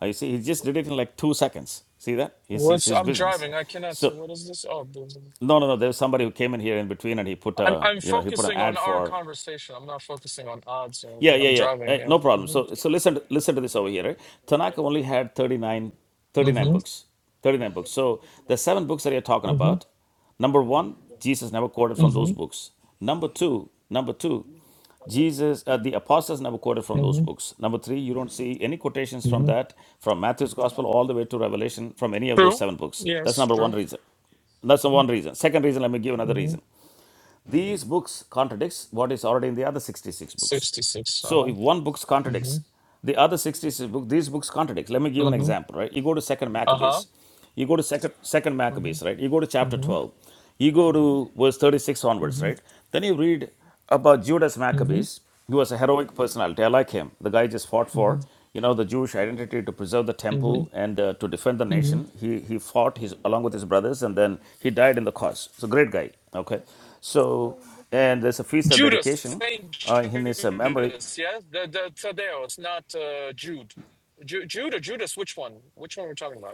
Speaker 1: Uh, you see, he just did it in like two seconds. See that? It's, it's
Speaker 4: What's
Speaker 1: his
Speaker 4: I'm
Speaker 1: business.
Speaker 4: driving. I cannot.
Speaker 1: So
Speaker 4: What is this? Oh, there's a-
Speaker 1: no, no, no. There was somebody who came in here in between, and he put
Speaker 4: I'm
Speaker 1: a,
Speaker 4: I'm
Speaker 1: you know, he put an
Speaker 4: focusing on
Speaker 1: ad
Speaker 4: our
Speaker 1: for
Speaker 4: conversation. I'm not focusing on odds or
Speaker 1: yeah,
Speaker 4: anything.
Speaker 1: yeah,
Speaker 4: I'm
Speaker 1: yeah.
Speaker 4: driving.
Speaker 1: Eh,
Speaker 4: Yeah.
Speaker 1: no problem. So, so listen, listen to this over here. Right? Tanaka only had 39, 39 books. 39 books. So, the seven books that you're talking
Speaker 4: hmm
Speaker 1: about, number one, Jesus never quoted from those
Speaker 4: hmm
Speaker 1: books. Number two, number two, Jesus, uh, the apostles never quoted from those
Speaker 4: hmm hmm
Speaker 1: books. Number three, you don't see any quotations
Speaker 4: hmm
Speaker 1: from
Speaker 4: hmm
Speaker 1: that, from Matthew's gospel all the way to Revelation, from any of those
Speaker 4: True.
Speaker 1: seven books. That's
Speaker 4: Yes.
Speaker 1: number one
Speaker 4: True.
Speaker 1: reason. That's the
Speaker 4: hmm
Speaker 1: one reason. Second reason, let me give another
Speaker 4: hmm
Speaker 1: reason. These books contradicts what is already in the other 66 books.
Speaker 4: 66. Uh
Speaker 1: So
Speaker 4: huh.
Speaker 1: if one book
Speaker 4: Mm hmm.
Speaker 1: contradicts the other 66 book, these books contradict. Let me give an
Speaker 4: Mm hmm.
Speaker 1: example, right? You go to Second
Speaker 4: Uh huh.
Speaker 1: Maccabees, you go to Second Second
Speaker 4: Mm hmm.
Speaker 1: Maccabees, right? You go to
Speaker 4: Mm
Speaker 1: chapter
Speaker 4: hmm.
Speaker 1: 12, you go to verse 36
Speaker 4: Mm
Speaker 1: onwards,
Speaker 4: hmm.
Speaker 1: right? Then you read about Judas
Speaker 4: Mm hmm.
Speaker 1: Maccabees. He was a heroic personality. I like him. The guy just fought for, you know, the Jewish identity to preserve the
Speaker 4: Mm hmm.
Speaker 1: temple and uh, to defend the
Speaker 4: Mm hmm.
Speaker 1: nation. He he fought his along with his brothers, and then he died in the cause. So great guy. Okay, so and there's a feast of
Speaker 4: Judas,
Speaker 1: dedication
Speaker 4: Saint
Speaker 1: uh, in his uh, memory.
Speaker 4: Judas, yes? The, the Thaddeus, not uh, Jude. Ju- Jude or Judas, which one? Which one we are talking about?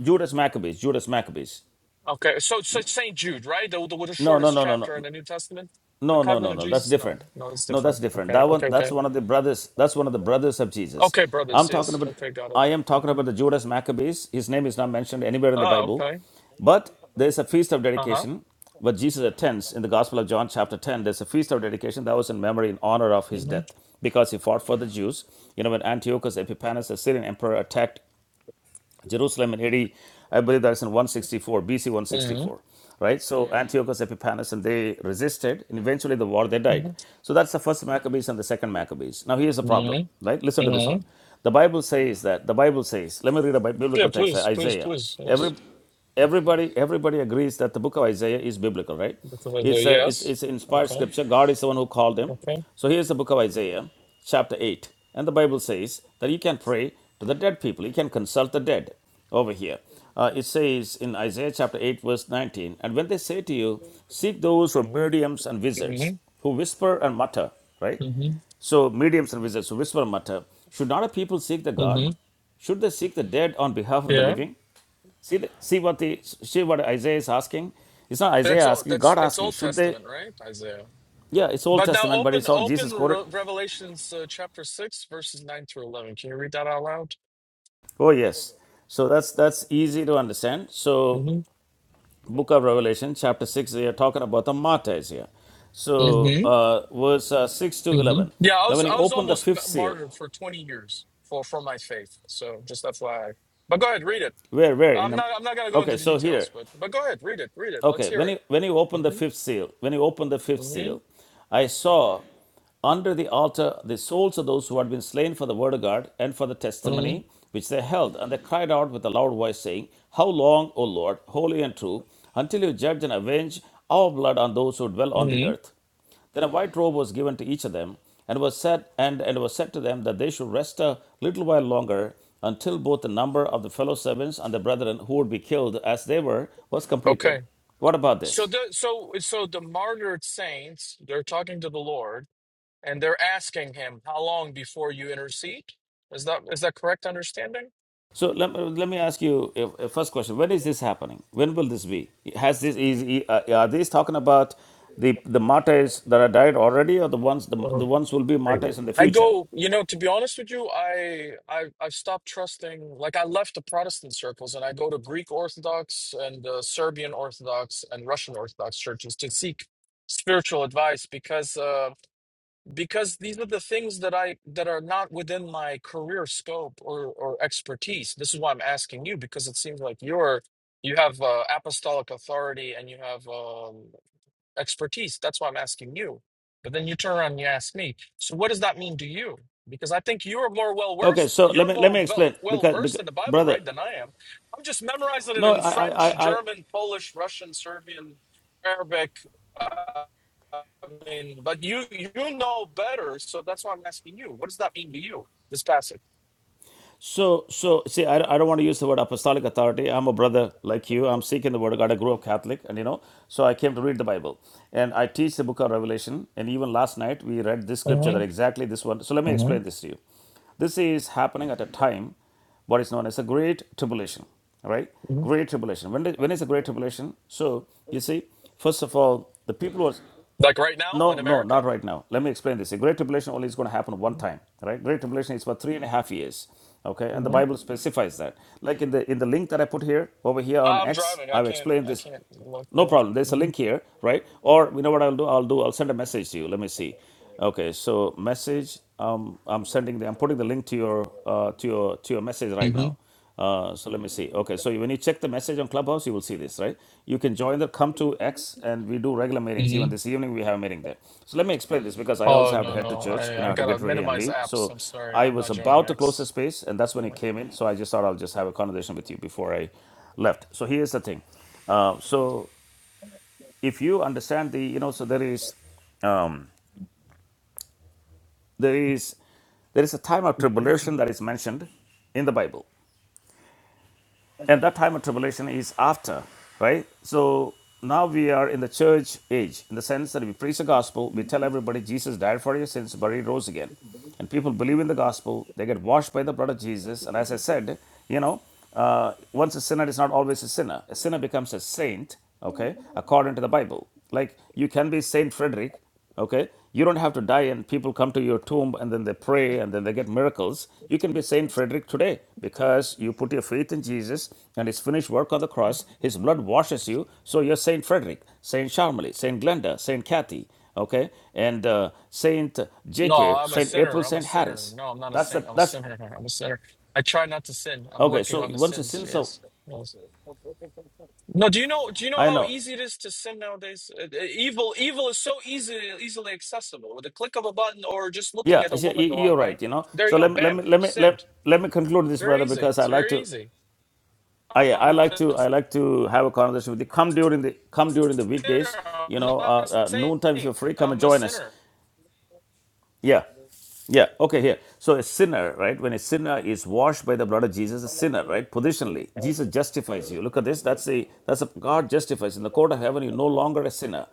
Speaker 1: Judas Maccabees, Judas Maccabees.
Speaker 4: Okay, so so it's Saint Jude, right? The, the with the
Speaker 1: No, no,
Speaker 4: shortest
Speaker 1: no, no, no,
Speaker 4: chapter in the New Testament, the
Speaker 1: no, no,
Speaker 4: cousin
Speaker 1: no,
Speaker 4: of
Speaker 1: no. That's
Speaker 4: Jesus. No,
Speaker 1: different.
Speaker 4: no, it's
Speaker 1: No, that's
Speaker 4: different.
Speaker 1: different.
Speaker 4: Okay,
Speaker 1: That one,
Speaker 4: okay,
Speaker 1: that's
Speaker 4: okay,
Speaker 1: one of the brothers. That's one of the brothers of Jesus.
Speaker 4: okay, brothers.
Speaker 1: I'm talking
Speaker 4: Yes,
Speaker 1: about.
Speaker 4: okay, got it.
Speaker 1: I am talking
Speaker 4: Mhm.
Speaker 1: about the Judas Maccabees. His name is not mentioned anywhere in the
Speaker 4: Oh,
Speaker 1: Bible,
Speaker 4: okay.
Speaker 1: but there is a feast of
Speaker 4: Uh huh.
Speaker 1: dedication what Jesus attends in the Gospel of John, chapter 10, there's a feast of dedication that was in memory in honor of his
Speaker 4: Mm-hmm.
Speaker 1: death because he fought for the Jews. You know, when Antiochus Epiphanes, the Syrian emperor, attacked Jerusalem in AD, I believe that's in 164, BC
Speaker 4: Mm-hmm.
Speaker 1: 164, right? So Antiochus Epiphanes and they resisted, and eventually the war they died. So that's the first Maccabees and the second Maccabees. Now here's the problem,
Speaker 4: Mm-hmm.
Speaker 1: right? Listen to this
Speaker 4: hmm hmm
Speaker 1: one. The Bible says that the Bible says. Let me read a
Speaker 4: Yeah,
Speaker 1: biblical text,
Speaker 4: please, please,
Speaker 1: Isaiah.
Speaker 4: please. Yes.
Speaker 1: Every everybody everybody agrees that the book of isaiah is biblical right
Speaker 4: Because of the
Speaker 1: it's a it's,
Speaker 4: yes.
Speaker 1: it's inspired
Speaker 4: Okay.
Speaker 1: scripture god is the one who called them
Speaker 4: Okay.
Speaker 1: so here's the book of isaiah chapter 8 and the bible says that you can pray to the dead people you can consult the dead over here Uh, it says in isaiah chapter 8 verse 19 and when they say to you seek those who are mediums and wizards
Speaker 4: Mm-hmm.
Speaker 1: who whisper and mutter right
Speaker 4: Mm-hmm.
Speaker 1: so mediums and wizards who whisper and mutter should not a people seek the god
Speaker 4: hmm
Speaker 1: should they seek the dead on behalf of the
Speaker 4: Yeah.
Speaker 1: living See, the- see what the see what Isaiah is asking. It's not Isaiah
Speaker 4: That's all.
Speaker 1: asking,
Speaker 4: That's
Speaker 1: God
Speaker 4: that's
Speaker 1: asking.
Speaker 4: Old
Speaker 1: Should they?
Speaker 4: Testament, right? Isaiah.
Speaker 1: Yeah, it's Old
Speaker 4: But now
Speaker 1: Testament, but
Speaker 4: open
Speaker 1: it's all Jesus
Speaker 4: open
Speaker 1: quoted.
Speaker 4: Re- Revelations uh, chapter 6 verses 9 through 11. Can you read that out loud?
Speaker 1: Oh yes. So that's that's easy to understand. So
Speaker 4: Mhm.
Speaker 1: Book of Revelation, chapter six, they are talking about the martyrs here. So
Speaker 4: Mhm.
Speaker 1: uh, verse uh, six to eleven.
Speaker 4: Mhm. Yeah, I
Speaker 1: Now
Speaker 4: was
Speaker 1: when he
Speaker 4: I was
Speaker 1: opened the
Speaker 4: almost m-
Speaker 1: fifth seal,
Speaker 4: martyred for 20 years for for my faith. So just FYI. But go ahead, read it.
Speaker 1: where where in?
Speaker 4: I'm
Speaker 1: the-
Speaker 4: not I'm not going to go into
Speaker 1: okay,
Speaker 4: the
Speaker 1: so here
Speaker 4: details, but but go ahead, read it. Read it. Let's
Speaker 1: Okay,
Speaker 4: hear
Speaker 1: when
Speaker 4: it.
Speaker 1: you when you open the
Speaker 4: Mhm.
Speaker 1: fifth seal, when you open the fifth seal,
Speaker 4: Mhm.
Speaker 1: I saw under the altar the souls of those who had been slain for the word of God and for the
Speaker 4: Mhm.
Speaker 1: testimony which they held, and they cried out with a loud voice, saying, How long, O Lord, holy and true, until you judge and avenge our blood on those who dwell on the
Speaker 4: Mhm.
Speaker 1: earth? Then a white robe was given to each of them, and was said and, and was said to them that they should rest a little while longer until both the number of the fellow servants and the brethren who would be killed as they were was
Speaker 4: Okay.
Speaker 1: completed. What about
Speaker 4: So
Speaker 1: this?
Speaker 4: the so so the martyred saints, they're talking to the Lord and they're asking him, How long before you intercede? Is that is that correct understanding?
Speaker 1: So let, let me ask you a, a first question. When is this happening? When will this be? Has this is uh, are these talking about the the martyrs that are died already, or the ones the, the
Speaker 4: Well,
Speaker 1: ones who will be
Speaker 4: I
Speaker 1: martyrs in the future?
Speaker 4: go, you know, to be honest with you, I I I've stopped trusting. Like I left the Protestant circles and I go to Greek Orthodox and uh, Serbian Orthodox and Russian Orthodox churches to seek spiritual advice because uh because these are the things that I that are not within my career scope or or expertise. This is why I'm asking you because it seems like you're you have uh, apostolic authority and you have um, expertise. That's why I'm asking you. But then you turn around and you ask me. So what does that mean to you? Because I think you're more well
Speaker 1: Okay,
Speaker 4: versed.
Speaker 1: so let
Speaker 4: You're
Speaker 1: me let
Speaker 4: more
Speaker 1: me
Speaker 4: well
Speaker 1: explain
Speaker 4: well
Speaker 1: because,
Speaker 4: versed
Speaker 1: because
Speaker 4: in the Bible,
Speaker 1: brother,
Speaker 4: right, than I am. I'm just memorizing it
Speaker 1: no,
Speaker 4: in
Speaker 1: I
Speaker 4: French,
Speaker 1: I I
Speaker 4: German, Polish, Russian, Serbian, Arabic. Uh, I mean, but you you know better, so that's why I'm asking you. What does that mean to you? This passage.
Speaker 1: So, so see, I, I don't want to use the word apostolic authority. I'm a brother like you. I'm seeking the word of God. I grew up Catholic, and you know, so I came to read the Bible, and I teach the book of Revelation. And even last night we read this scripture that
Speaker 4: Mhm,
Speaker 1: exactly this one. So let me
Speaker 4: mhm,
Speaker 1: explain this to you. This is happening at a time, what is known as a great tribulation. right?
Speaker 4: mhm.
Speaker 1: Great tribulation. When did- when is the great tribulation? So you see, first of all, the people who are
Speaker 4: Like right now
Speaker 1: no,
Speaker 4: in
Speaker 1: no, not
Speaker 4: America?
Speaker 1: right now. Let me explain this. The Great Tribulation only is going to happen one
Speaker 4: Mm-hmm.
Speaker 1: time, right? Great Tribulation is for three and a half years, okay? And the
Speaker 4: Mm-hmm.
Speaker 1: Bible specifies that. Like in the in the link that I put here over here on
Speaker 4: I'm
Speaker 1: X,
Speaker 4: driving. I
Speaker 1: I've
Speaker 4: can't.
Speaker 1: explained
Speaker 4: I
Speaker 1: this.
Speaker 4: can't look.
Speaker 1: No
Speaker 4: Yeah.
Speaker 1: problem. There's a
Speaker 4: hmm
Speaker 1: link here, right? Or you know what I'll do? I'll do. I'll send a message to you. Let me see. Okay, so message. Um, I'm sending. The, I'm putting the link to your uh, to your to your message right
Speaker 4: hmm
Speaker 1: now. Uh, so let me see. Okay, so when you check the message on Clubhouse, you will see this, right? You can join the Come to X, and we do regular meetings.
Speaker 4: hmm
Speaker 1: Even this evening, we have a meeting there. So let me explain this because I
Speaker 4: Oh
Speaker 1: also have to
Speaker 4: no
Speaker 1: head to
Speaker 4: no!
Speaker 1: church. You
Speaker 4: I
Speaker 1: know,
Speaker 4: I
Speaker 1: I have to
Speaker 4: gotta
Speaker 1: get ready and
Speaker 4: minimize
Speaker 1: leave.
Speaker 4: apps.
Speaker 1: So
Speaker 4: I'm sorry.
Speaker 1: I
Speaker 4: I'm
Speaker 1: was
Speaker 4: not joining
Speaker 1: about to close the
Speaker 4: X.
Speaker 1: space, and that's when he came in. So I just thought I'll just have a conversation with you before I left. So here's the thing. Uh, so if you understand the, you know, so there is there is there is a time of tribulation that is mentioned in the Bible And that time of tribulation is after, right? So now we are in the church age in the sense that we preach the gospel, we tell everybody Jesus died for your sins, but he rose again. And people believe in the gospel, they get washed by the blood of Jesus. And as I said, you know, uh, once a sinner is not always a sinner, a sinner becomes a saint, okay, according to the Bible. Like you can be Saint Frederick Okay? You don't have to die and people come to your tomb and then they pray and then they get miracles. You can be Saint Frederick today because you put your faith in Jesus and his finished work on the cross. His blood washes you. So you're Saint Frederick, Saint Charmely, Saint Glenda, Saint Kathy, okay? And uh, Saint
Speaker 4: No,
Speaker 1: JK,
Speaker 4: I'm a
Speaker 1: Saint April,
Speaker 4: sinner. I'm a
Speaker 1: Saint
Speaker 4: sinner.
Speaker 1: Harris.
Speaker 4: No, I'm not a
Speaker 1: That's the,
Speaker 4: saint. I'm a
Speaker 1: that's,
Speaker 4: sinner. I'm a sinner. I try not to sin. I'm
Speaker 1: okay,
Speaker 4: working
Speaker 1: so
Speaker 4: on the
Speaker 1: once the
Speaker 4: sins.
Speaker 1: sins of,
Speaker 4: Yes. Yes. No, do you know? Do you know
Speaker 1: I
Speaker 4: how
Speaker 1: know,
Speaker 4: easy it is to sin nowadays? Uh, uh, Evil, evil is so easy, easily accessible with a click of a button or just looking
Speaker 1: yeah,
Speaker 4: at
Speaker 1: I
Speaker 4: a woman the
Speaker 1: you-
Speaker 4: wrong
Speaker 1: you're right,
Speaker 4: way.
Speaker 1: you know.
Speaker 4: There
Speaker 1: So
Speaker 4: you go.
Speaker 1: let me, let me,
Speaker 4: Bam,
Speaker 1: let me, let,
Speaker 4: sinned.
Speaker 1: let me conclude this, brother,
Speaker 4: Very easy.
Speaker 1: because I
Speaker 4: It's
Speaker 1: like
Speaker 4: very
Speaker 1: to.
Speaker 4: easy.
Speaker 1: I, I
Speaker 4: I'm a
Speaker 1: like to I like to have a conversation with you. Come during the come during the
Speaker 4: sinner.
Speaker 1: weekdays. You
Speaker 4: I'm
Speaker 1: know,
Speaker 4: not a
Speaker 1: uh, uh, noontime if you're free,
Speaker 4: saint.
Speaker 1: come and
Speaker 4: I'm a
Speaker 1: join us.
Speaker 4: sinner.
Speaker 1: Yeah, yeah. Okay, here. So a sinner, right? When a sinner is washed by the blood of Jesus, a sinner, right? Positionally, Jesus justifies you. Look at this. That's the that's a, God justifies in the court of heaven. You're no longer a sinner.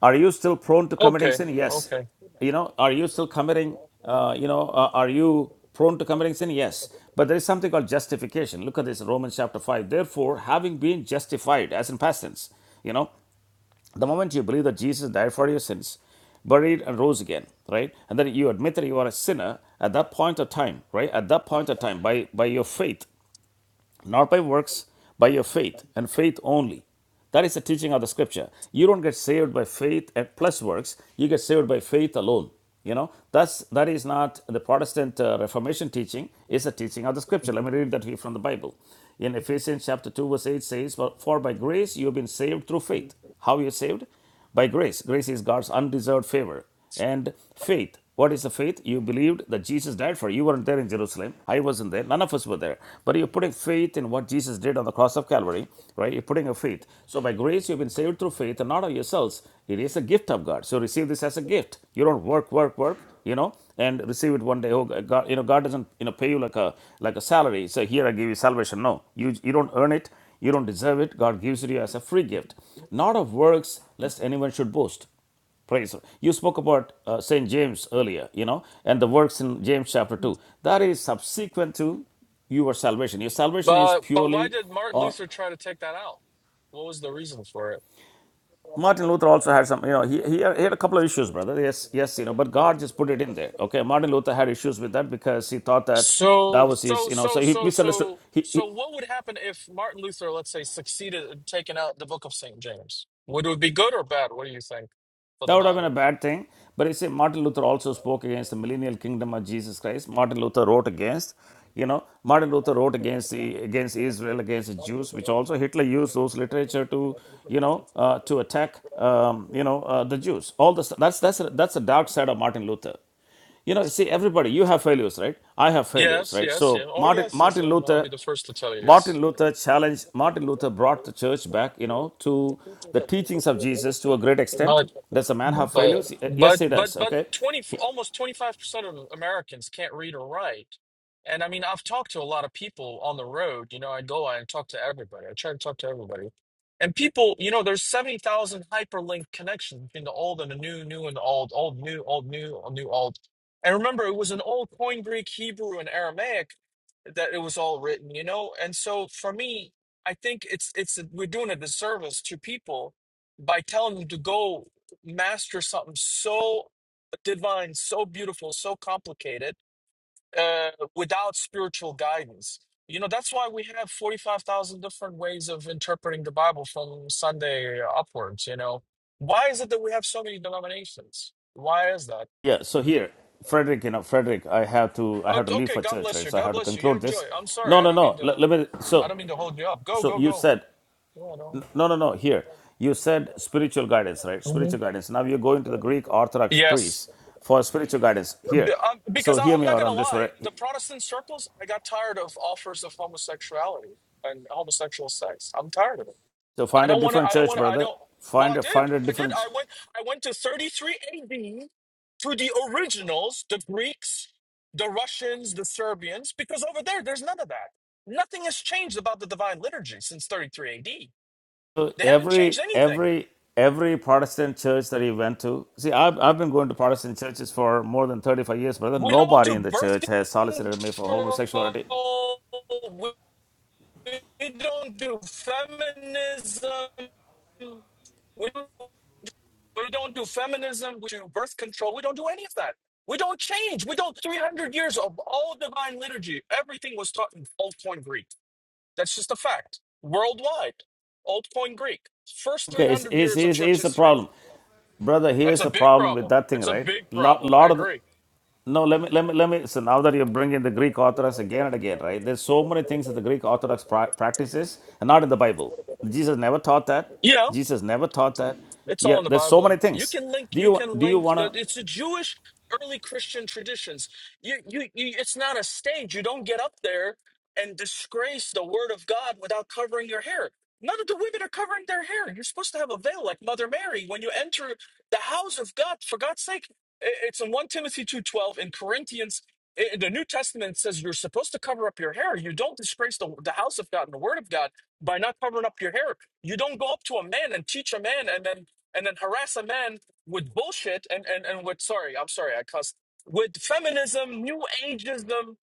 Speaker 1: Are you still prone to committing
Speaker 4: Okay,
Speaker 1: sin? Yes.
Speaker 4: okay.
Speaker 1: You know, are you still committing, uh, you know, uh, are you prone to committing sin? Yes. But there is something called justification. Look at this in Romans chapter 5. Therefore, having been justified, as in past tense, you know, the moment you believe that Jesus died for your sins, buried and rose again, right? And then you admit that you are a sinner at that point of time, right? At that point of time, by, by your faith, not by works, by your faith, and faith only. That is the teaching of the scripture. You don't get saved by faith and plus works, you get saved by faith alone. You know, that's that is not the Protestant uh, Reformation teaching, it's the teaching of the scripture. Let me read that here from the Bible. In Ephesians chapter 2, verse 8 says, For for by grace you have been saved through faith. How you saved? by grace. Grace is God's undeserved favor. And faith. What is the faith? You believed that Jesus died for you. You weren't there in Jerusalem. I wasn't there. None of us were there. But you're putting faith in what Jesus did on the cross of Calvary, right? You're putting a faith. So by grace, you've been saved through faith and not of yourselves. It is a gift of God. So receive this as a gift. You don't work, work, work, you know, and receive it one day. Oh, God, you know, God doesn't, you know, pay you like a like a salary. So here I give you salvation. No, you you don't earn it. You don't deserve it. God gives it to you as a free gift, not of works, lest anyone should boast. Praise. You spoke about uh, St. James earlier, you know, and the works in James chapter 2. That is subsequent to your salvation. Your salvation is
Speaker 4: But but why
Speaker 1: purely
Speaker 4: did Martin
Speaker 1: on.
Speaker 4: Luther try to take that out? What was the reason for it?
Speaker 1: Martin Luther also had some, you know, he, he, had, he had a couple of issues, brother. Yes, yes, you know, but God just put it in there. Okay, Martin Luther had issues with that because he thought that that
Speaker 4: So
Speaker 1: was his,
Speaker 4: so
Speaker 1: you know,
Speaker 4: so
Speaker 1: so he
Speaker 4: so
Speaker 1: misunderstood.
Speaker 4: so
Speaker 1: He,
Speaker 4: so
Speaker 1: he,
Speaker 4: what would happen if Martin Luther, let's say, succeeded in taking out the Book of Saint James? Would it be good or bad? What do you think for
Speaker 1: That
Speaker 4: the
Speaker 1: would have been a
Speaker 4: Bible?
Speaker 1: bad thing. But you see, Martin Luther also spoke against the millennial kingdom of Jesus Christ. Martin Luther wrote against, you know, Martin Luther wrote against the against Israel, against the Jews, which also Hitler used those literature to, you know, uh, to attack, um, you know, uh, the Jews. All this that's that's that's the dark side of Martin Luther. You know, see, everybody, you have failures, right? I have failures,
Speaker 4: Yes,
Speaker 1: right?
Speaker 4: yes, yeah.
Speaker 1: So
Speaker 4: Oh
Speaker 1: Martin
Speaker 4: yes, yes.
Speaker 1: Martin
Speaker 4: um, I'll
Speaker 1: Luther
Speaker 4: be the first to tell you yes.
Speaker 1: Martin Luther challenged, Martin Luther brought the church back, you know, to the teachings of Jesus to a great extent.
Speaker 4: No,
Speaker 1: Does a man have
Speaker 4: but
Speaker 1: failures? Yes,
Speaker 4: but
Speaker 1: he
Speaker 4: but
Speaker 1: does.
Speaker 4: but
Speaker 1: Okay.
Speaker 4: twenty f-
Speaker 1: He-
Speaker 4: almost twenty five percent of Americans can't read or write, and I mean I've talked to a lot of people on the road. You know, I go I talk to everybody. I try to talk to everybody, and people, you know, there's seventy thousand hyperlink connections between the old and the new, new and the old, old new, old new, old new old. And remember, it was an old Koine Greek, Hebrew, and Aramaic that it was all written. You know, and so for me, I think it's it's we're doing a disservice to people by telling them to go master something so divine, so beautiful, so complicated uh, without spiritual guidance. You know, that's why we have 45,000 different ways of interpreting the Bible from Sunday upwards. You know, why is it that we have so many denominations? Why is that?
Speaker 1: yeah. So
Speaker 4: Uh,
Speaker 1: here, Frederick, you know, Frederick, I have to, I have to leave
Speaker 4: Okay,
Speaker 1: for
Speaker 4: God
Speaker 1: church,
Speaker 4: bless
Speaker 1: right?
Speaker 4: you.
Speaker 1: So I
Speaker 4: God
Speaker 1: have to
Speaker 4: bless you. Yeah,
Speaker 1: conclude
Speaker 4: enjoy.
Speaker 1: this.
Speaker 4: I'm sorry.
Speaker 1: No,
Speaker 4: I
Speaker 1: no,
Speaker 4: don't mean
Speaker 1: no. Let,
Speaker 4: to.
Speaker 1: let me,
Speaker 4: I
Speaker 1: so,
Speaker 4: don't mean to hold you up. Go,
Speaker 1: so
Speaker 4: go,
Speaker 1: you
Speaker 4: go.
Speaker 1: said,
Speaker 4: Yeah, I don't.
Speaker 1: no, no, no, here. You said spiritual guidance, right? Spiritual
Speaker 4: Mhm.
Speaker 1: guidance. Now you're going to the Greek Orthodox
Speaker 4: Yes.
Speaker 1: priests for spiritual guidance. Here.
Speaker 4: B- Um,
Speaker 1: So
Speaker 4: because I,
Speaker 1: hear
Speaker 4: I'm
Speaker 1: me
Speaker 4: not
Speaker 1: out
Speaker 4: gonna
Speaker 1: on this,
Speaker 4: lie,
Speaker 1: right?
Speaker 4: the Protestant circles, I got tired of offers of homosexuality and homosexual sex. I'm tired of it.
Speaker 1: So
Speaker 4: I
Speaker 1: find a
Speaker 4: don't want to.
Speaker 1: different
Speaker 4: I don't
Speaker 1: church,
Speaker 4: want to. I
Speaker 1: brother.
Speaker 4: don't. Well, I
Speaker 1: Find a
Speaker 4: did.
Speaker 1: find a
Speaker 4: I did.
Speaker 1: different.
Speaker 4: I went. I went to 33 AD to the originals, the Greeks, the Russians, the Serbians, because over there, there's none of that. Nothing has changed about the Divine Liturgy since 33 AD.
Speaker 1: So
Speaker 4: They haven't
Speaker 1: every
Speaker 4: changed anything.
Speaker 1: every every Protestant church that he went to, see, I've, I've been going to Protestant churches for more than thirty five years, brother.
Speaker 4: We don't
Speaker 1: Nobody
Speaker 4: do
Speaker 1: in the
Speaker 4: birth
Speaker 1: church has solicited me for
Speaker 4: control.
Speaker 1: homosexuality.
Speaker 4: we don't do feminism. We, we don't do feminism. We do birth control. We don't do any of that. We don't change. We don't. 300 years of all divine liturgy. Everything was taught in Old Point Greek. That's just a fact. Worldwide, Old Point Greek. First
Speaker 1: Okay, it's,
Speaker 4: 300
Speaker 1: it's,
Speaker 4: years of
Speaker 1: it's,
Speaker 4: church
Speaker 1: it's the
Speaker 4: history.
Speaker 1: problem, brother.
Speaker 4: That's
Speaker 1: Here's
Speaker 4: a
Speaker 1: the
Speaker 4: big
Speaker 1: problem with
Speaker 4: problem.
Speaker 1: that thing,
Speaker 4: It's a
Speaker 1: right?
Speaker 4: big
Speaker 1: Lot,
Speaker 4: problem. I
Speaker 1: lot of the,
Speaker 4: agree.
Speaker 1: no, let me let me let me. So now that you're bringing the Greek Orthodox again and again, right? There's so many things that the Greek Orthodox pra- practices and not in the Bible. Jesus never taught that.
Speaker 4: You know,
Speaker 1: Jesus never taught that.
Speaker 4: It's all
Speaker 1: Yeah,
Speaker 4: in the
Speaker 1: there's so many
Speaker 4: Bible. You
Speaker 1: things.
Speaker 4: can link.
Speaker 1: Do
Speaker 4: You
Speaker 1: you
Speaker 4: can
Speaker 1: do you
Speaker 4: link.
Speaker 1: want
Speaker 4: the-
Speaker 1: to?
Speaker 4: It's the Jewish early Christian traditions. You, you, you. It's not a stage. You don't get up there and disgrace the Word of God without covering your hair. None of the women are covering their hair. You're supposed to have a veil like Mother Mary when you enter the house of God. For God's sake, I- it's in one Timothy two twelve in Corinthians. i- In the New Testament it says you're supposed to cover up your hair. You don't disgrace the, the house of God and the Word of God by not covering up your hair. You don't go up to a man and teach a man, and then and then harass a man with bullshit and, and, and with sorry, I'm sorry, I cussed. With feminism, new ageism,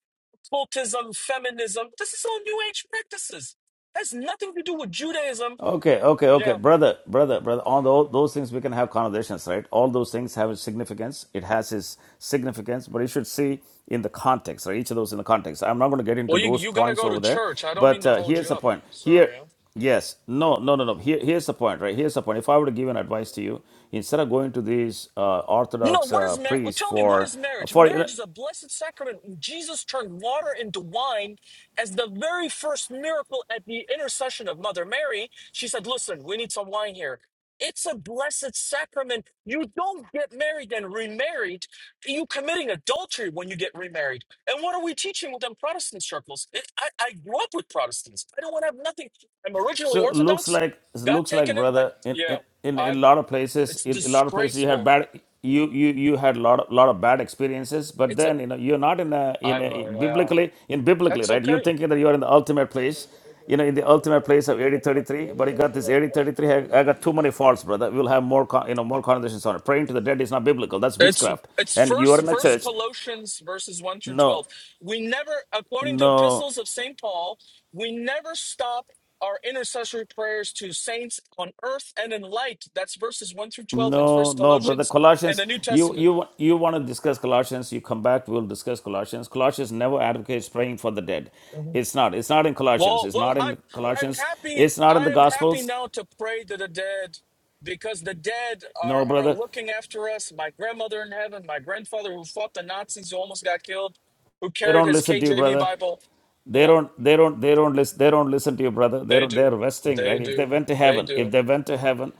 Speaker 4: cultism, feminism. This is all new age practices. Has nothing to do with Judaism.
Speaker 1: Okay, okay, okay,
Speaker 4: Yeah.
Speaker 1: brother, brother, brother. All those, those things we can have conversations, right? All those things have a significance. It has its significance, but you should see in the context, right? Each of those in the context. I'm not going to get into
Speaker 4: Well you
Speaker 1: those
Speaker 4: you gotta
Speaker 1: points
Speaker 4: go
Speaker 1: over
Speaker 4: to
Speaker 1: there,
Speaker 4: church. I don't mean
Speaker 1: but
Speaker 4: to
Speaker 1: uh,
Speaker 4: hold
Speaker 1: here's
Speaker 4: you
Speaker 1: the
Speaker 4: up.
Speaker 1: point. Here,
Speaker 4: Sorry.
Speaker 1: yes, no, no, no, no. Here, here's the point, right? Here's the point. If I were to give an advice to you, instead of going to these uh,
Speaker 4: No,
Speaker 1: Orthodox
Speaker 4: what
Speaker 1: uh,
Speaker 4: is marriage?
Speaker 1: priests
Speaker 4: Tell me, what
Speaker 1: for
Speaker 4: is marriage?
Speaker 1: for you know,
Speaker 4: Marriage is a blessed sacrament. Jesus turned water into wine as the very first miracle at the intercession of Mother Mary. She said, Listen, we need some wine here. It's a blessed sacrament. You don't get married and remarried. You committing adultery when you get remarried. And what are we teaching within Protestant circles? It, I, I grew up with Protestants. I don't want to have nothing. I'm originally
Speaker 1: So looks
Speaker 4: Orthodox.
Speaker 1: like
Speaker 4: Got
Speaker 1: looks like
Speaker 4: taken in by
Speaker 1: brother in
Speaker 4: yeah.
Speaker 1: in in in a
Speaker 4: I'm.
Speaker 1: lot of places
Speaker 4: It's
Speaker 1: in a lot of places you had
Speaker 4: disgraceful.
Speaker 1: bad you you you had lot of, lot of bad experiences but
Speaker 4: It's a
Speaker 1: then you know you're not in a in
Speaker 4: I
Speaker 1: a
Speaker 4: know, yeah.
Speaker 1: biblically in biblically
Speaker 4: That's
Speaker 1: right you're
Speaker 4: okay.
Speaker 1: thinking that you're in the ultimate place you know in the ultimate place of 8033 but you got this 8033 I, I got too many faults brother we'll have more con- you know more conversations on it praying to the dead is not biblical that's
Speaker 4: It's
Speaker 1: witchcraft
Speaker 4: it's
Speaker 1: and you are
Speaker 4: first
Speaker 1: in a
Speaker 4: first
Speaker 1: church
Speaker 4: Colossians verses one through
Speaker 1: no
Speaker 4: twelve. We never, according to
Speaker 1: no
Speaker 4: epistles of Saint Paul, we never stop our intercessory prayers to saints on earth and in light. That's verses one through twelve in
Speaker 1: No,
Speaker 4: First
Speaker 1: no, brother.
Speaker 4: Colossians in
Speaker 1: Colossians,
Speaker 4: the New
Speaker 1: you
Speaker 4: Testament.
Speaker 1: you you want to discuss Colossians? You come back. We'll discuss Colossians. Colossians never advocates praying for the dead. It's not. It's not in Colossians.
Speaker 4: Well,
Speaker 1: It's
Speaker 4: well,
Speaker 1: not
Speaker 4: I'm
Speaker 1: in
Speaker 4: I'm
Speaker 1: Colossians.
Speaker 4: happy.
Speaker 1: It's not in the
Speaker 4: I am happy
Speaker 1: Gospels.
Speaker 4: now to pray to the dead because the dead
Speaker 1: No,
Speaker 4: are are
Speaker 1: brother.
Speaker 4: looking after us. My grandmother in heaven, my grandfather who fought the Nazis, who almost got killed, who
Speaker 1: They
Speaker 4: carried
Speaker 1: don't
Speaker 4: his
Speaker 1: listen to you,
Speaker 4: KJV
Speaker 1: brother.
Speaker 4: Bible.
Speaker 1: they
Speaker 4: Yeah,
Speaker 1: don't they don't they don't listen they don't listen to you brother
Speaker 4: they
Speaker 1: they're they're
Speaker 4: do.
Speaker 1: resting
Speaker 4: They
Speaker 1: right if they
Speaker 4: do.
Speaker 1: went to
Speaker 4: They
Speaker 1: heaven if
Speaker 4: do.
Speaker 1: they went to heaven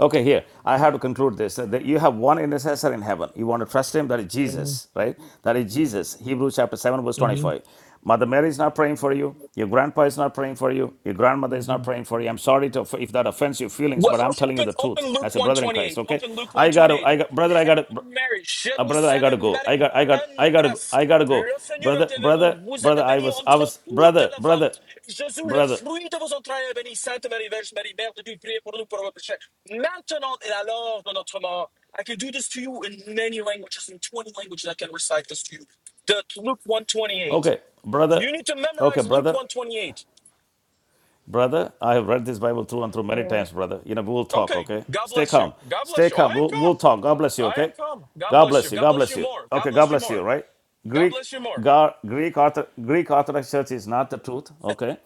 Speaker 1: okay here i have to conclude this Uh, that you have one intercessor in heaven you want to trust him that is jesus right that is jesus hebrews chapter 7 verse
Speaker 4: hmm
Speaker 1: 25 mother mary is not praying for you your grandpa is not praying for you your grandmother is not praying for you i'm sorry to, if that offends your feelings
Speaker 4: What,
Speaker 1: but i'm telling you
Speaker 4: open,
Speaker 1: the
Speaker 4: open
Speaker 1: truth
Speaker 4: Luke
Speaker 1: as a brother in christ
Speaker 4: 128.
Speaker 1: okay
Speaker 4: Open Luke
Speaker 1: i got to
Speaker 4: 128.
Speaker 1: i got brother i got to
Speaker 4: Hail Mary, je
Speaker 1: uh,
Speaker 4: vous
Speaker 1: brother, I gotta
Speaker 4: salue
Speaker 1: go. I
Speaker 4: Marie,
Speaker 1: got, I got,
Speaker 4: pleine
Speaker 1: I
Speaker 4: de
Speaker 1: gotta, go.
Speaker 4: grâce.
Speaker 1: I gotta go.
Speaker 4: Le Seigneur est
Speaker 1: Brother,
Speaker 4: avec vous.
Speaker 1: brother,
Speaker 4: Vous
Speaker 1: brother,
Speaker 4: êtes
Speaker 1: I
Speaker 4: bénie
Speaker 1: was, I
Speaker 4: entre
Speaker 1: was,
Speaker 4: toutes
Speaker 1: brother,
Speaker 4: les femmes.
Speaker 1: brother,
Speaker 4: Jésus, le
Speaker 1: brother.
Speaker 4: fruit de vos entrailles est béni. Sainte Marie, Vierge Marie, Mère de Dieu, priez pour nous, pauvres péchés. Maintenant et à l'heure de notre mort. I can do this to you in many languages, in 20 languages I can recite this to you. The Luke 128.
Speaker 1: Okay, brother.
Speaker 4: You need to
Speaker 1: Okay,
Speaker 4: memorize Luke
Speaker 1: brother,
Speaker 4: 128.
Speaker 1: brother. I have read this Bible through and through many times,
Speaker 4: Mhm.
Speaker 1: brother. You know, we'll talk.
Speaker 4: Okay.
Speaker 1: Okay,
Speaker 4: God
Speaker 1: stay
Speaker 4: bless
Speaker 1: calm,
Speaker 4: you. God
Speaker 1: stay
Speaker 4: bless you.
Speaker 1: calm.
Speaker 4: I am
Speaker 1: We'll,
Speaker 4: calm.
Speaker 1: we'll talk. God bless you.
Speaker 4: I
Speaker 1: Okay,
Speaker 4: am calm. God
Speaker 1: God
Speaker 4: bless
Speaker 1: bless
Speaker 4: you.
Speaker 1: you.
Speaker 4: God
Speaker 1: God
Speaker 4: bless
Speaker 1: bless
Speaker 4: you
Speaker 1: you.
Speaker 4: more. God
Speaker 1: Okay, God
Speaker 4: bless you
Speaker 1: bless you.
Speaker 4: more.
Speaker 1: Right?
Speaker 4: God
Speaker 1: Greek,
Speaker 4: bless you more.
Speaker 1: Gar, Greek, Ortho, Greek Orthodox Church is not the truth. Okay,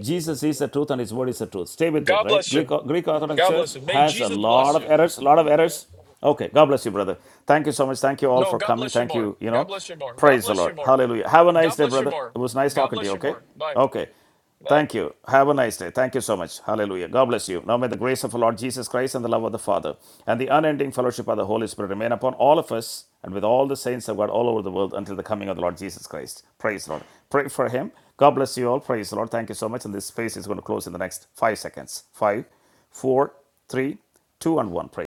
Speaker 1: Jesus is the truth and His word is the truth. Stay with it,
Speaker 4: God
Speaker 1: right?
Speaker 4: bless
Speaker 1: Greek,
Speaker 4: you.
Speaker 1: Greek Orthodox
Speaker 4: God
Speaker 1: Church
Speaker 4: bless you. May
Speaker 1: has a
Speaker 4: Jesus
Speaker 1: lot
Speaker 4: bless
Speaker 1: of
Speaker 4: you.
Speaker 1: errors, a lot of errors. Okay, God bless you, brother. Thank you so much. Thank you all
Speaker 4: No,
Speaker 1: for
Speaker 4: God
Speaker 1: coming.
Speaker 4: bless you
Speaker 1: Thank
Speaker 4: more.
Speaker 1: you, you
Speaker 4: God
Speaker 1: know.
Speaker 4: bless you more. God
Speaker 1: Praise the
Speaker 4: bless
Speaker 1: Lord.
Speaker 4: you more.
Speaker 1: Hallelujah. Have a
Speaker 4: God
Speaker 1: nice day,
Speaker 4: bless you
Speaker 1: brother.
Speaker 4: more.
Speaker 1: It was nice
Speaker 4: God
Speaker 1: talking to
Speaker 4: bless
Speaker 1: you,
Speaker 4: you
Speaker 1: okay?
Speaker 4: more. Bye.
Speaker 1: Okay.
Speaker 4: Bye.
Speaker 1: Thank you. Have a nice day. Thank you so much. Hallelujah. God bless you. Now may the grace of our Lord Jesus Christ and the love of the Father and the unending fellowship of the Holy Spirit remain upon all of us and with all the saints of God all over the world until the coming of the Lord Jesus Christ. Praise the Lord. Pray for him. God bless you all. Praise the Lord. Thank you so much. And this space is going to close in the next five seconds. Five, four, three, two, and one. Praise.